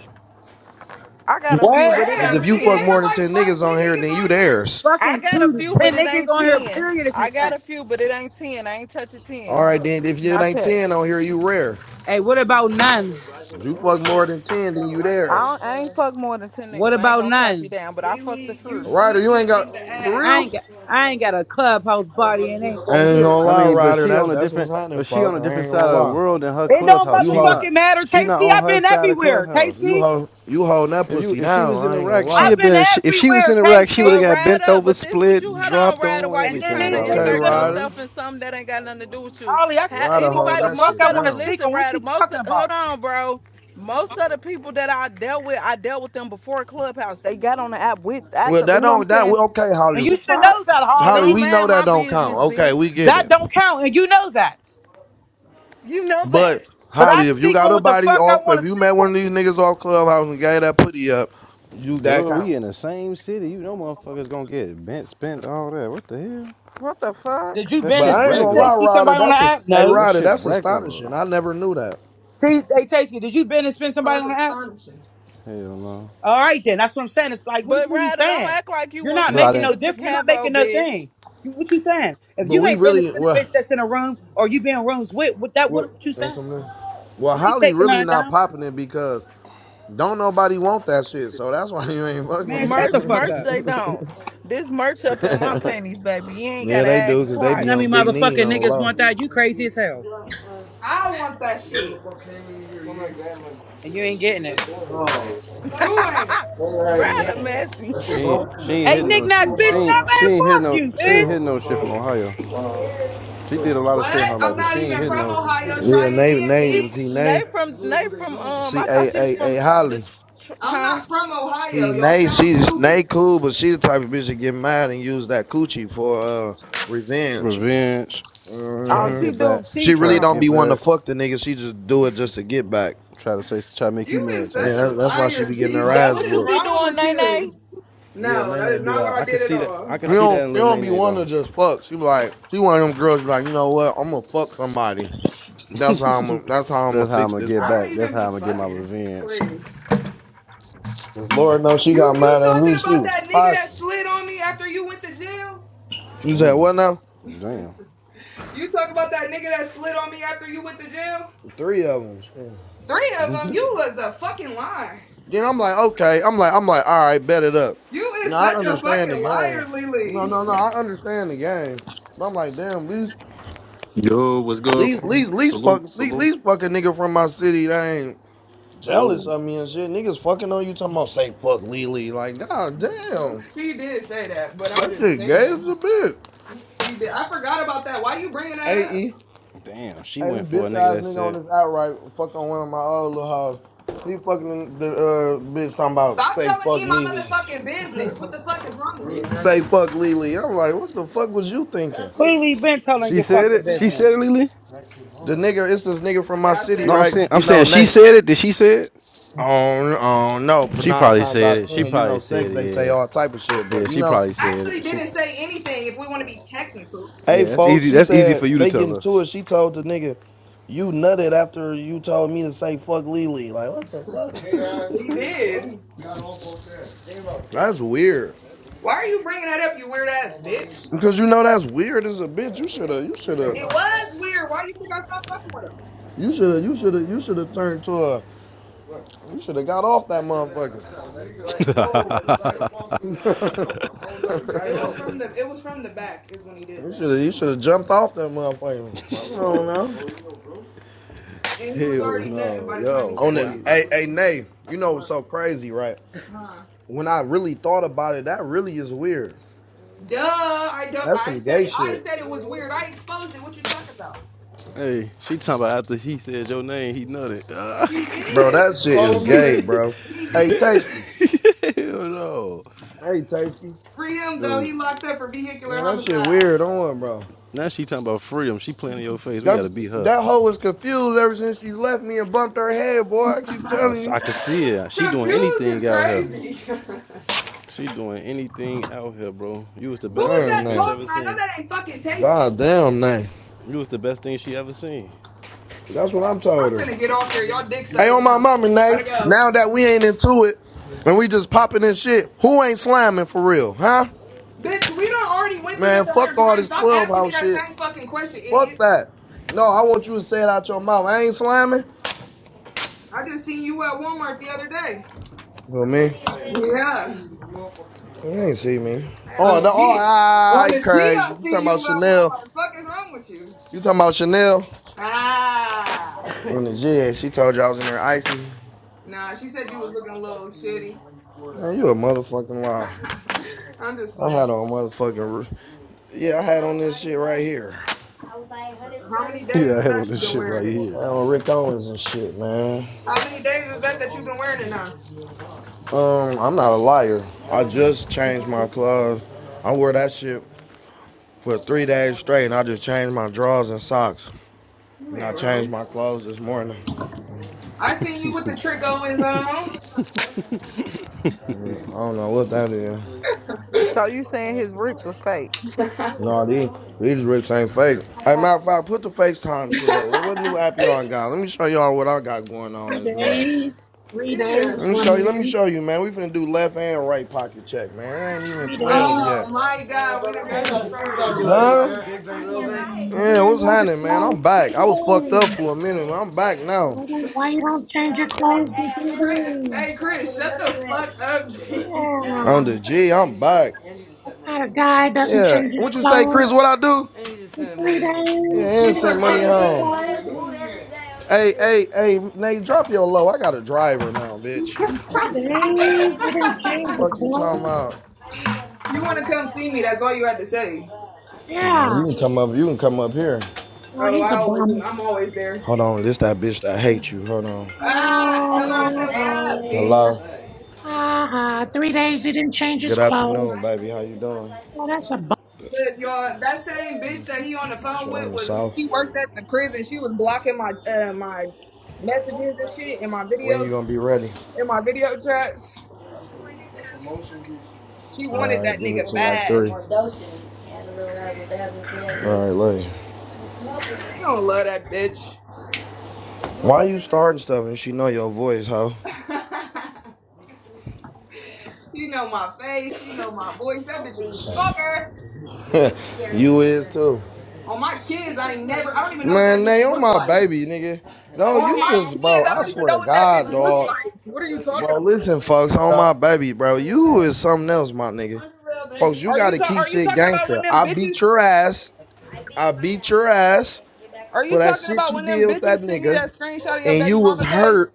Speaker 20: I got a few,
Speaker 3: What?
Speaker 20: but it
Speaker 18: Cause if
Speaker 20: ain't
Speaker 14: Rare, nigga,
Speaker 18: you fuck
Speaker 20: ten.
Speaker 14: ain't
Speaker 18: more than
Speaker 14: nobody
Speaker 18: ten
Speaker 14: fuck
Speaker 18: niggas
Speaker 14: 10
Speaker 18: on here,
Speaker 14: niggas
Speaker 18: then you
Speaker 14: on here.
Speaker 18: theirs.
Speaker 20: I
Speaker 3: Fucking
Speaker 20: got a
Speaker 3: two,
Speaker 20: few, but
Speaker 3: ten
Speaker 20: it
Speaker 3: niggas
Speaker 20: ain't
Speaker 3: on here,
Speaker 20: ten.
Speaker 3: period, is
Speaker 20: I got
Speaker 3: insane.
Speaker 20: a few, but it ain't ten. I ain't touching
Speaker 18: All
Speaker 20: ten.
Speaker 18: right, then. If you
Speaker 20: Not
Speaker 18: ain't
Speaker 20: touch.
Speaker 18: 10 on here, you rare.
Speaker 3: Hey, what about none?
Speaker 18: You fuck more than 10, then you there.
Speaker 20: I don't, I ain't fuck more than ten
Speaker 3: What
Speaker 20: niggas. I ain't
Speaker 3: about
Speaker 20: gonna cap you
Speaker 3: none?
Speaker 20: down, but I fucked the
Speaker 14: Lily, you
Speaker 20: fruit.
Speaker 18: Ryder,
Speaker 14: slipped
Speaker 18: you ain't
Speaker 14: it
Speaker 18: got.
Speaker 14: in the
Speaker 18: For
Speaker 3: I
Speaker 14: ass.
Speaker 3: ain't
Speaker 18: real?
Speaker 3: got I ain't got a clubhouse body and ain't
Speaker 18: I
Speaker 3: gonna
Speaker 18: ain't
Speaker 3: get
Speaker 18: gonna
Speaker 22: I
Speaker 3: one.
Speaker 18: lie,
Speaker 22: mean, but
Speaker 18: Ryder.
Speaker 22: she
Speaker 18: That's
Speaker 22: on a
Speaker 18: that's
Speaker 22: different,
Speaker 18: what's happening,
Speaker 22: but she on
Speaker 18: folks.
Speaker 22: a
Speaker 18: I
Speaker 22: different
Speaker 18: ain't
Speaker 22: side
Speaker 18: gonna
Speaker 22: of the
Speaker 18: lie.
Speaker 22: world than her
Speaker 3: It don't
Speaker 22: clubhouse.
Speaker 18: You
Speaker 22: She
Speaker 18: hold,
Speaker 3: motherfucking
Speaker 22: not,
Speaker 3: matter,
Speaker 22: she not
Speaker 3: Tasty.
Speaker 22: on
Speaker 3: I've
Speaker 22: her
Speaker 3: been
Speaker 22: side of
Speaker 3: everywhere,
Speaker 22: clubhouse.
Speaker 18: you
Speaker 3: Tasty.
Speaker 18: hold, you holding that
Speaker 22: If you,
Speaker 18: pussy
Speaker 22: if she
Speaker 18: down.
Speaker 22: was in
Speaker 18: I ain't gonna
Speaker 22: Iraq, she
Speaker 3: I've
Speaker 18: lie.
Speaker 22: had
Speaker 3: been
Speaker 22: been. She, if she was in
Speaker 3: everywhere,
Speaker 22: Iraq, she would have
Speaker 3: Tasty.
Speaker 20: But
Speaker 22: got
Speaker 20: Ryder,
Speaker 22: bent
Speaker 20: up,
Speaker 22: over,
Speaker 20: but this what you
Speaker 22: split,
Speaker 20: hold on,
Speaker 22: dropped
Speaker 20: rider.
Speaker 22: on
Speaker 20: Why you
Speaker 3: And then
Speaker 20: trying
Speaker 22: everything
Speaker 20: to
Speaker 3: these
Speaker 18: Okay,
Speaker 22: already,
Speaker 3: niggas
Speaker 20: insert
Speaker 3: in
Speaker 22: boy.
Speaker 18: Ryder.
Speaker 20: yourself in something that ain't got nothing to do with you?
Speaker 3: Holly, I can
Speaker 20: Ha,
Speaker 18: Ryder
Speaker 3: speak on what
Speaker 18: holding
Speaker 20: anybody,
Speaker 3: the
Speaker 18: that
Speaker 3: fuck
Speaker 20: most
Speaker 3: I
Speaker 18: shit
Speaker 20: of the
Speaker 3: want to
Speaker 18: down.
Speaker 3: speak
Speaker 20: listen,
Speaker 3: on. What
Speaker 20: rider.
Speaker 3: you
Speaker 20: most of,
Speaker 3: talking
Speaker 20: hold
Speaker 3: about?
Speaker 20: on, bro. Most of the people that I dealt with, I dealt with them before Clubhouse. They got on the app with
Speaker 18: Well,
Speaker 20: after you
Speaker 18: that
Speaker 20: know what I'm
Speaker 18: don't that
Speaker 20: saying?
Speaker 18: well, okay,
Speaker 3: And
Speaker 18: Holly.
Speaker 20: The
Speaker 3: you should
Speaker 20: fuck?
Speaker 3: know that,
Speaker 18: Holly,
Speaker 20: Don't
Speaker 3: Holly.
Speaker 18: we know
Speaker 20: mind
Speaker 18: that
Speaker 20: my
Speaker 18: don't count.
Speaker 20: business,
Speaker 18: Okay,
Speaker 20: bitch.
Speaker 18: we get
Speaker 3: That
Speaker 18: it.
Speaker 3: don't count, and you know that.
Speaker 20: You know that.
Speaker 18: But
Speaker 3: But I
Speaker 18: Holly, if you
Speaker 3: speak
Speaker 18: got
Speaker 3: on
Speaker 18: a
Speaker 3: what the
Speaker 18: body
Speaker 3: fuck I
Speaker 18: off,
Speaker 3: want to
Speaker 18: if you
Speaker 3: speak
Speaker 18: met
Speaker 3: on.
Speaker 18: one of these niggas off clubhouse and gave that putty up, you that
Speaker 22: Duh,
Speaker 18: count.
Speaker 22: we in the same city. You know, motherfuckers gonna get bent, spent, all that. What the hell?
Speaker 20: What the
Speaker 3: Did
Speaker 20: fuck?
Speaker 3: you
Speaker 22: That
Speaker 3: bend
Speaker 18: But
Speaker 3: and
Speaker 22: shit
Speaker 18: I ain't
Speaker 3: spin
Speaker 18: gonna
Speaker 22: regular.
Speaker 18: lie,
Speaker 3: Tasty
Speaker 18: Ryder.
Speaker 3: somebody on the
Speaker 18: That's a
Speaker 3: app?
Speaker 18: hey,
Speaker 3: No.
Speaker 22: That
Speaker 18: Ryder.
Speaker 22: shit
Speaker 18: That's
Speaker 22: regular.
Speaker 18: astonishing. I never knew that.
Speaker 3: See, hey Tasty, did you bend and spin
Speaker 14: Well,
Speaker 3: somebody
Speaker 14: that's
Speaker 3: on the app?
Speaker 14: astonishing.
Speaker 22: Hell no.
Speaker 3: All right, then. That's what I'm saying. It's like, what,
Speaker 20: But
Speaker 3: what are you
Speaker 20: rather, don't
Speaker 3: saying?
Speaker 20: act like you
Speaker 3: You're
Speaker 20: weren't
Speaker 3: not
Speaker 22: But I
Speaker 20: finna
Speaker 3: making
Speaker 20: give
Speaker 3: no
Speaker 22: didn't.
Speaker 20: it to
Speaker 3: difference. You're not
Speaker 20: Cavo,
Speaker 3: making no
Speaker 20: bitch.
Speaker 3: thing. You, what you saying? If
Speaker 18: But
Speaker 3: you
Speaker 18: we
Speaker 3: ain't been to
Speaker 18: really
Speaker 3: spend a
Speaker 18: well,
Speaker 3: bitch that's in a room or you been in rooms with, what that what,
Speaker 18: what
Speaker 3: what you saying?
Speaker 18: Well,
Speaker 3: You ain't
Speaker 18: Holly
Speaker 3: taking
Speaker 18: really
Speaker 3: none
Speaker 18: not
Speaker 3: down.
Speaker 18: popping it because don't nobody want that shit. So that's why you ain't
Speaker 3: Man, shut the
Speaker 20: Merch,
Speaker 3: fuck
Speaker 20: merch,
Speaker 3: up.
Speaker 20: they don't. This merch up in my
Speaker 18: fucking.
Speaker 20: panties, baby. You ain't
Speaker 18: yeah,
Speaker 20: gotta
Speaker 18: they do
Speaker 20: ask
Speaker 18: because they
Speaker 3: You know
Speaker 18: be
Speaker 3: how many
Speaker 18: on
Speaker 20: twice.
Speaker 18: big need
Speaker 3: motherfucking
Speaker 18: on the
Speaker 3: niggas want
Speaker 18: low.
Speaker 3: that? You crazy as hell.
Speaker 14: I want that shit.
Speaker 3: And you ain't getting it.
Speaker 14: Who ain't?
Speaker 22: Yeah.
Speaker 20: rather messy.
Speaker 22: She ain't. She ain't
Speaker 3: Hey,
Speaker 22: hitting
Speaker 3: Nick
Speaker 22: no.
Speaker 3: Nack,
Speaker 22: She
Speaker 3: bitch, stop,
Speaker 22: ain't. She
Speaker 3: man.
Speaker 22: ain't hitting
Speaker 3: Fuck
Speaker 22: no.
Speaker 3: you,
Speaker 22: She ain't
Speaker 3: bitch.
Speaker 22: hitting no shit from Ohio. She did a lot of
Speaker 14: What?
Speaker 22: shit in her life,
Speaker 14: I'm
Speaker 22: but she
Speaker 14: not
Speaker 22: ain't
Speaker 14: even
Speaker 22: hitting
Speaker 14: from
Speaker 22: no
Speaker 14: Ohio.
Speaker 18: Yeah,
Speaker 14: Try
Speaker 18: name
Speaker 14: again,
Speaker 20: She,
Speaker 18: name see
Speaker 20: fr-
Speaker 14: bitch.
Speaker 20: they
Speaker 18: name
Speaker 20: from, they from, um,
Speaker 18: see
Speaker 20: I thought
Speaker 18: a
Speaker 20: she was
Speaker 18: a
Speaker 20: from
Speaker 18: a
Speaker 20: the,
Speaker 18: Holly.
Speaker 14: I'm
Speaker 20: huh?
Speaker 14: not from Ohio.
Speaker 18: See,
Speaker 14: Y'all
Speaker 18: Nay,
Speaker 14: sound
Speaker 18: she's Nay
Speaker 14: stupid.
Speaker 18: cool, but she the type of bitch that get mad and use that coochie for uh revenge.
Speaker 22: revenge,
Speaker 20: Oh,
Speaker 22: trying to
Speaker 18: hmm
Speaker 20: she
Speaker 22: get
Speaker 20: do.
Speaker 22: back,
Speaker 18: She
Speaker 20: She.
Speaker 22: trying
Speaker 18: really
Speaker 22: to
Speaker 18: don't
Speaker 20: Oh,
Speaker 22: get
Speaker 18: be
Speaker 20: okay.
Speaker 18: wanting
Speaker 22: back,
Speaker 18: to fuck the nigga. She just do it just to get back.
Speaker 22: trying to say, try to make you
Speaker 14: You
Speaker 22: mad
Speaker 14: is
Speaker 18: And
Speaker 22: type
Speaker 14: such a
Speaker 22: shit.
Speaker 18: that's why she
Speaker 14: liar,
Speaker 18: be getting
Speaker 14: G.
Speaker 18: her
Speaker 14: Like,
Speaker 20: That
Speaker 18: ass
Speaker 14: what
Speaker 20: what
Speaker 14: is
Speaker 20: you
Speaker 18: whooped.
Speaker 20: be
Speaker 14: wrong
Speaker 20: doing,
Speaker 14: with
Speaker 20: Nay
Speaker 14: you?
Speaker 18: Yeah,
Speaker 14: No,
Speaker 18: Nay
Speaker 14: that
Speaker 18: Nay
Speaker 14: is
Speaker 18: do
Speaker 14: not what
Speaker 18: that.
Speaker 22: I
Speaker 14: I
Speaker 22: can
Speaker 14: did at
Speaker 22: see that.
Speaker 14: all.
Speaker 22: I can
Speaker 18: She
Speaker 22: see that
Speaker 18: don't,
Speaker 22: in
Speaker 18: She
Speaker 22: Lil
Speaker 18: don't be
Speaker 22: Nene though.
Speaker 18: wanting to just fuck. She be like, she one of them girls. Be like, you know what? I'm gonna fuck somebody. That's how I'm. That's how I'm
Speaker 22: That's
Speaker 18: gonna
Speaker 22: how I'm
Speaker 18: fix
Speaker 22: gonna
Speaker 18: this
Speaker 22: get
Speaker 14: I don't
Speaker 22: back.
Speaker 18: problem.
Speaker 22: That's
Speaker 14: even
Speaker 22: how
Speaker 14: be
Speaker 22: I'm gonna get my
Speaker 14: fucking.
Speaker 22: revenge.
Speaker 14: Please.
Speaker 18: Lord knows she
Speaker 14: You
Speaker 18: got
Speaker 14: you
Speaker 18: mad at
Speaker 14: talking
Speaker 18: me. She
Speaker 14: about
Speaker 18: was
Speaker 14: that nigga
Speaker 18: fucking.
Speaker 14: that slid on me after you went to jail?
Speaker 18: She said,
Speaker 22: Damn,
Speaker 18: what now?
Speaker 22: damn,
Speaker 14: You talk about that nigga that slid on me after you went to jail?
Speaker 18: Three of them.
Speaker 14: Three of them. You was a fucking lie.
Speaker 18: Then I'm like, okay. I'm like, I'm like, all right, bet it up.
Speaker 14: You is
Speaker 18: Now I
Speaker 14: such a
Speaker 18: understand the
Speaker 14: fucking
Speaker 18: game.
Speaker 14: liar,
Speaker 18: No,
Speaker 14: Lily.
Speaker 18: no, no. I understand the game. But I'm like, damn, least,
Speaker 25: Yo, what's good,
Speaker 18: least,
Speaker 25: bro?
Speaker 18: least, least,
Speaker 25: Salute,
Speaker 18: fuck, least,
Speaker 25: salute.
Speaker 18: least fucking nigga from my city. They ain't jealous
Speaker 25: Whoa.
Speaker 18: of me and shit. Niggas fucking on you talking about say fuck Lily. Like, god damn,
Speaker 14: He did say that, but I'm
Speaker 18: that
Speaker 14: just
Speaker 18: shit gay as
Speaker 14: saying.
Speaker 18: a bitch.
Speaker 14: He did. I forgot about that. Why you bringing that
Speaker 18: Hey,
Speaker 14: up?
Speaker 18: E.
Speaker 22: damn. She
Speaker 18: Hey,
Speaker 22: went for a
Speaker 18: this bitch
Speaker 22: nigga
Speaker 18: ass
Speaker 22: that
Speaker 18: nigga on
Speaker 22: said.
Speaker 18: this outright fucking one of my old little hoes. He fucking the uh, bitch talking about
Speaker 14: Stop
Speaker 18: say
Speaker 14: telling
Speaker 18: fuck
Speaker 14: E my
Speaker 18: Lily.
Speaker 14: motherfucking business. What the fuck is wrong with you?
Speaker 18: Say fuck Lily. I'm like, what the fuck was you thinking?
Speaker 3: Clearly been telling
Speaker 22: She
Speaker 3: your
Speaker 22: said
Speaker 3: fucking
Speaker 22: it. She
Speaker 3: business.
Speaker 22: said it, Lily.
Speaker 18: The nigga, it's this nigga from my
Speaker 14: Yeah, I
Speaker 18: city,
Speaker 14: said
Speaker 22: No, I'm
Speaker 14: it.
Speaker 18: right?
Speaker 22: saying. I'm
Speaker 18: You know,
Speaker 22: saying she
Speaker 18: they,
Speaker 22: said it. Did she say it?
Speaker 18: oh, oh no, pr-
Speaker 22: She
Speaker 18: nine
Speaker 22: probably
Speaker 18: times
Speaker 22: said
Speaker 18: out of
Speaker 22: it. She
Speaker 18: ten, you
Speaker 22: probably
Speaker 18: know,
Speaker 22: said
Speaker 18: sex they say
Speaker 22: it.
Speaker 18: all type of shit,
Speaker 22: Yeah,
Speaker 18: but
Speaker 22: yeah.
Speaker 18: you
Speaker 22: She
Speaker 18: know,
Speaker 22: probably said
Speaker 14: Actually,
Speaker 22: it. She.
Speaker 14: didn't say anything. If we want to be technical,
Speaker 18: hey
Speaker 22: Yeah, that's
Speaker 18: folks,
Speaker 22: easy.
Speaker 18: she
Speaker 22: That's easy for
Speaker 18: said
Speaker 22: you to
Speaker 18: they getting
Speaker 22: tell
Speaker 18: to
Speaker 22: us.
Speaker 18: it. She told the nigga, you nutted after you told me to say fuck Lily. Like what the fuck?
Speaker 14: he did.
Speaker 18: That's weird.
Speaker 14: Why are you bringing that up, you weird ass bitch?
Speaker 18: Because you know that's weird as a bitch. You shoulda, you
Speaker 14: It
Speaker 18: shoulda,
Speaker 14: was weird. Why do you think I stopped fucking with him?
Speaker 18: you shoulda, you shoulda, you shoulda turned to a. You shoulda got off that motherfucker.
Speaker 14: It was from the. It was from the back is when he did
Speaker 18: You
Speaker 14: that.
Speaker 18: shoulda, you
Speaker 14: So
Speaker 18: shoulda jumped off that motherfucker. I don't know.
Speaker 14: and he was
Speaker 22: Hell
Speaker 14: already nothing
Speaker 22: no,
Speaker 14: by the time you
Speaker 22: yo,
Speaker 18: On
Speaker 14: said
Speaker 18: the
Speaker 14: say
Speaker 22: funny.
Speaker 14: fuck
Speaker 18: hey hey
Speaker 14: Lily. So,
Speaker 18: Nay, you know what's
Speaker 14: What?
Speaker 18: so crazy, right?
Speaker 14: Huh?
Speaker 18: When I really thought about it, that really is weird.
Speaker 14: Duh. I don't.
Speaker 18: That's some
Speaker 14: I said
Speaker 18: gay
Speaker 14: it. I
Speaker 18: shit.
Speaker 14: said it was weird. I exposed it. What you talking about?
Speaker 22: Hey, she talking about after he said your name, he nutted. Ah.
Speaker 14: He
Speaker 18: Bro,
Speaker 14: did.
Speaker 18: that shit is gay, bro.
Speaker 14: He
Speaker 18: Hey
Speaker 14: did.
Speaker 18: Tasty.
Speaker 22: Hell no,
Speaker 18: Hey Tasty.
Speaker 14: Free him though.
Speaker 22: no.
Speaker 14: He locked up for vehicular
Speaker 18: Man, that shit
Speaker 14: homicide.
Speaker 18: weird on bro.
Speaker 22: Now she talking about freedom. She playing in your face. We
Speaker 18: That
Speaker 22: gotta beat her.
Speaker 18: that hoe is confused ever since she left me and bumped her head, boy. I keep
Speaker 22: Uh,
Speaker 18: telling
Speaker 22: so
Speaker 18: you.
Speaker 22: I can see it. She doing
Speaker 14: Confused is
Speaker 22: anything out here.
Speaker 14: crazy.
Speaker 22: She doing anything out here, bro. You was the
Speaker 14: Who
Speaker 22: best
Speaker 14: was
Speaker 22: thing
Speaker 18: Man,
Speaker 22: that
Speaker 14: that
Speaker 22: bitch
Speaker 18: Nay.
Speaker 22: ever
Speaker 14: talking? I know
Speaker 22: seen.
Speaker 14: that ain't fucking tasty.
Speaker 18: God damn Nay.
Speaker 22: You was the best thing she ever seen.
Speaker 18: That's what I'm told
Speaker 14: I'm
Speaker 18: her.
Speaker 14: finna get off here. Y'all dick
Speaker 18: Hey on
Speaker 14: sucking
Speaker 18: my
Speaker 14: now.
Speaker 18: mama,
Speaker 14: Gotta
Speaker 18: Nay.
Speaker 14: go.
Speaker 18: Now that we ain't into it and we just popping this shit, who ain't slamming for real, huh?
Speaker 14: Bitch, we done already went through
Speaker 18: Man,
Speaker 14: this a
Speaker 18: fuck
Speaker 14: hundred
Speaker 18: all
Speaker 14: times.
Speaker 18: this
Speaker 14: Stop asking me
Speaker 18: clubhouse
Speaker 14: that
Speaker 18: shit.
Speaker 14: same fucking question,
Speaker 18: Fuck
Speaker 14: idiot.
Speaker 18: that. No, I want you to say it out your mouth. I ain't slamming.
Speaker 14: I just seen you at Walmart the other day.
Speaker 18: Well, me?
Speaker 14: Yeah.
Speaker 18: You ain't see me.
Speaker 14: On
Speaker 18: Oh,
Speaker 14: the
Speaker 18: no, oh,
Speaker 14: G. On
Speaker 18: I
Speaker 14: the G, I
Speaker 18: crazy. You
Speaker 14: seen
Speaker 18: talking
Speaker 14: you
Speaker 18: about
Speaker 14: at
Speaker 18: Chanel?
Speaker 14: Walmart. The Fuck is wrong with you?
Speaker 18: You talking about Chanel?
Speaker 14: Ah.
Speaker 18: In the gym, she told you I was in there icy.
Speaker 14: Nah, she said you was looking a little shitty.
Speaker 18: Man, you a motherfucking liar.
Speaker 14: I'm just
Speaker 18: I
Speaker 14: playing.
Speaker 18: had on motherfucking, yeah, I had on this shit right here.
Speaker 14: How many days
Speaker 22: Yeah, I
Speaker 14: is
Speaker 22: had
Speaker 14: that
Speaker 22: on
Speaker 14: you've
Speaker 22: this
Speaker 14: been
Speaker 22: shit right
Speaker 14: wearing it?
Speaker 18: I had
Speaker 22: here.
Speaker 18: on Rick Owens and shit, man.
Speaker 14: How many days is that that you've been wearing it now?
Speaker 18: Um, I'm not a liar. I just changed my clothes. I wear that shit for three days straight, and I just changed my drawers and socks.
Speaker 14: You
Speaker 18: And I
Speaker 14: ain't
Speaker 18: changed
Speaker 14: wrong.
Speaker 18: my clothes this morning.
Speaker 14: I seen you with the trick always on.
Speaker 18: I don't know what that is.
Speaker 20: So you saying his roots was fake?
Speaker 18: No, these, these rigs ain't fake. Hey,
Speaker 26: Uh,
Speaker 18: matter of fact, put the FaceTime shit up. What, what new app y'all got? Let me show y'all what I got going on
Speaker 26: three
Speaker 18: this morning.
Speaker 26: days, three days
Speaker 18: Let
Speaker 14: yes.
Speaker 18: me
Speaker 26: from
Speaker 18: show you. Let me
Speaker 26: in,
Speaker 18: show you, man. We finna do left and right pocket check, man. It ain't even
Speaker 26: three
Speaker 18: 12
Speaker 26: days.
Speaker 14: Oh
Speaker 18: yet.
Speaker 14: my God, we done got him started.
Speaker 26: Oh,
Speaker 18: Yeah,
Speaker 26: man,
Speaker 18: what's
Speaker 26: why the
Speaker 18: happening, man?
Speaker 26: clothes
Speaker 18: I'm
Speaker 26: for
Speaker 18: back. I was fucked
Speaker 26: three
Speaker 18: up
Speaker 26: days?
Speaker 18: for a minute, man. I'm back now.
Speaker 26: Why don't, why you don't change your clothes in three
Speaker 14: Chris,
Speaker 26: days?
Speaker 14: hey Chris, shut the fuck up. G.
Speaker 26: Yeah,
Speaker 18: On the G, I'm back.
Speaker 26: what kind of guy doesn't
Speaker 18: Yeah.
Speaker 26: change his
Speaker 18: What you say,
Speaker 26: clothes
Speaker 18: Chris? What I do?
Speaker 26: in three days? You
Speaker 18: Yeah, and
Speaker 14: you
Speaker 18: send
Speaker 26: didn't
Speaker 14: talking
Speaker 18: money
Speaker 14: about?
Speaker 26: change your clothes
Speaker 18: Hey, hey, hey, Nate, drop your low. I got a driver now, bitch.
Speaker 26: in three days. You didn't change your
Speaker 18: Fuck you talking
Speaker 26: clothes.
Speaker 18: about?
Speaker 14: you want to come see me? That's all you had to say.
Speaker 18: Mm,
Speaker 26: Yeah,
Speaker 18: You can come up. You can come up here.
Speaker 26: well,
Speaker 14: Oh, I
Speaker 26: he's a
Speaker 14: always,
Speaker 26: bum.
Speaker 14: I'm always there.
Speaker 18: Hold on, this that bitch that
Speaker 26: Yeah.
Speaker 18: hate you. Hold on.
Speaker 14: Ah, tell her I said
Speaker 26: Oh,
Speaker 14: what up,
Speaker 26: oh,
Speaker 14: bitch.
Speaker 18: Hello.
Speaker 26: ah, ah. three days he didn't change his
Speaker 18: Good
Speaker 26: clothes.
Speaker 18: afternoon, baby. How you doing?
Speaker 26: Well, that's a
Speaker 14: Look, y'all, that same bitch that he on the phone
Speaker 18: Shit, I'm in
Speaker 14: with
Speaker 18: the
Speaker 14: was
Speaker 18: south.
Speaker 14: she worked at the prison. She was blocking my uh, my messages and shit in my video
Speaker 18: When you gonna be ready?
Speaker 14: in my video chats. She wanted
Speaker 18: All right,
Speaker 14: that
Speaker 18: give it
Speaker 14: nigga
Speaker 18: to like
Speaker 14: bad.
Speaker 18: three. All right, lady.
Speaker 14: You don't love that bitch.
Speaker 18: Why you starting stuff and she know your voice, hoe?
Speaker 14: she know my face. She know my voice. That bitch is a stalker.
Speaker 18: you is too.
Speaker 14: On my kids, I ain't never. I don't even know what that
Speaker 18: Man,
Speaker 14: bitch
Speaker 18: they on
Speaker 14: looked
Speaker 18: my
Speaker 14: like.
Speaker 18: baby, nigga. No, you
Speaker 14: On my
Speaker 18: just, bro.
Speaker 14: kids, I
Speaker 18: I
Speaker 14: don't even
Speaker 18: swear
Speaker 14: know
Speaker 18: to
Speaker 14: what that bitch
Speaker 18: God,
Speaker 14: looked
Speaker 18: dog.
Speaker 14: like. What are you talking
Speaker 18: Well,
Speaker 14: about?
Speaker 18: listen, folks, on my
Speaker 27: So.
Speaker 18: baby, bro. You is something else, my nigga. Folks, you
Speaker 14: Are you
Speaker 18: gotta
Speaker 14: ta-
Speaker 18: keep
Speaker 14: Are you
Speaker 18: shit
Speaker 14: talking about when
Speaker 18: gangster.
Speaker 14: them
Speaker 18: I beat
Speaker 14: bitches?
Speaker 18: your ass. I beat your ass
Speaker 14: Are
Speaker 18: for
Speaker 14: you
Speaker 18: that
Speaker 14: talking
Speaker 18: shit
Speaker 14: about
Speaker 18: you
Speaker 14: when
Speaker 18: did
Speaker 14: them
Speaker 18: with
Speaker 14: bitches
Speaker 18: that
Speaker 14: sent me
Speaker 18: nigga.
Speaker 14: that screenshot of your
Speaker 18: And you
Speaker 14: baby
Speaker 18: was
Speaker 14: mama page?
Speaker 18: hurt.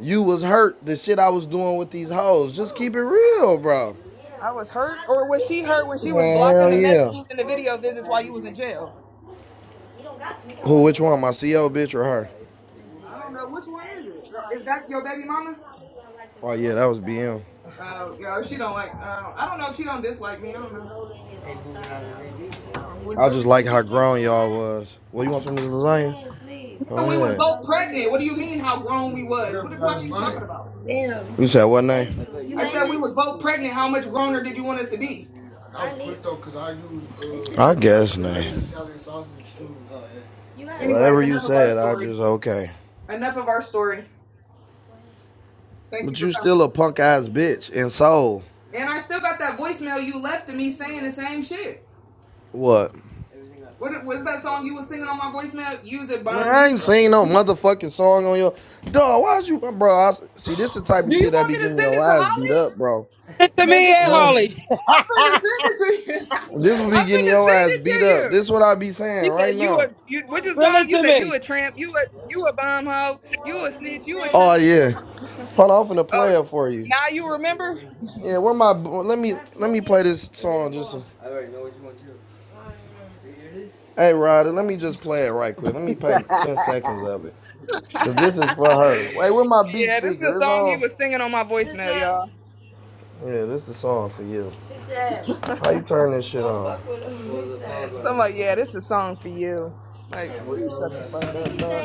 Speaker 18: You was hurt the shit I was doing with these hoes. Just keep it real, bro.
Speaker 14: I was hurt, or was she hurt when she was
Speaker 18: Man,
Speaker 14: blocking
Speaker 18: hell
Speaker 14: the
Speaker 18: yeah.
Speaker 14: messages and the video visits while you was in jail?
Speaker 18: Who which one? My CO bitch or her?
Speaker 14: I don't know which one is it. Is that your baby mama?
Speaker 18: that was BM.
Speaker 14: Oh, yo, she don't like. Uh, I don't know if she don't dislike me. I don't know. I would
Speaker 18: I
Speaker 14: really
Speaker 18: just like
Speaker 14: wouldn't give
Speaker 18: how
Speaker 14: a fuck.
Speaker 18: grown y'all was. Well, you want some of this lasagna? Oh
Speaker 14: Nigga, We was
Speaker 18: yeah.
Speaker 14: both pregnant. What do you mean how grown we was? What the fuck are you talking about?
Speaker 18: You said what name?
Speaker 14: I said we was both pregnant. How much growner did you want us to be?
Speaker 18: I guess name. Whatever
Speaker 14: Anyways,
Speaker 18: you
Speaker 14: enough of our
Speaker 18: said, I
Speaker 14: story.
Speaker 18: just okay.
Speaker 14: Enough of our story. Thank you
Speaker 18: But
Speaker 14: for
Speaker 18: you
Speaker 14: coming.
Speaker 18: still a punk ass bitch in soul.
Speaker 14: And I still got that voicemail you left to me saying the same shit.
Speaker 18: What?
Speaker 14: What was that song you was singing on my voicemail? Use it,
Speaker 18: Man,
Speaker 14: bum.
Speaker 18: I
Speaker 14: Use
Speaker 18: ain't
Speaker 14: it.
Speaker 18: seen no motherfucking song on your dog. Why'd you, bro? I, see, this the type of
Speaker 14: Do you
Speaker 18: shit that
Speaker 14: want
Speaker 18: be
Speaker 14: me to
Speaker 18: getting
Speaker 14: send
Speaker 18: your
Speaker 14: it to
Speaker 18: ass beat
Speaker 14: Holly?
Speaker 18: up, bro.
Speaker 3: Listen to me,
Speaker 20: Send it
Speaker 3: hey,
Speaker 20: to
Speaker 18: Huh?
Speaker 20: me.
Speaker 3: Harley.
Speaker 14: I'm finna send it to you.
Speaker 18: This will be
Speaker 14: I'm
Speaker 18: getting
Speaker 14: finna send
Speaker 18: your ass
Speaker 14: it
Speaker 18: beat
Speaker 14: to
Speaker 18: up.
Speaker 14: you.
Speaker 18: This what I be saying
Speaker 14: He said,
Speaker 18: right
Speaker 14: "You a
Speaker 18: now.
Speaker 14: you, what's your
Speaker 3: Listen
Speaker 14: song? You
Speaker 3: to
Speaker 14: said
Speaker 3: me.
Speaker 14: you a tramp. You a you a bum hoe. You a snitch. You a
Speaker 18: Oh
Speaker 14: tramp. You a
Speaker 18: yeah.
Speaker 14: bum.
Speaker 18: Hold on, I'm finna
Speaker 14: oh."
Speaker 18: play it for you.
Speaker 14: Now you remember?
Speaker 18: Yeah, where my let me let me play this song just. a- hey Ryder, let me just play it right quick. Let me play ten seconds of it, cause this is for
Speaker 14: yeah,
Speaker 18: her. Wait, where my beat
Speaker 14: this is the
Speaker 18: speaker? It's
Speaker 14: song he
Speaker 18: on.
Speaker 14: was singing on my voicemail, y'all.
Speaker 18: Yeah, this is the song for you. How you turn this shit on?
Speaker 14: So I'm like, yeah, this is a song for you. Like, boy, you shut the fuck up, dog.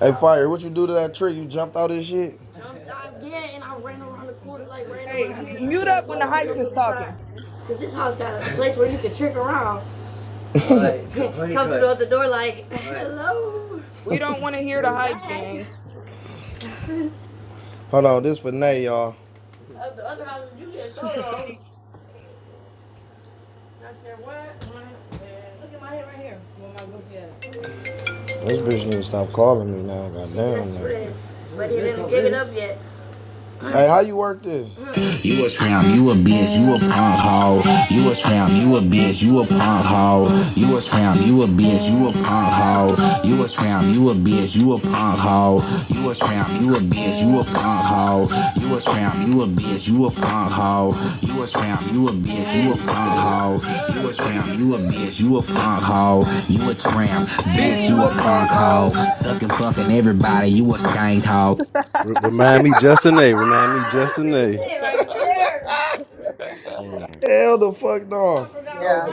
Speaker 18: Hey, Fire, what you do to that tree? You jumped out of this shit?
Speaker 14: Hey, mute up when the hypes is talking. We don't want to hear the hypes, gang.
Speaker 18: Hold on, this for Nay, y'all. This bitch need to stop calling me now, goddamn. Hey, how you work this? You a tramp, you a bitch, you a punk hoe. You a tramp, you a bitch, you a punk hoe. You a tramp, you a bitch, you a punk hoe. You a tramp, you a bitch, you a punk hoe. You a tramp, you a bitch, you a punk hoe. You a tramp, you a bitch, you a punk hoe. You a tramp, you a
Speaker 10: Hey,
Speaker 18: bitch, you a
Speaker 10: Lily, what
Speaker 18: punk
Speaker 10: the
Speaker 18: hoe. You a tramp, you a bitch, you a punk hoe. You a tramp, bitch, you a punk hoe. Sucking, fucking everybody, you a skank hoe.
Speaker 22: R- remind me, Justin A. Remind me, Justin A.
Speaker 10: hell? Damn.
Speaker 18: Hell the fuck no.
Speaker 14: Yeah.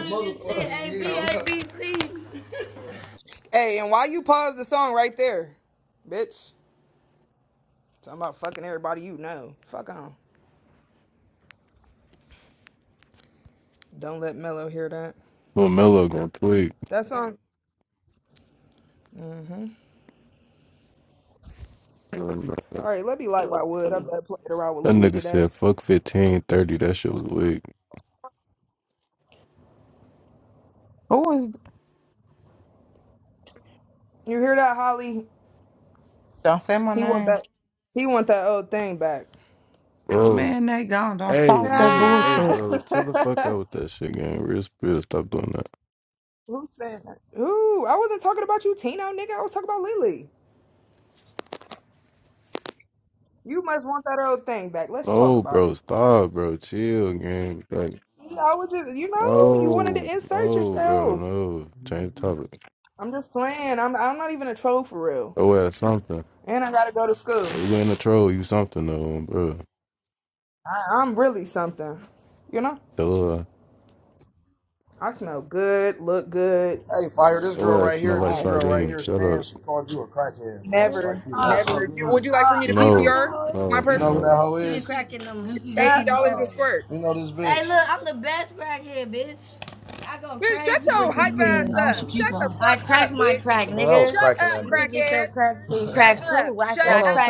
Speaker 14: Hey, and why you pause the song right there, bitch? Talking about fucking everybody you know. Fuck on. Don't let Mello hear that.
Speaker 28: Well, Melo gonna tweak.
Speaker 14: That song. Mm-hmm.
Speaker 28: That
Speaker 14: All right, let me like why would I bet played around with Lily
Speaker 28: nigga said,
Speaker 14: today.
Speaker 28: fuck 15, 30. That shit was weak.
Speaker 20: Who is?
Speaker 14: You hear that, Holly?
Speaker 20: Don't say my
Speaker 14: He want
Speaker 20: name.
Speaker 14: that. He want that old thing back.
Speaker 28: Bro,
Speaker 20: Man, they gone. Don't
Speaker 28: hey,
Speaker 20: start that
Speaker 28: Nate, hey,
Speaker 20: bullshit.
Speaker 14: Ah.
Speaker 28: bro, chill the fuck out with that shit, gang. Real spill, stop doing that.
Speaker 14: Who said that? Ooh, I wasn't talking about you, Tino, nigga. I was talking about Lily. You must want that old thing back. Let's talk
Speaker 28: No,
Speaker 14: about it.
Speaker 28: bro, stop, bro, chill, gang. Like,
Speaker 14: I would just, you know, you wanted
Speaker 28: no,
Speaker 14: to insert
Speaker 28: no, bro,
Speaker 14: yourself.
Speaker 28: no. Change the topic.
Speaker 14: I'm just playing. I'm, I'm not even a troll for real.
Speaker 28: Oh, ass something.
Speaker 14: And I gotta go to school.
Speaker 28: You ain't a troll, you something, though, bro.
Speaker 14: I, I'm really something. You know,
Speaker 28: Duh.
Speaker 14: I smell good, look good.
Speaker 18: Hey, fire this girl
Speaker 28: Oh, ass
Speaker 18: right here,
Speaker 28: smell
Speaker 18: and
Speaker 28: like
Speaker 18: this
Speaker 14: I
Speaker 18: girl right
Speaker 28: sardine.
Speaker 18: here,
Speaker 28: Shut
Speaker 18: Stan,
Speaker 28: up.
Speaker 18: she called you a crackhead, folks.
Speaker 14: never,
Speaker 18: Like you know.
Speaker 14: never. Would you like for me to
Speaker 28: No,
Speaker 14: PCR my
Speaker 28: no,
Speaker 18: You know
Speaker 14: perfume?
Speaker 18: who that
Speaker 28: no.
Speaker 18: hoe is?
Speaker 14: It's eighty dollars a squirt.
Speaker 18: You know this bitch
Speaker 14: Bitch, shut your hype ass up. Shut the fuck up, bitch. Shut
Speaker 18: crackhead.
Speaker 14: up, crackhead. Shut up. Shut up.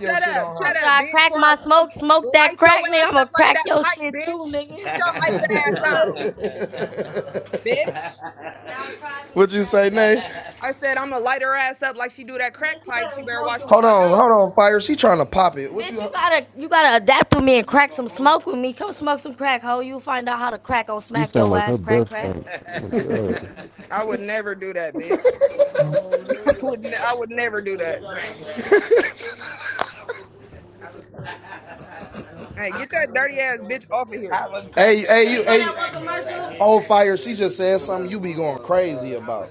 Speaker 18: Your
Speaker 14: Shut
Speaker 18: shit
Speaker 14: up,
Speaker 18: on
Speaker 14: shut up, bitch, before I smoke it, Light your ass up like that pipe, bitch. Get your hyping ass on,
Speaker 18: her.
Speaker 14: bitch.
Speaker 18: what you say, Nate?
Speaker 14: I said I'ma light her ass up like she do that crack pipe. She better watch the
Speaker 18: Hold
Speaker 14: fuck
Speaker 18: on,
Speaker 14: out.
Speaker 18: hold on, fire. She trying to pop it. What-
Speaker 28: You sound like her breath stink. Oh, my God.
Speaker 14: I would never do that, bitch. I would ne- I would never do that. Mm-mm. Hey, get that dirty ass bitch off of here.
Speaker 18: Hey, hey, you hey oh fire, she just said something you be going crazy about.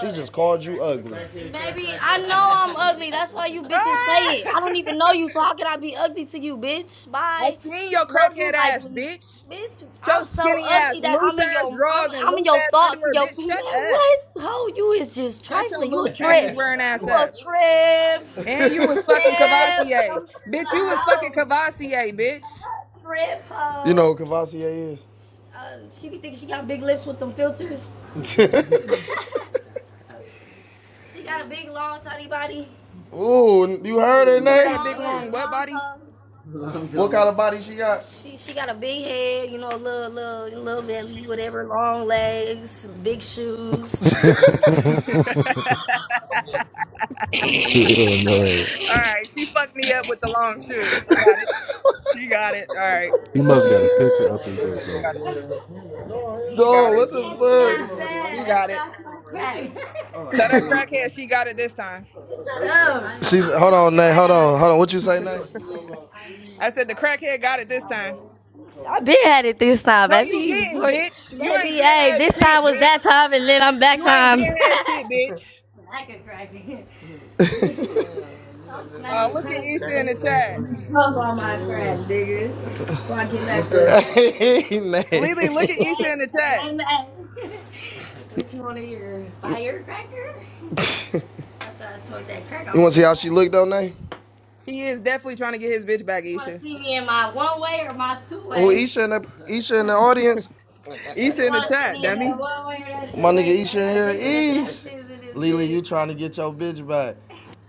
Speaker 18: She just called you ugly.
Speaker 14: Ah! I seen your crackhead ass, bitch. Your skinny ass, loose ass drawers and loose ass underwear, bitch. Shut up. Shut your loose panties wearing ass up.
Speaker 18: you
Speaker 14: And you was fucking Cavassier. Bitch, you was fucking Cavassier, bitch.
Speaker 18: know who Cavassier is? Ooh, you heard her,
Speaker 14: You said I
Speaker 18: Nay?
Speaker 14: got a big long butt body?
Speaker 18: What kind of body she got?
Speaker 28: Hell no.
Speaker 14: Alright, she fucked me up with the long shoes. She got it. She got it. Alright.
Speaker 28: He must got a picture up of you or
Speaker 14: She
Speaker 28: something.
Speaker 14: got it. She got
Speaker 18: Dog,
Speaker 14: it.
Speaker 18: what the
Speaker 14: She got it. Tell that
Speaker 18: fuck?
Speaker 14: crackhead she got it this time.
Speaker 18: She's hold on, Nate. hold on, hold on. What you say, Nate?
Speaker 14: I said the crackhead got it this time. No, you didn't, bitch. You ain't been had shit, bitch. You ain't been had shit, bitch. Uh, look at Isha in the chat.
Speaker 18: Hey, Nay.
Speaker 14: Lily, look at Isha in the chat.
Speaker 18: Want to see how she looked on Nay?
Speaker 14: He is definitely trying to get his bitch back, Isha.
Speaker 18: Isha in the Isha in the audience.
Speaker 14: Isha in the chat, dummy.
Speaker 18: You trying to get your bitch back?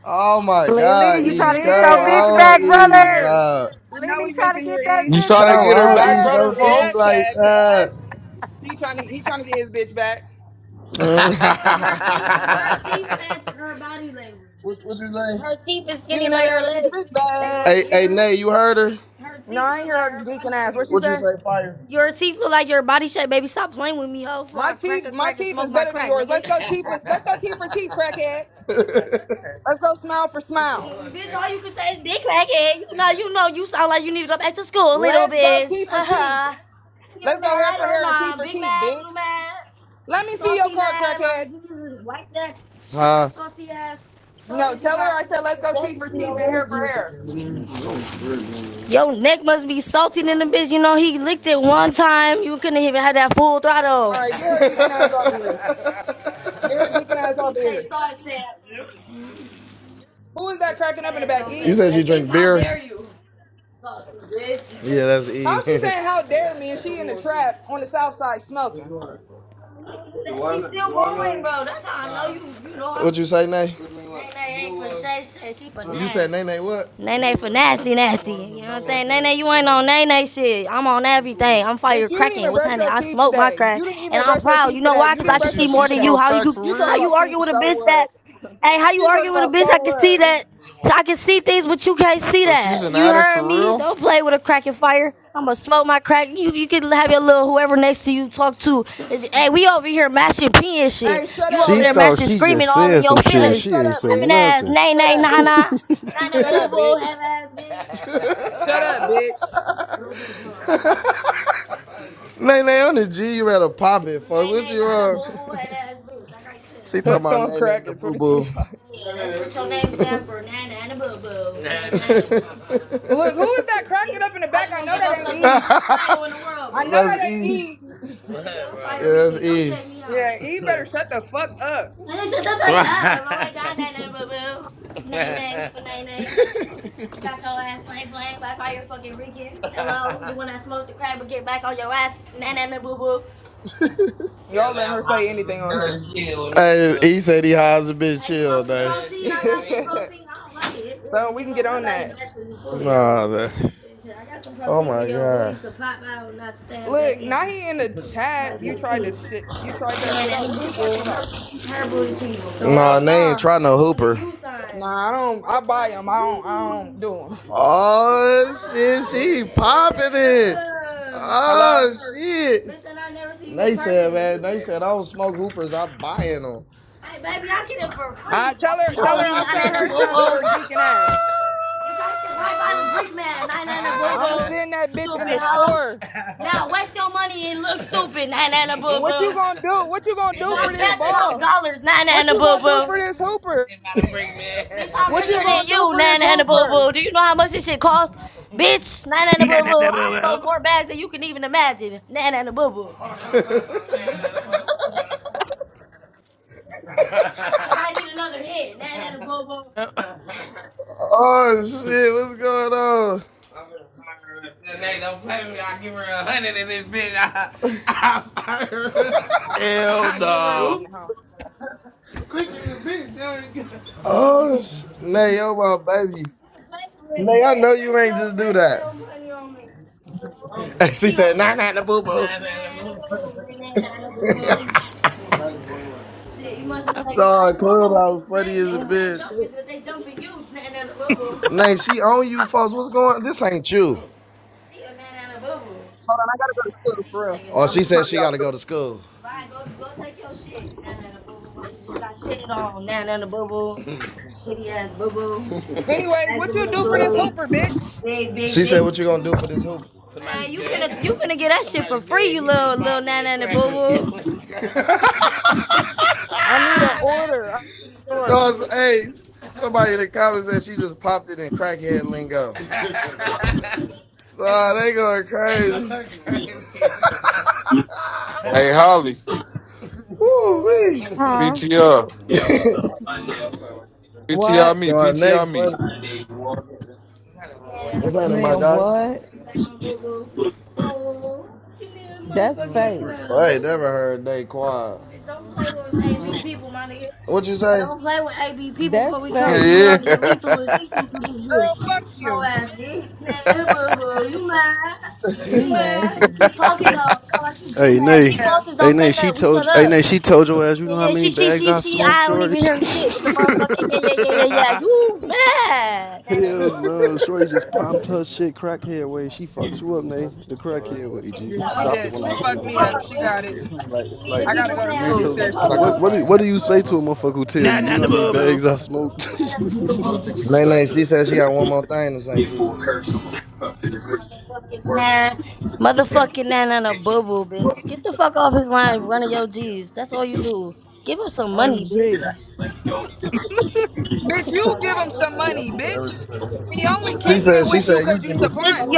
Speaker 18: Oh my
Speaker 29: Lily,
Speaker 18: God,
Speaker 29: you
Speaker 14: Yeah,
Speaker 29: trying
Speaker 18: Ish!
Speaker 29: to get
Speaker 18: Come
Speaker 29: your
Speaker 14: I
Speaker 29: bitch
Speaker 14: know
Speaker 18: on,
Speaker 29: back,
Speaker 14: he's missing
Speaker 18: Ish!
Speaker 29: brother?
Speaker 14: here.
Speaker 18: bro.
Speaker 14: I know
Speaker 29: Lily
Speaker 14: he's
Speaker 29: trying to
Speaker 14: missing
Speaker 29: get
Speaker 14: here,
Speaker 29: that
Speaker 14: E.
Speaker 7: You
Speaker 29: bitch
Speaker 7: try to
Speaker 18: Come
Speaker 29: back,
Speaker 7: get her
Speaker 18: on,
Speaker 7: back
Speaker 18: Ish!
Speaker 29: brother.
Speaker 7: brother,
Speaker 18: Don't do me
Speaker 14: Yeah,
Speaker 7: folks?
Speaker 18: like
Speaker 14: cat, cat.
Speaker 18: that.
Speaker 14: He trying to he trying to get his bitch back. You never ever get your bitch back.
Speaker 18: hey, you heard her?
Speaker 14: No, I ain't hear her geeking ass. What she
Speaker 18: What you
Speaker 14: say?
Speaker 18: say? Fire?
Speaker 14: My teeth, my teeth is better than yours. Let's go teeth. Let's go teeth for teeth, crackhead. Let's go smile for smile. Let's go teeth for teeth. Let's go hair for hair and teeth for teeth, bitch. Let me see your card, crackhead.
Speaker 18: huh?
Speaker 14: No, tell her I said let's go teeth for teeth and hair for hair. All right, get her geeking ass off of here. Get her geeking ass off of here. Who is that cracking up in the back? E?
Speaker 18: yeah, that's
Speaker 14: How
Speaker 18: E.
Speaker 14: she saying how dare me and she in the trap on the south side smoking?
Speaker 18: what you say, Nay? Nay, Nay, what?
Speaker 14: Bitch, you didn't even brush your teeth today. You didn't even brush your teeth today. You didn't
Speaker 7: Wait,
Speaker 14: brush your
Speaker 7: she, she
Speaker 14: teeth today.
Speaker 7: smoked crack for
Speaker 14: You talk
Speaker 7: real?
Speaker 14: about see, so what? she talking about so what?
Speaker 7: So she's an addict for real?
Speaker 14: Hey, shut up,
Speaker 22: She
Speaker 14: bitch.
Speaker 22: thought she just said some shit.
Speaker 14: Hey,
Speaker 22: She
Speaker 14: shut
Speaker 22: ain't
Speaker 14: up,
Speaker 22: say
Speaker 14: bitch.
Speaker 22: nothing.
Speaker 14: Shut up, bitch. Shut up, bitch. Shut up, bitch.
Speaker 18: Nay Nay on the G, you better pop it. Fuck. He talking
Speaker 14: Hooked
Speaker 18: about
Speaker 14: on
Speaker 18: Nay Nay
Speaker 14: crack
Speaker 18: the
Speaker 14: in
Speaker 18: boo boo.
Speaker 14: 2025. Look, who is that cracking up in the back? I know that ain't E. I know
Speaker 18: That's
Speaker 14: that ain't
Speaker 18: E.
Speaker 14: E. Yeah, E better shut the fuck up. Y'all let her say anything on here.
Speaker 18: he said he hires a bitch.
Speaker 14: so we can get on that.
Speaker 18: Oh, the-
Speaker 14: Look, now he in the chat. You tried to shit. You tried that shit out. What you talking about?
Speaker 18: oh,
Speaker 14: Hell
Speaker 18: they ain't
Speaker 14: nah.
Speaker 18: trying to hoop.
Speaker 14: Nah, I don't. I buy them. I don't. I don't do them.
Speaker 18: Oh, s-
Speaker 14: Hello.
Speaker 18: oh shit. Said I don't smoke hoopers. I'm buying them.
Speaker 14: I tell her. Tell her I'll sell her some with her geeking ass. I'ma send that bitch in the store. What you gonna do? What you gonna do for this ball? What you gonna do for this hooper? What you gonna do for this hooper?
Speaker 30: Nah, nah, nah, boo, boo.
Speaker 18: Oh shit, what's going on?
Speaker 14: Damn,
Speaker 30: Hell
Speaker 14: I left my wood
Speaker 30: no.
Speaker 14: in the house.
Speaker 18: Oh, sh- Nay, yo, my baby. Nay, I- she said, nah, nah, the boo boo.
Speaker 14: Oh shit.
Speaker 18: Nay, she on you, folks. What's going on? This ain't you.
Speaker 14: Hold on, I gotta go to school for real. I'm
Speaker 18: She
Speaker 14: trying
Speaker 18: said
Speaker 14: to
Speaker 18: she
Speaker 14: get out
Speaker 18: got to go to
Speaker 14: the
Speaker 18: school.
Speaker 14: door. Anyways, what you do for this hooper, bitch?
Speaker 18: What you gonna do for this hoop?
Speaker 14: I need an order. I need a store.
Speaker 18: hey, somebody in the comments said she just popped it in crackhead lingo. Oh, they going crazy.
Speaker 7: Hey, Holly.
Speaker 18: Woo wee.
Speaker 20: Huh?
Speaker 7: PTR.
Speaker 20: What?
Speaker 7: PTR me.
Speaker 18: Dog, Nate
Speaker 7: PTR
Speaker 18: funny.
Speaker 7: me.
Speaker 18: What's happening, my
Speaker 20: Man,
Speaker 18: guy?
Speaker 20: what? That's fake.
Speaker 18: I ain't never heard Nate quiet. What you say?
Speaker 20: That's fake.
Speaker 7: yeah.
Speaker 14: Girl, fuck you.
Speaker 18: Nate,
Speaker 20: You messy.
Speaker 22: Hey Nay,
Speaker 14: Yeah.
Speaker 22: hey Nay, she told hey Nay, she told your ass. You know how many bags I smoked, Shorty? Hell no, Shorty just popped her shit crackhead way. She fucked you up, Nay, the crackhead way, G.
Speaker 14: Yeah, she did. She fucked
Speaker 22: Hell
Speaker 14: me up.
Speaker 22: no,
Speaker 14: She got it. I gotta
Speaker 22: hey.
Speaker 14: go to school,
Speaker 22: 'Cause
Speaker 14: seriously.
Speaker 22: What what do, what do you say to a motherfucker who tell
Speaker 30: Nah,
Speaker 22: you you
Speaker 30: nah,
Speaker 22: know
Speaker 30: nah,
Speaker 22: how many
Speaker 30: boo, boo.
Speaker 22: bags I smoked?
Speaker 18: Nate, she said she got one more thing to say to you.
Speaker 20: On the G.
Speaker 14: Bitch, you give him some money, bitch. He only
Speaker 18: She
Speaker 14: kicking it
Speaker 18: said, she
Speaker 14: with you
Speaker 18: said,
Speaker 14: cause
Speaker 18: you
Speaker 14: you
Speaker 18: give
Speaker 14: supplying.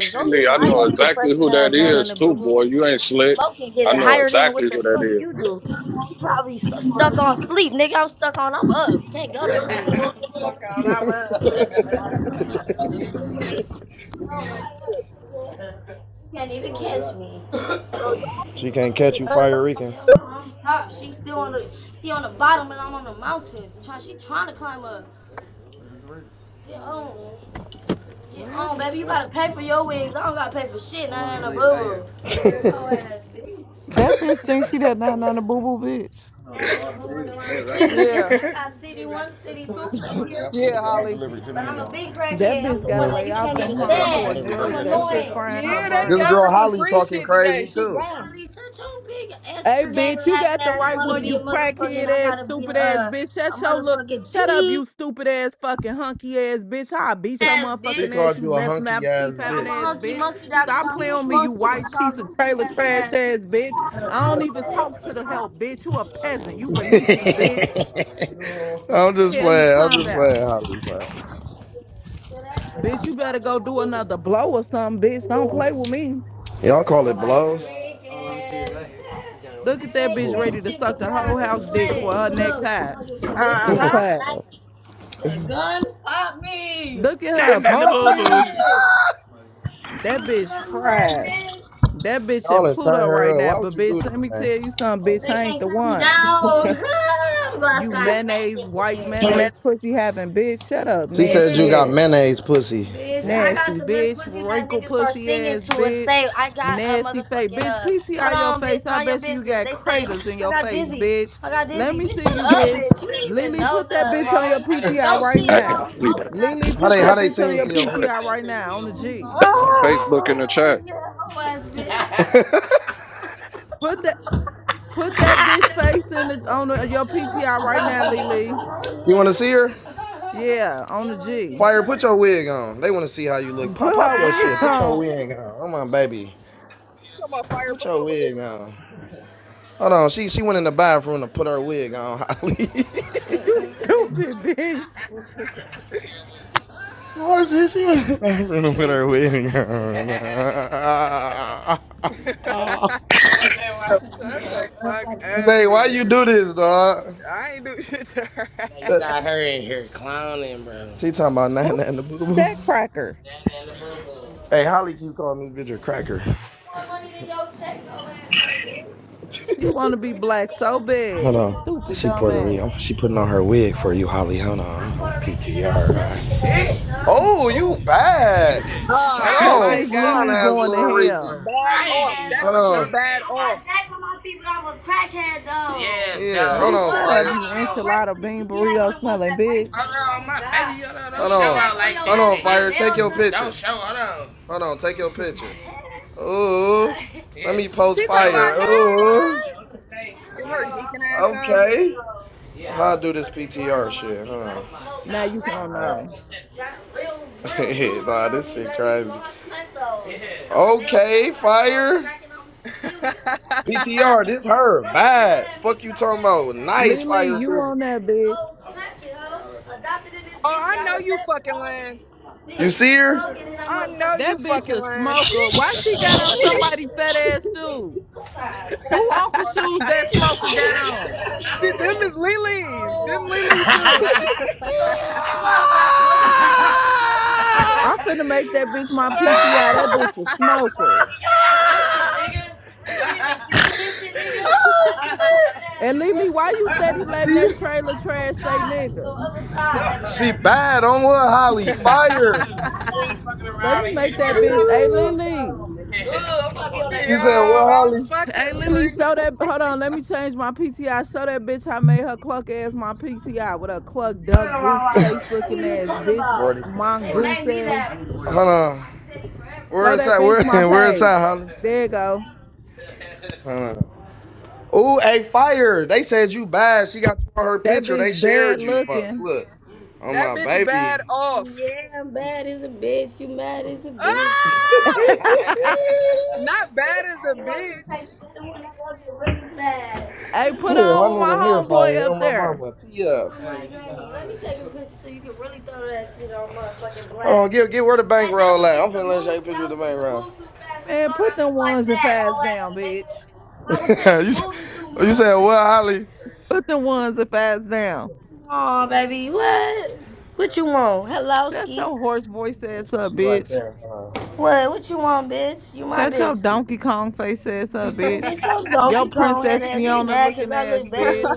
Speaker 31: Shelly, I know exactly who that is too, boy. You ain't slick. I know exactly who that is.
Speaker 14: Bro,
Speaker 18: She can't catch you,
Speaker 14: y'all-
Speaker 18: Fire Rican.
Speaker 14: what?
Speaker 20: That bitch thinks she that not on the boo boo bitch.
Speaker 14: Yeah. Yeah, Holly.
Speaker 20: That bitch gotta lay off them hardcore drugs. That shit frying her
Speaker 14: Yeah, they
Speaker 20: brain.
Speaker 14: gave her some
Speaker 18: Holly
Speaker 14: free
Speaker 18: talking
Speaker 14: shit
Speaker 18: crazy
Speaker 14: today. She
Speaker 18: too.
Speaker 14: gone.
Speaker 20: Hey, bitch, you got the right one, you crackhead ass, stupid ass bitch. Shut your look. Shut up, you stupid ass, fucking hunky ass bitch. I'll beat your motherfucking ass,
Speaker 18: Called
Speaker 20: you
Speaker 18: you a
Speaker 20: meth mouth
Speaker 18: hunky
Speaker 20: teeth
Speaker 18: ass
Speaker 20: having ass bitch. Stop playing on me, you white piece of trailer trash ass bitch. I don't even talk to the help, bitch. You a peasant. You beneath me, bitch.
Speaker 18: I'm just
Speaker 20: Hell you
Speaker 18: playing. I'm
Speaker 20: talking
Speaker 18: just
Speaker 20: about?
Speaker 18: playing. I'll be fine.
Speaker 20: Bitch, you better go do another blow or something, bitch. Don't play with me.
Speaker 18: Y'all call it blow.
Speaker 20: Look at that bitch ready to suck the whole house dick for her next high. Go
Speaker 14: Uh-huh.
Speaker 20: Look at
Speaker 30: Nah,
Speaker 20: her.
Speaker 30: nah, nah,
Speaker 20: Pump
Speaker 30: boo, boo.
Speaker 20: me. That bitch fried. That bitch
Speaker 18: Y'all
Speaker 20: in
Speaker 18: and turn
Speaker 20: Pluto right
Speaker 18: her up.
Speaker 20: now.
Speaker 18: Why would
Speaker 20: But
Speaker 18: you
Speaker 20: bitch,
Speaker 18: do
Speaker 20: let
Speaker 18: this,
Speaker 20: me tell
Speaker 18: man?
Speaker 20: you something, bitch. I ain't the one. You mayonnaise, white mayonnaise, pussy having bitch. Shut up,
Speaker 18: She
Speaker 20: nasty
Speaker 18: got
Speaker 20: ass.
Speaker 18: mayonnaise pussy.
Speaker 20: Nasty bitch, wrinkle pussy ass bitch. Nasty face. Bitch, PTI your face. I bet you got craters in your face, bitch. Let me see you, bitch. Lily, put that bitch on your PTI right
Speaker 31: Hey,
Speaker 20: now.
Speaker 31: Holly, that's on
Speaker 20: Lily,
Speaker 31: my
Speaker 20: put
Speaker 31: Facebook
Speaker 20: that
Speaker 18: They
Speaker 20: bitch on
Speaker 18: sing
Speaker 31: in
Speaker 20: your
Speaker 18: to
Speaker 31: the
Speaker 18: your
Speaker 31: chat.
Speaker 18: pussy.
Speaker 20: PTI right now on the G.
Speaker 31: That's on Facebook in the chat.
Speaker 20: Put that. Put that bitch face in the, on the, your PTR right now, Lily.
Speaker 18: you want to see her?
Speaker 20: Yeah, on the G.
Speaker 18: Fire, put your wig on. They want to see how you look. Pop,
Speaker 20: Put her
Speaker 18: pop your
Speaker 20: wig
Speaker 18: shit.
Speaker 14: Ah.
Speaker 18: Put your
Speaker 20: on.
Speaker 18: wig on. Come on, baby.
Speaker 14: Talking about
Speaker 18: Put your wig
Speaker 14: fire,
Speaker 18: on. Hold on. She she went in the bathroom to put her wig on. Holly.
Speaker 20: You stupid bitch.
Speaker 18: What is this? She went in the bathroom to put her wig on.
Speaker 14: put your wig on. Shut the fuck up,
Speaker 18: Hey, why
Speaker 14: G.
Speaker 18: you do this, dog?
Speaker 14: I ain't do shit to her ass.
Speaker 18: She talking about
Speaker 20: Who
Speaker 18: nine and the boo
Speaker 20: is
Speaker 18: boo.
Speaker 20: that cracker?
Speaker 18: Hey, Holly keep calling this bitch a cracker.
Speaker 20: She want to be black so
Speaker 18: Hold
Speaker 20: bad.
Speaker 18: on.
Speaker 20: Stupid
Speaker 18: She Puerto
Speaker 20: dumbass.
Speaker 18: Rican. She putting on her wig for you, Holly. Hold on. PTR. uh. Oh, you bad.
Speaker 14: Oh
Speaker 20: That
Speaker 18: Hold on,
Speaker 14: my
Speaker 20: bitch
Speaker 18: fine
Speaker 20: Lily
Speaker 14: god.
Speaker 18: ass
Speaker 20: going
Speaker 18: little
Speaker 20: to hell.
Speaker 18: Rican.
Speaker 14: Bad off. That bitch is bad off.
Speaker 20: Bitch, shut up, you enchilada bean burrito smelling bitch.
Speaker 18: Hold on, take your picture. Ooh. post
Speaker 14: She
Speaker 18: fi-
Speaker 14: talking about
Speaker 18: Ooh.
Speaker 14: hey. Get her geeking ass on.
Speaker 18: Okay. I'll do this PTR shit. Huh?
Speaker 20: Now you can not know.
Speaker 18: Oh, God, this her. Nice
Speaker 20: Lily,
Speaker 18: fire.
Speaker 20: you on that bitch?
Speaker 14: oh, I know you fucking lying.
Speaker 18: See her?
Speaker 14: I know
Speaker 20: That
Speaker 14: you
Speaker 20: bitch
Speaker 14: fucking
Speaker 20: a
Speaker 14: lying.
Speaker 20: smoker. Why she got on somebody fat ass shoes? Who uncle
Speaker 14: Shit,
Speaker 20: shoes that smoker got on?
Speaker 14: them is Lily's. Them Lily shoes.
Speaker 20: I'm finna make that bitch my PTI. That bitch a smoker. And Lily, why you steady letting
Speaker 18: See
Speaker 20: that
Speaker 18: her?
Speaker 20: trailer trash say nigga?
Speaker 18: Bad on what, Holly? Fire.
Speaker 20: Let me make that bitch. Hey
Speaker 18: Ooh.
Speaker 20: Lily.
Speaker 18: What,
Speaker 14: Yo, I'm
Speaker 18: Holly?
Speaker 14: fucking
Speaker 20: Hey Lily,
Speaker 14: screaming.
Speaker 20: show that. Hold on, let me change my PTI. Show that bitch I made her cluck ass my PTI with a cluck duck goose face looking ass bitch
Speaker 18: Hold
Speaker 20: mongoose ass
Speaker 18: on. Where
Speaker 20: Show
Speaker 18: is
Speaker 20: that
Speaker 18: that?
Speaker 20: bitch
Speaker 18: Where,
Speaker 20: my
Speaker 18: where is
Speaker 20: page.
Speaker 18: that, Holly?
Speaker 20: There you go.
Speaker 18: Hold on. Ooh, hey, fire. They said you bad. She got you on her
Speaker 20: That
Speaker 18: picture. They
Speaker 20: bitch bad
Speaker 18: shared you, fucks.
Speaker 20: looking.
Speaker 18: Look. On
Speaker 14: That
Speaker 18: my
Speaker 14: bitch bad
Speaker 18: baby.
Speaker 14: off.
Speaker 18: here,
Speaker 14: Oh! Not bad as a bitch.
Speaker 20: Hey, put on
Speaker 18: my
Speaker 20: with my
Speaker 18: nigga here,
Speaker 20: homeboy
Speaker 18: fire.
Speaker 20: up
Speaker 18: On my
Speaker 20: there.
Speaker 18: mama. Tee up. Get, get where the bank
Speaker 20: Man, put them ones and fast down, bitch.
Speaker 18: said, what, Holly?
Speaker 20: Put them ones and fast down. Shut your horse voice ass up, bitch. Shut your Donkey Kong face ass up,
Speaker 18: Oh,
Speaker 20: bitch. Your Princess Fiona looking ass, bitch.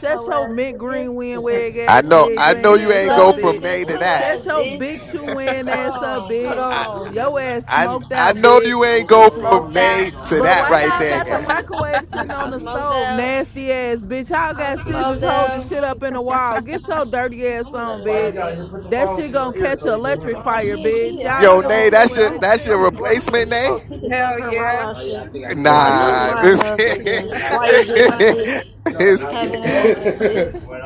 Speaker 20: Shut your mint green wind wig
Speaker 32: I
Speaker 20: ass,
Speaker 32: know,
Speaker 20: wig
Speaker 32: I know
Speaker 20: wearing
Speaker 32: you
Speaker 20: ass
Speaker 32: ain't go
Speaker 20: up,
Speaker 32: from
Speaker 20: bitch.
Speaker 32: nay to that.
Speaker 20: Shut your big shoe wearing ass up, bitch.
Speaker 32: I,
Speaker 20: Your ass
Speaker 32: I,
Speaker 20: smoked
Speaker 32: I
Speaker 20: out,
Speaker 32: know you
Speaker 20: bitch.
Speaker 32: ain't go from nay to
Speaker 20: But
Speaker 32: that
Speaker 20: why
Speaker 32: right
Speaker 20: y'all
Speaker 32: there,
Speaker 20: got the
Speaker 32: gang.
Speaker 18: yeah.
Speaker 20: microwave sitting on the stove, nasty ass bitch? Y'all got scissors holding shit up in the wall. Get your dirty ass on, bitch.
Speaker 18: Put your
Speaker 20: That
Speaker 18: phone
Speaker 20: shit
Speaker 18: to
Speaker 20: gonna
Speaker 18: your ear
Speaker 20: catch
Speaker 18: so
Speaker 20: an
Speaker 18: you can hear
Speaker 20: electric fire, bitch. Y'all
Speaker 32: Yo,
Speaker 20: stealing
Speaker 32: nay,
Speaker 20: people
Speaker 32: that's your, that's your
Speaker 20: electricity.
Speaker 32: replacement, nay.
Speaker 14: Hell yeah.
Speaker 32: Nah, this can't, this, can't-
Speaker 18: them.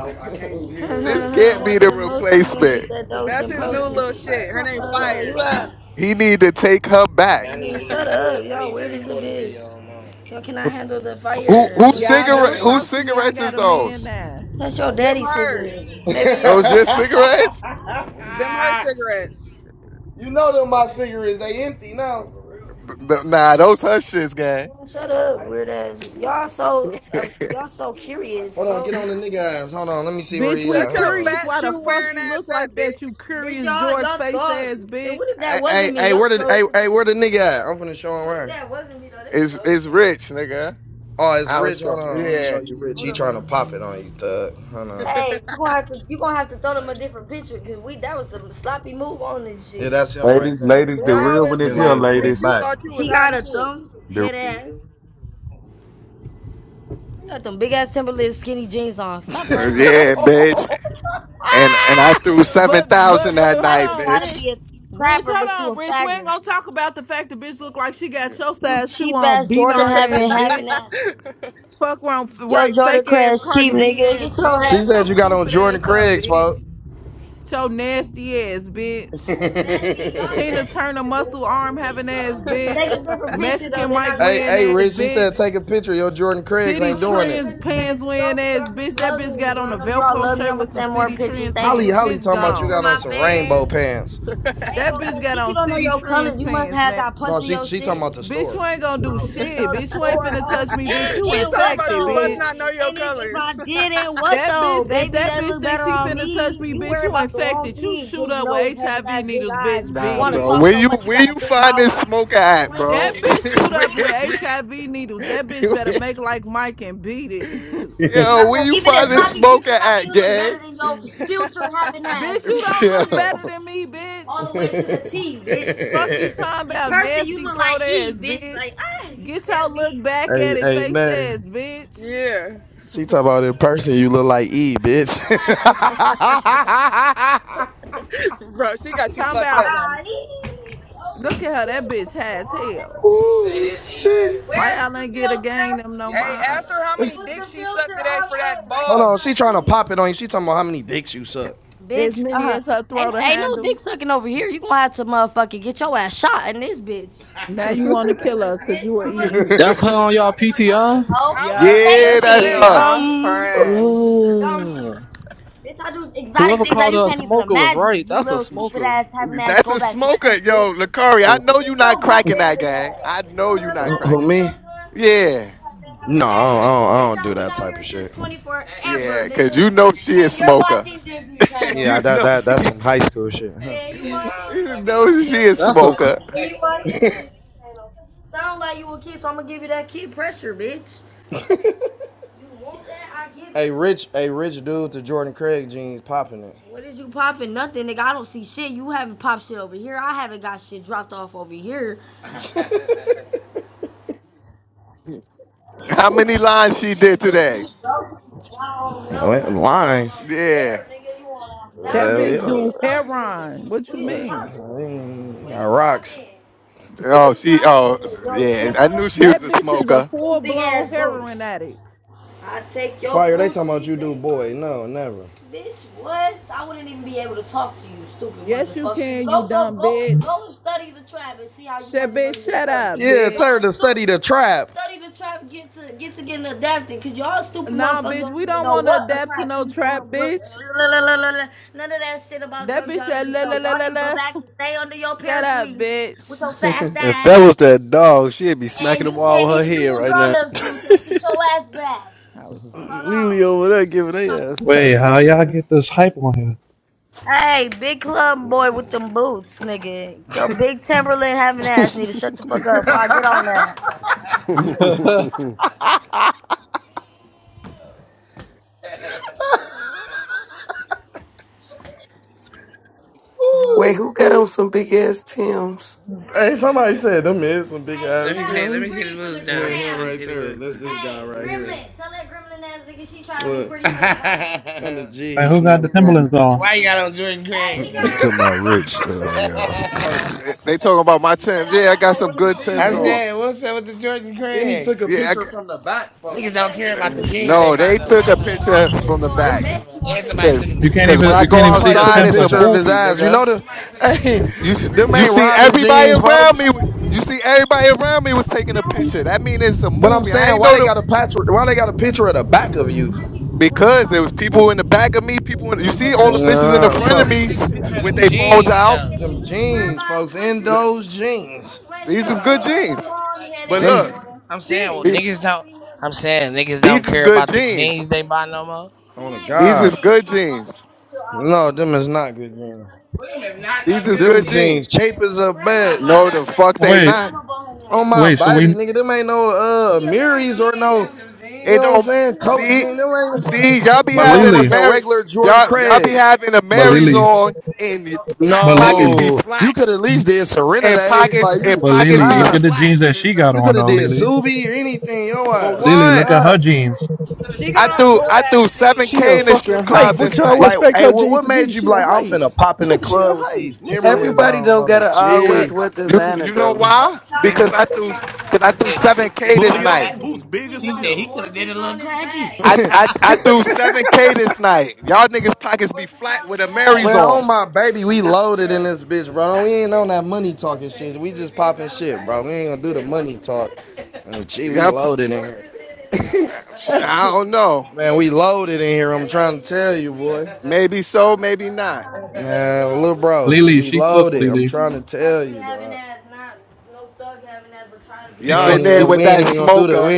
Speaker 32: this can't be the replacement.
Speaker 14: That's his new little shit. Her name Fire.
Speaker 32: He need to take her back. Who, who
Speaker 20: Y'all
Speaker 32: cigarette,
Speaker 20: don't
Speaker 32: whose
Speaker 20: talk to me. I
Speaker 32: cigarettes
Speaker 20: got
Speaker 32: is
Speaker 20: a man
Speaker 32: those?
Speaker 20: now.
Speaker 14: Them hers.
Speaker 32: Those your cigarettes?
Speaker 14: Them her cigarettes.
Speaker 18: you know them my cigarettes. They empty now.
Speaker 32: Th- Nah, those her shits, gang.
Speaker 18: On the nigga ass. Hold on. Let me see where
Speaker 20: Bitch,
Speaker 18: he
Speaker 20: we
Speaker 18: at.
Speaker 14: Shut
Speaker 18: Hold
Speaker 14: your
Speaker 18: on.
Speaker 20: curious
Speaker 14: fat
Speaker 20: why the
Speaker 14: shoe
Speaker 20: fuck
Speaker 14: wearing
Speaker 20: you look
Speaker 14: ass up,
Speaker 20: like that, you
Speaker 14: bitch.
Speaker 20: curious George face ass bitch.
Speaker 18: Hey, where the nigga at? I'm finna show him right.
Speaker 32: It's, it's rich, nigga.
Speaker 18: Oh, it's
Speaker 32: I was
Speaker 18: Rich. Hold
Speaker 32: talking,
Speaker 18: on. Let me
Speaker 32: yeah.
Speaker 18: show you Rich. trying to pop it on you, thug. Hold on. That's him right
Speaker 33: Ladies,
Speaker 18: there.
Speaker 33: ladies, the
Speaker 14: Now
Speaker 33: real one
Speaker 14: it's
Speaker 33: is
Speaker 18: Him
Speaker 33: here,
Speaker 32: Yeah.
Speaker 14: sloppy,
Speaker 18: with from the
Speaker 14: bitch. You
Speaker 33: ladies.
Speaker 18: back.
Speaker 14: thought you was hot shit.
Speaker 33: The
Speaker 32: Uh, yeah, bitch. And and I threw seven
Speaker 20: But
Speaker 32: thousand
Speaker 20: but
Speaker 32: that
Speaker 20: but hold
Speaker 32: night,
Speaker 20: on,
Speaker 32: bitch.
Speaker 20: Rich. Rich, hold on, Rich. We ain't gonna talk about the fact the bitch look like she got your size shoe on, beanard ass bitch. Fuck around, f- right? Fake ass Cardi B ass bitch. Shut your
Speaker 18: said you got on
Speaker 20: stupid ass
Speaker 18: Jordan
Speaker 20: up,
Speaker 18: Craig's,
Speaker 20: bitch.
Speaker 18: folks.
Speaker 20: Your nasty ass bitch.
Speaker 18: hey,
Speaker 20: Tina Turner muscle arm having ass bitch. Mexican Mike wearing ass
Speaker 18: Rich. He
Speaker 20: bitch.
Speaker 18: said take a picture of your Jordan Craig's. Ain't
Speaker 20: City trends pants wearing ass bitch. That bitch got on a Velcro shirt with some city trends pants.
Speaker 18: probably
Speaker 20: Bitch
Speaker 18: talking
Speaker 20: gone.
Speaker 18: about pants.
Speaker 20: That bitch got on city trends pants, man.
Speaker 18: Out the
Speaker 20: Bitch,
Speaker 18: store.
Speaker 20: you ain't gonna do shit. Bitch, you ain't finna touch me, bitch. You
Speaker 14: she talking about
Speaker 20: infected,
Speaker 14: you must
Speaker 20: bitch.
Speaker 14: not know your colors.
Speaker 20: That bitch, if that bitch thinks she finna touch me, bitch, you infected. You shoot up with HIV needles, bitch.
Speaker 32: Nah,
Speaker 20: Beat it.
Speaker 32: bro. Where you where you find this smoker at, bro?
Speaker 20: That bitch shoot up
Speaker 32: Where
Speaker 20: with HIV needles. That bitch
Speaker 32: you-
Speaker 20: better make like Mike and beat it.
Speaker 32: yo, where you find this smoker at, gang?
Speaker 20: bitch, you don't look
Speaker 32: Yo.
Speaker 20: better than me, bitch. Fuck you
Speaker 18: hey,
Speaker 20: talking about nasty throat ass, bitch. Get your look back at it,
Speaker 18: hey,
Speaker 20: face
Speaker 18: Nay.
Speaker 20: ass, bitch.
Speaker 14: yeah.
Speaker 18: She talking about in person. You look like E, bitch.
Speaker 14: Bro, she got you
Speaker 20: Talking
Speaker 14: fucked up,
Speaker 20: about
Speaker 14: homie.
Speaker 20: Look at her. That bitch high as hell.
Speaker 18: Ooh, trying
Speaker 20: Why y'all ain't get a gang them no
Speaker 14: Hey,
Speaker 20: mind?
Speaker 14: ask her how many dicks she sucked today for that ball.
Speaker 18: to pop it on you. She talking about how many dicks you suck.
Speaker 20: As many as her throw to handle. Now you want to kill us because you were eating.
Speaker 6: That's her on y'all PTI.
Speaker 14: How
Speaker 20: Yeah,
Speaker 14: much dick
Speaker 32: Yeah,
Speaker 20: that's
Speaker 14: you
Speaker 32: that's
Speaker 20: that
Speaker 34: Gee,
Speaker 14: ate?
Speaker 32: her.
Speaker 20: smoker.
Speaker 34: I'm crying.
Speaker 6: Ugh. Whoever called her a smoker was right. That's a smoker.
Speaker 32: That's a smoker, yo, Lakari. I know
Speaker 6: That's
Speaker 32: you not cracking that, gang. I know you not cracking. That. Yeah, yeah, cause you know she is smoker.
Speaker 18: Nah,
Speaker 32: you
Speaker 18: that,
Speaker 32: know
Speaker 18: that,
Speaker 32: she,
Speaker 18: that's some high school shit. Huh?
Speaker 32: you know she is
Speaker 6: a.
Speaker 32: smoker.
Speaker 18: A rich, a rich dude to Jordan Craig jeans popping it.
Speaker 32: How many lines she did today? Yeah.
Speaker 20: That bitch do heroin. What you mean?
Speaker 18: I
Speaker 32: Oh, she. Oh, yeah. I knew she was
Speaker 20: That
Speaker 32: a
Speaker 20: bitch is a
Speaker 32: smoker.
Speaker 20: full blown heroin addict.
Speaker 18: boy, no, never.
Speaker 20: Yes, you can, you dumb bitch. Shut bitch, shut up, bitch.
Speaker 18: Study the trap.
Speaker 20: Nah, bitch, we don't want to adapt to no trap, bitch. That bitch said, la la la la la. Shut up, bitch.
Speaker 22: if that was that dog, she'd be smacking the wall with her head right now.
Speaker 20: How responsible.
Speaker 22: Lily over there giving they ass
Speaker 35: Wait, how
Speaker 22: testers,
Speaker 35: y'all
Speaker 22: man.
Speaker 35: get this hype on here?
Speaker 6: that
Speaker 36: Wait, who got on some big ass Tim's?
Speaker 18: Hey, somebody said them is some big. On the G,
Speaker 35: Like,
Speaker 18: he
Speaker 35: who
Speaker 18: snap
Speaker 35: got the Timberlands on?
Speaker 37: They talking about rich. Uh, yeah.
Speaker 32: Oh, she- they talking about my Timbs. Yeah, I got some good Timbs on.
Speaker 18: Took a
Speaker 32: Yeah. I,
Speaker 18: picture from the back. Folks.
Speaker 32: got- no, they took a picture from the back, cause,
Speaker 35: You can't
Speaker 32: cause when
Speaker 35: even
Speaker 32: I
Speaker 35: you
Speaker 32: go
Speaker 35: can't even see
Speaker 18: Somebody
Speaker 35: his
Speaker 18: took
Speaker 32: outside,
Speaker 18: a
Speaker 35: temps
Speaker 32: it's a
Speaker 35: like
Speaker 18: picture of
Speaker 35: that.
Speaker 18: his
Speaker 32: movie,
Speaker 18: eyes. You know
Speaker 32: nigga.
Speaker 18: the, hey,
Speaker 32: You,
Speaker 18: them
Speaker 32: you
Speaker 18: ain't
Speaker 32: see
Speaker 18: Robin
Speaker 32: everybody
Speaker 18: jeans,
Speaker 32: around
Speaker 18: folks.
Speaker 32: me. You see everybody around me was taking a picture. That mean it's a
Speaker 18: But I'm
Speaker 32: movie. I
Speaker 18: saying,
Speaker 32: ain't
Speaker 18: why
Speaker 32: know
Speaker 18: they
Speaker 32: them
Speaker 18: got a patch? Why they got a picture of the back of you?
Speaker 32: because there was people in the back of me. People, in, you see all the bitches in the
Speaker 18: Yeah,
Speaker 32: front of me with their phones out.
Speaker 18: them jeans, folks. In those jeans.
Speaker 32: These is good jeans. But look, the-
Speaker 14: Jeans.
Speaker 32: these is good jeans. These is good jeans.
Speaker 18: No, them is not good jeans.
Speaker 32: These is good jeans.
Speaker 18: Jeans cheap as a bell.
Speaker 32: No, the fuck they
Speaker 35: Wait,
Speaker 32: not.
Speaker 18: On my
Speaker 35: wait. So
Speaker 18: baby,
Speaker 35: we,
Speaker 18: nigga, them ain't no uh Miris or no, you
Speaker 32: It
Speaker 18: know what I'm
Speaker 32: don't.
Speaker 18: saying? Coat
Speaker 32: See,
Speaker 18: jeans, them ain't
Speaker 32: see, y'all
Speaker 18: them
Speaker 32: be
Speaker 18: some
Speaker 35: but
Speaker 32: having a
Speaker 35: Lily,
Speaker 18: motherfucking
Speaker 32: Mary,
Speaker 18: regular Jordan
Speaker 32: y'all y'all be
Speaker 18: Craig.
Speaker 32: having a
Speaker 35: but
Speaker 32: Marys
Speaker 35: Lily,
Speaker 32: on, and the po-
Speaker 35: but
Speaker 32: pockets
Speaker 35: Lily,
Speaker 32: be
Speaker 18: No, you
Speaker 32: flat,
Speaker 18: could at least did Serenades,
Speaker 32: and pockets
Speaker 18: like
Speaker 32: and
Speaker 18: you
Speaker 35: but
Speaker 32: pockets
Speaker 35: Lily.
Speaker 32: be
Speaker 35: Look
Speaker 18: snob.
Speaker 35: at the
Speaker 32: flat.
Speaker 35: jeans that she got
Speaker 18: You could
Speaker 35: on
Speaker 18: have
Speaker 35: though,
Speaker 18: did
Speaker 35: Lily.
Speaker 18: Subi or anything, yo
Speaker 32: For
Speaker 35: Lily,
Speaker 18: ass
Speaker 32: what?
Speaker 35: look at her
Speaker 18: snob.
Speaker 35: jeans.
Speaker 14: She
Speaker 32: I
Speaker 14: got on
Speaker 32: threw I threw
Speaker 14: DoorDash
Speaker 32: seven
Speaker 14: jeans.
Speaker 22: She a
Speaker 32: k in the
Speaker 22: fucking
Speaker 32: strip
Speaker 22: hype.
Speaker 32: club
Speaker 22: What
Speaker 32: this
Speaker 22: y'all
Speaker 32: night
Speaker 18: Like,
Speaker 22: expect
Speaker 18: hey,
Speaker 22: her
Speaker 18: what
Speaker 22: jeans
Speaker 18: what
Speaker 22: to be?
Speaker 18: made you be
Speaker 22: She a
Speaker 18: like? I'm
Speaker 22: hype.
Speaker 18: finna pop in the
Speaker 22: she a
Speaker 18: club with
Speaker 22: hype.
Speaker 18: these
Speaker 22: What the
Speaker 18: Timberlands
Speaker 22: hell?
Speaker 36: Everybody
Speaker 18: on
Speaker 36: don't
Speaker 18: on the
Speaker 36: gotta
Speaker 32: because
Speaker 36: always
Speaker 18: chick.
Speaker 36: wear
Speaker 32: you
Speaker 36: designer
Speaker 32: you know
Speaker 36: though.
Speaker 32: why? Because I threw because I threw seven k
Speaker 30: Boy,
Speaker 32: this
Speaker 30: your
Speaker 32: night.
Speaker 30: boots big as hell.
Speaker 32: I, I I threw seven K this night. Y'all niggas pockets be flat with a
Speaker 18: Man,
Speaker 32: Mary's on.
Speaker 18: on my baby, we loaded in this bitch, bro. We ain't on that money talking shit. We just popping shit, bro. We ain't gonna do the money talk. And gee, we
Speaker 32: Yep.
Speaker 18: loaded in here.
Speaker 32: I don't know.
Speaker 18: Man, we loaded in here. I'm trying to tell you, boy.
Speaker 32: Maybe so, maybe not.
Speaker 18: Man, little bro,
Speaker 35: Lily,
Speaker 18: we
Speaker 35: she cooked.
Speaker 18: loaded. I'm
Speaker 35: Lily,
Speaker 18: trying to tell
Speaker 35: she
Speaker 18: We
Speaker 32: Y'all
Speaker 18: ain't
Speaker 32: in
Speaker 35: cooked.
Speaker 18: even
Speaker 32: there
Speaker 18: gonna,
Speaker 35: She
Speaker 18: we
Speaker 32: with
Speaker 18: ain't
Speaker 32: that
Speaker 18: even gonna do the we
Speaker 32: smoker.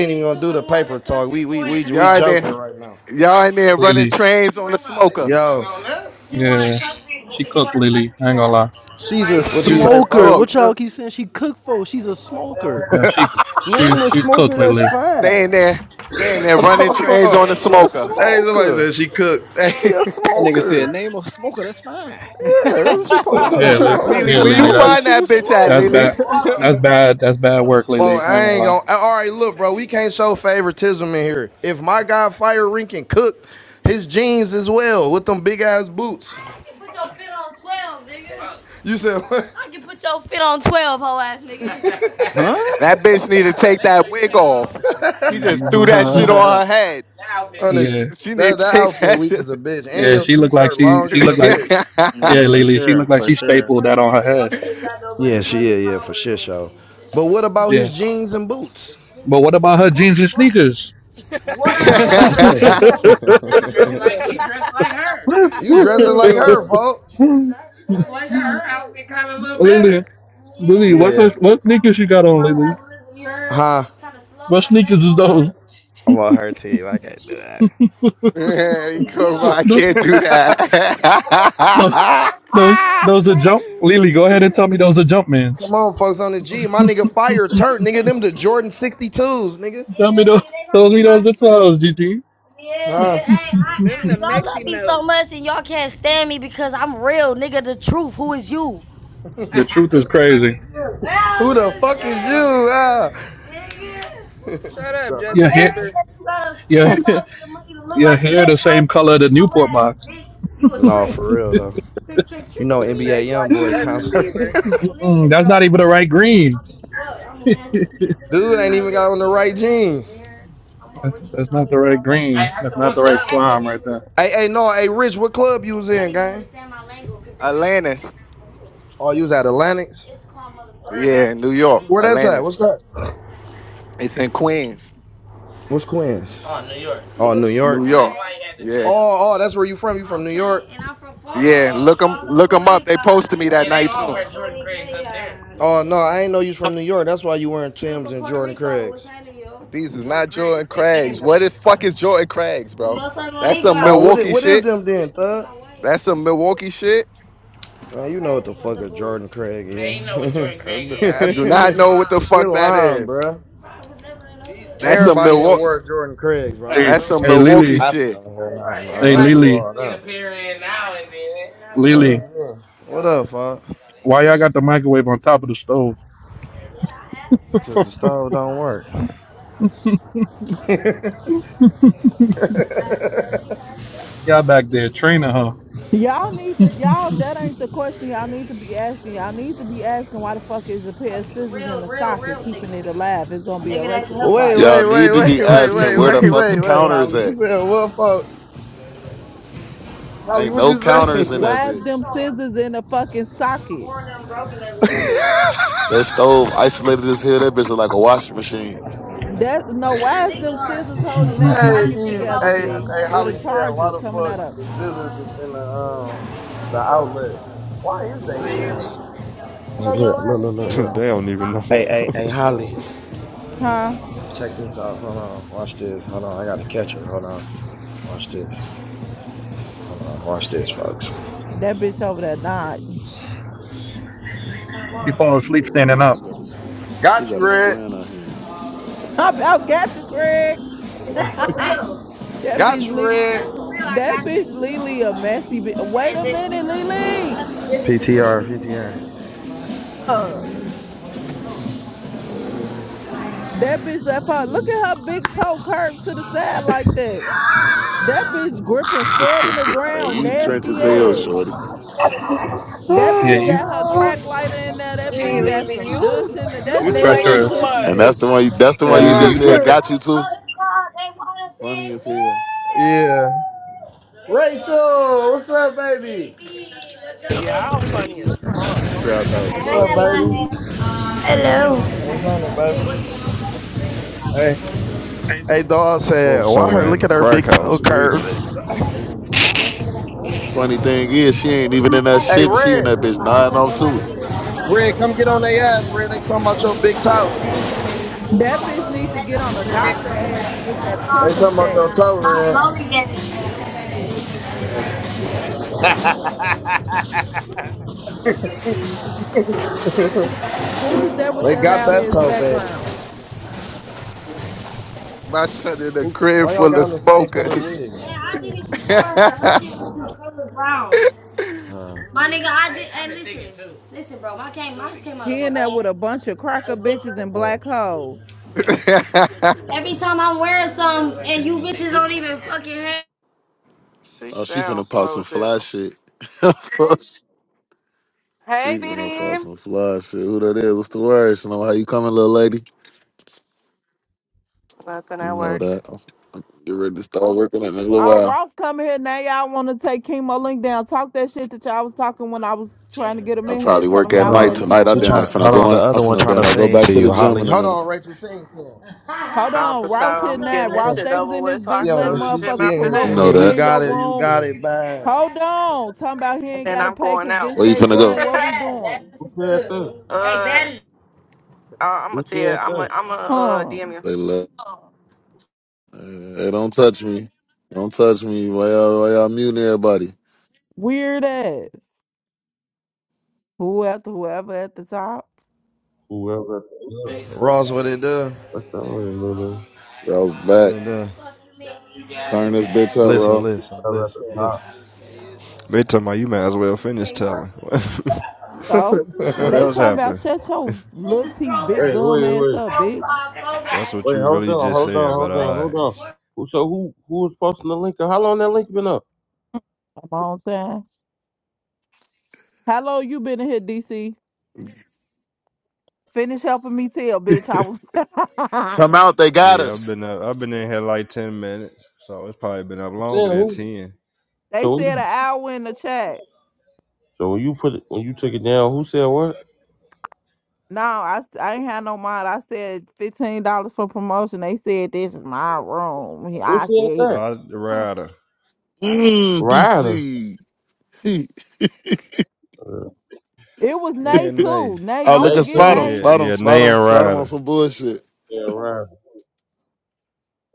Speaker 18: gonna talk. We we
Speaker 32: Y- Y'all in
Speaker 18: cooking
Speaker 32: there.
Speaker 18: right now.
Speaker 32: Y'all in there running
Speaker 35: Lily,
Speaker 32: trains on the smoker.
Speaker 18: Yo,
Speaker 35: yeah, she cooked. Lily, I ain't gonna lie.
Speaker 22: She's a
Speaker 18: what you
Speaker 32: She is
Speaker 18: say,
Speaker 22: smoker.
Speaker 18: folks? She
Speaker 32: cooked.
Speaker 22: What y'all
Speaker 18: cooked.
Speaker 22: keep saying she cook for? She's a smoker.
Speaker 35: Yeah, she she
Speaker 22: Name a
Speaker 35: she's
Speaker 22: smoker
Speaker 35: cooked.
Speaker 22: that's
Speaker 35: Lily,
Speaker 32: They in
Speaker 22: fine.
Speaker 32: there. They in there running trains
Speaker 18: hey,
Speaker 32: on the
Speaker 22: She a
Speaker 32: smoker.
Speaker 18: somebody
Speaker 22: smoker.
Speaker 18: said she cooked.
Speaker 22: She a
Speaker 6: nigga said
Speaker 22: smoker.
Speaker 6: name a smoker. That's fine.
Speaker 22: Yeah, that's what she supposed to be.
Speaker 35: yeah,
Speaker 22: She
Speaker 35: Li,
Speaker 22: supposed
Speaker 18: Hey.
Speaker 22: to
Speaker 32: Lily,
Speaker 35: yeah,
Speaker 22: be
Speaker 32: where you
Speaker 35: Lily. That's
Speaker 22: bogus.
Speaker 32: find
Speaker 22: She's
Speaker 32: that
Speaker 22: a
Speaker 32: bitch at,
Speaker 35: that's
Speaker 22: smoker.
Speaker 32: Lily?
Speaker 35: bad. That's bad. That's bad work, Lily.
Speaker 18: Bro,
Speaker 35: I ain't
Speaker 18: I
Speaker 35: gonna
Speaker 18: ain't
Speaker 35: lie.
Speaker 18: gonna. All right, look, bro, we can't show favoritism in here. If my guy Fire Rinkin cooked his jeans as well with them big ass boots, you said what?
Speaker 6: huh?
Speaker 18: that
Speaker 32: That bitch need to take that wig off. She just threw that shit
Speaker 35: Mm.
Speaker 32: on her head.
Speaker 35: Yeah.
Speaker 32: She need to
Speaker 18: that
Speaker 32: take
Speaker 18: outfit
Speaker 32: that
Speaker 18: weak as a
Speaker 32: shit.
Speaker 18: bitch, and
Speaker 35: Yeah,
Speaker 18: your
Speaker 35: she looked like
Speaker 18: t-shirt
Speaker 35: she
Speaker 18: long
Speaker 35: she
Speaker 18: as a
Speaker 35: looked
Speaker 32: hey,
Speaker 35: like
Speaker 18: bitch.
Speaker 35: yeah,
Speaker 6: yeah, for
Speaker 35: Lily. She
Speaker 6: sure,
Speaker 35: looked like
Speaker 6: for
Speaker 35: she
Speaker 6: sure.
Speaker 35: stapled that on her head.
Speaker 18: Yeah, she yeah yeah for shit show. But what about his
Speaker 35: Yeah.
Speaker 18: jeans and boots?
Speaker 35: But what about her jeans and sneakers?
Speaker 18: You dressing like her,
Speaker 6: Ugh.
Speaker 18: folks?
Speaker 35: Lily, Lily, what what sneakers you got on, Lily?
Speaker 18: Huh?
Speaker 35: What sneakers is those?
Speaker 18: I want her to. I can't do
Speaker 32: Cobra, I
Speaker 35: No,
Speaker 32: can't do
Speaker 18: that.
Speaker 32: that.
Speaker 35: no, those those are jump. Lily, go ahead and tell me those are jumpman's.
Speaker 18: Come on, folks on the G. My nigga Fire Turk, nigga. Them the Jordan 62s, nigga.
Speaker 35: Tell me those. Tell me those are clowns, Gigi.
Speaker 14: Them the Mexi melts.
Speaker 35: The truth is crazy.
Speaker 18: Dude, ah.
Speaker 14: Shut up,
Speaker 18: Nah,
Speaker 35: Your
Speaker 14: Justin
Speaker 35: hair,
Speaker 14: Bieber.
Speaker 35: your your hair, the same color the Newport box.
Speaker 18: For real though. You know NBA
Speaker 14: Shaped like
Speaker 18: Youngboy
Speaker 14: Justin
Speaker 18: concert. hey,
Speaker 14: Bieber.
Speaker 35: Mm-mm, that's not even the right green. That's, that's not the right green. That's not the right slime right there.
Speaker 18: hey, no, hey Rich, what club you was
Speaker 32: Atlantis.
Speaker 18: Oh, you was at Atlantic.
Speaker 32: Yeah, New York.
Speaker 18: Where that's at?
Speaker 32: Atlantis.
Speaker 18: What's that?
Speaker 32: It's in Queens,
Speaker 18: What's Queens? Oh, New York.
Speaker 32: New York. Yeah.
Speaker 18: Oh, oh, that's where you from. You from New York?
Speaker 32: Yeah, look them look 'em up. They posted me that night too.
Speaker 18: Oh no, I ain't know you was from New York. That's why you wearing Tim's.
Speaker 32: These is not Jordan Craigs. What the fuck is Jordan Craigs, bro? That's some Milwaukee
Speaker 18: What is
Speaker 32: shit.
Speaker 18: them then, thug?
Speaker 32: That's some Milwaukee shit.
Speaker 18: Man, you know what the fuck a Jordan Craig is.
Speaker 32: I do not know what the
Speaker 18: We're
Speaker 32: fuck that
Speaker 18: lying,
Speaker 32: is.
Speaker 18: bruh.
Speaker 32: That's
Speaker 35: Mm.
Speaker 32: some
Speaker 18: Everybody in
Speaker 32: Milwaukee.
Speaker 18: work Jordan Craig's, bro. I don't
Speaker 35: Hey,
Speaker 32: That's
Speaker 18: know.
Speaker 32: some
Speaker 35: hey,
Speaker 18: Don't get to
Speaker 32: Milwaukee
Speaker 35: Lily.
Speaker 18: tapping
Speaker 32: shit.
Speaker 18: here.
Speaker 35: Hey, Lily.
Speaker 18: I don't know.
Speaker 35: Lily.
Speaker 18: What up, fuck?
Speaker 35: Why y'all got the microwave on top of the stove?
Speaker 18: Because the stove don't work.
Speaker 35: y'all back there training her.
Speaker 20: Y'all need to y'all that ain't the question y'all need to be asking. Y'all need to be asking why the fuck is a pair of scissors in a socket keeping it alive? It's gonna be electrical
Speaker 18: wait,
Speaker 20: fire.
Speaker 4: Y'all
Speaker 18: wait, wait,
Speaker 4: need to be
Speaker 18: wait, wait,
Speaker 4: asking
Speaker 18: wait,
Speaker 4: where the
Speaker 18: wait,
Speaker 4: fuck the
Speaker 18: wait, wait,
Speaker 4: counters
Speaker 18: Holly. You
Speaker 4: at.
Speaker 18: said what, fuck? Holly,
Speaker 4: Ain't
Speaker 18: what
Speaker 4: no
Speaker 18: you say? you
Speaker 4: counters in that
Speaker 20: Why is
Speaker 4: bitch.
Speaker 20: them scissors in a fucking socket?
Speaker 4: That stove isolated as hell. That bitch is like a washing machine.
Speaker 20: That no, why is them scissors holding that socket together, G? With a
Speaker 18: said why
Speaker 20: charger
Speaker 18: the
Speaker 20: coming
Speaker 18: fuck
Speaker 20: out of it.
Speaker 18: the scissors is in the um the outlet? Why is that?
Speaker 37: they don't even know.
Speaker 18: Hey, hey, hey, Holly.
Speaker 20: Huh?
Speaker 18: Check this out. Hold on. Watch this. Hold on. I got to catch her. Hold on. Watch this. Hold on. Watch this, folks.
Speaker 20: That bitch over there died.
Speaker 35: she fall asleep standing
Speaker 4: And
Speaker 35: up.
Speaker 4: she got a she
Speaker 18: Got you,
Speaker 4: got a
Speaker 18: Red.
Speaker 4: square in her hand.
Speaker 20: I about got you, Craig. that bitch
Speaker 18: Got you,
Speaker 20: Lee
Speaker 18: Red.
Speaker 20: that bitch Lily a messy bitch. Wait a minute,
Speaker 18: PTR, PTR.
Speaker 20: Lily. That bitch left her. Look at her big toe curved to the side like that. That bitch gripping, scrubbing the
Speaker 4: hey,
Speaker 20: ground,
Speaker 4: you trench as
Speaker 20: nasty
Speaker 4: hell,
Speaker 20: ass.
Speaker 4: shorty.
Speaker 20: That
Speaker 35: Yeah,
Speaker 20: bitch
Speaker 35: you,
Speaker 20: got her crack lighter in there. That bitch
Speaker 34: Gee,
Speaker 35: you,
Speaker 20: got
Speaker 34: Lily,
Speaker 20: some douche
Speaker 34: you
Speaker 20: in there.
Speaker 34: you
Speaker 20: That
Speaker 35: you try
Speaker 34: play
Speaker 20: nasty
Speaker 34: too
Speaker 35: yours.
Speaker 20: pussy
Speaker 4: And
Speaker 20: bitch.
Speaker 4: that's
Speaker 34: much.
Speaker 4: the one. You, that's the
Speaker 35: Hey,
Speaker 4: one
Speaker 20: See,
Speaker 4: you
Speaker 35: Lily,
Speaker 4: just
Speaker 35: you try
Speaker 4: said
Speaker 35: yours.
Speaker 4: got you too. Funny as hell.
Speaker 18: Yeah. Rachel, what's up, baby?
Speaker 34: Yeah, I'm funny as fuck.
Speaker 4: Trap house busting.
Speaker 18: What's happening, baby? What's up? Hey, hey, dog said,
Speaker 37: Folks
Speaker 18: why her
Speaker 37: somewhere in
Speaker 18: look
Speaker 37: the
Speaker 18: at her
Speaker 37: crack
Speaker 18: big toe
Speaker 37: house
Speaker 18: curve?
Speaker 37: tweaking.
Speaker 4: Funny thing is, she ain't even in that
Speaker 18: Hey,
Speaker 4: shit, and she in
Speaker 18: Red,
Speaker 4: that bitch nine off too.
Speaker 18: Red, come get on their ass, Red. They talking about your big toe.
Speaker 20: That bitch needs to get on
Speaker 4: This
Speaker 20: the
Speaker 4: bitch
Speaker 20: doctor ass
Speaker 4: funny.
Speaker 20: and get that pussy
Speaker 18: Talking about
Speaker 20: checked.
Speaker 18: your toe.
Speaker 20: Who is that with
Speaker 18: They
Speaker 20: that
Speaker 18: got
Speaker 20: loud
Speaker 18: that
Speaker 20: ass
Speaker 18: toe, baby.
Speaker 20: background?
Speaker 32: My son in a crib
Speaker 18: Why y'all
Speaker 32: full
Speaker 18: got
Speaker 32: of
Speaker 18: on the same color
Speaker 32: smokers.
Speaker 18: wig? Oh,
Speaker 20: He in there with a bunch of cracker bitches and
Speaker 18: boy.
Speaker 20: black hoes.
Speaker 34: She
Speaker 4: Oh, she finna
Speaker 34: sounds
Speaker 4: pop
Speaker 34: slow
Speaker 4: some
Speaker 34: as
Speaker 4: fly
Speaker 34: hell.
Speaker 4: shit. she
Speaker 34: Hey,
Speaker 4: finna pop
Speaker 34: BD.
Speaker 4: some fly shit. Who that is? What's the word? You know how you coming, little lady?
Speaker 34: Nothing
Speaker 4: You
Speaker 34: at
Speaker 4: know
Speaker 34: work.
Speaker 4: that. Get ready to start working in a little
Speaker 20: Uh,
Speaker 4: while.
Speaker 20: Ross coming here now. Y'all want to take Chemo Link down? Talk that shit that y'all was talking when I was trying to get him
Speaker 4: I
Speaker 20: in here
Speaker 4: probably
Speaker 20: and tell him
Speaker 4: work at
Speaker 20: y'all
Speaker 18: Hold
Speaker 20: was
Speaker 4: night
Speaker 20: letting
Speaker 18: on.
Speaker 4: tonight.
Speaker 20: people
Speaker 4: I
Speaker 18: She
Speaker 4: done
Speaker 20: promote
Speaker 4: that
Speaker 18: trying.
Speaker 20: for
Speaker 4: finna
Speaker 18: Hold
Speaker 20: free.
Speaker 18: on. The
Speaker 4: go in. I'm
Speaker 18: other one
Speaker 4: finna
Speaker 18: trying to
Speaker 4: done that. Go
Speaker 18: sing
Speaker 4: back
Speaker 18: to
Speaker 4: to the
Speaker 18: you,
Speaker 4: gym
Speaker 18: Holly.
Speaker 4: in a
Speaker 18: Hold
Speaker 4: minute.
Speaker 18: on, Rachel, sing to him.
Speaker 20: Hold
Speaker 34: Nah,
Speaker 20: on,
Speaker 34: for sure.
Speaker 20: Ross here
Speaker 34: I'm
Speaker 20: now.
Speaker 34: getting this
Speaker 20: Ross,
Speaker 34: shit
Speaker 20: they was
Speaker 34: over
Speaker 20: in this
Speaker 34: with so I
Speaker 18: She
Speaker 20: bitch
Speaker 34: can
Speaker 18: on
Speaker 34: go
Speaker 20: letting
Speaker 34: to
Speaker 18: this.
Speaker 34: the
Speaker 18: She,
Speaker 34: gym
Speaker 20: motherfuckers
Speaker 18: she in
Speaker 34: after
Speaker 18: here
Speaker 20: promote
Speaker 4: You
Speaker 20: for
Speaker 4: know
Speaker 18: singing.
Speaker 34: this,
Speaker 18: You
Speaker 20: free
Speaker 4: that.
Speaker 20: in
Speaker 38: Look
Speaker 20: your
Speaker 18: got
Speaker 38: like
Speaker 18: it. You
Speaker 38: she
Speaker 20: room.
Speaker 18: got
Speaker 38: did.
Speaker 18: it. Bad.
Speaker 20: Hold on, talking about he
Speaker 34: and
Speaker 20: ain't
Speaker 34: then
Speaker 20: gotta
Speaker 34: I'm
Speaker 20: pay
Speaker 34: going
Speaker 20: cause
Speaker 34: out.
Speaker 20: this
Speaker 4: Where you
Speaker 20: they
Speaker 4: finna go?
Speaker 20: room.
Speaker 34: uh,
Speaker 20: What we doing?
Speaker 38: Who said that?
Speaker 34: I- I'm gonna
Speaker 38: Who
Speaker 34: tell you,
Speaker 38: said
Speaker 34: I'm gonna
Speaker 38: that?
Speaker 34: I'm gonna uh,
Speaker 20: Huh?
Speaker 34: DM you.
Speaker 4: They left. Hey, don't touch me. Don't touch me. Why y'all, why y'all muting everybody?
Speaker 20: Weird ass. Who at the whoever at the top?
Speaker 38: Whoever at the top.
Speaker 18: Ross, what it do?
Speaker 38: I don't remember.
Speaker 4: Ross
Speaker 18: What
Speaker 4: back.
Speaker 18: it do?
Speaker 4: Turn this bitch up,
Speaker 18: Listen,
Speaker 4: Ross.
Speaker 18: listen,
Speaker 38: Whoever at
Speaker 18: listen,
Speaker 38: the top.
Speaker 37: They talking about you might as well finish telling.
Speaker 20: So
Speaker 37: what
Speaker 18: listen.
Speaker 20: they
Speaker 37: else
Speaker 20: talking
Speaker 37: happened?
Speaker 20: about shut your little teeth, big
Speaker 38: Hey,
Speaker 20: gum
Speaker 38: wait,
Speaker 20: ass
Speaker 38: wait.
Speaker 20: up, bitch.
Speaker 37: That's what
Speaker 38: Wait,
Speaker 37: you
Speaker 38: hold
Speaker 37: really
Speaker 38: on,
Speaker 37: just
Speaker 38: hold on,
Speaker 37: said. But
Speaker 38: hold on,
Speaker 37: uh,
Speaker 38: hold on. Who so who who was posting the link? How long that link been up?
Speaker 20: I'm on time. How long you been in here, DC? Finish helping me tell, bitch. I was.
Speaker 4: Come out. They got
Speaker 37: yeah, I've
Speaker 4: us.
Speaker 37: been up, I've been in here like ten minutes, so it's probably been up
Speaker 38: I'm saying
Speaker 37: longer than
Speaker 38: who?
Speaker 37: ten.
Speaker 20: they
Speaker 38: So when
Speaker 20: said an
Speaker 38: you-
Speaker 20: hour in the chat.
Speaker 38: so when you put it when you took it down, who said what?
Speaker 20: No, I, s- I ain't had no mind. I said fifteen dollars for promotion. They said this is my room. He-
Speaker 38: Who
Speaker 20: I said
Speaker 38: said
Speaker 20: he, c-
Speaker 38: that?
Speaker 37: Uh, Ryder.
Speaker 4: Mmm,
Speaker 38: Ryder.
Speaker 4: DC.
Speaker 38: Uh,
Speaker 20: it was
Speaker 37: Yeah,
Speaker 20: Nay too.
Speaker 37: Nay.
Speaker 20: Nay,
Speaker 4: oh,
Speaker 20: don't
Speaker 4: look
Speaker 38: They
Speaker 4: at
Speaker 20: forget
Speaker 4: spot him.
Speaker 38: too?
Speaker 20: Nay.
Speaker 37: Yeah,
Speaker 4: Spot him.
Speaker 37: yeah,
Speaker 4: Spot
Speaker 37: Nay
Speaker 4: him.
Speaker 37: and
Speaker 4: Spot him on
Speaker 37: Ryder.
Speaker 4: some bullshit.
Speaker 38: Yeah, Ryder.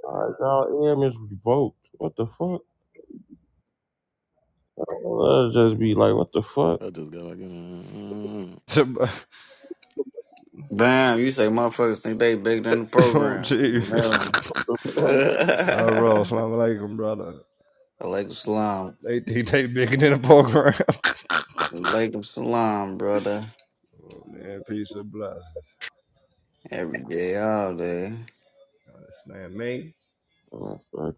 Speaker 38: All right, y'all AM is revoked. What the fuck? I'll just be like, what the fuck?
Speaker 4: I just got like, mm, mm, mm.
Speaker 39: Damn, you say motherfuckers think they bigger than the
Speaker 37: oh,
Speaker 39: program.
Speaker 37: gee.
Speaker 39: No.
Speaker 38: What the
Speaker 37: La Ross, Salam Alaikum, brother.
Speaker 39: Alaikum salam.
Speaker 37: They think they bigger than a program.
Speaker 39: Alaikum salam, brother.
Speaker 37: Man, peace of bless.
Speaker 39: Every day, all day.
Speaker 37: That's man, me.
Speaker 38: Oh, fuck.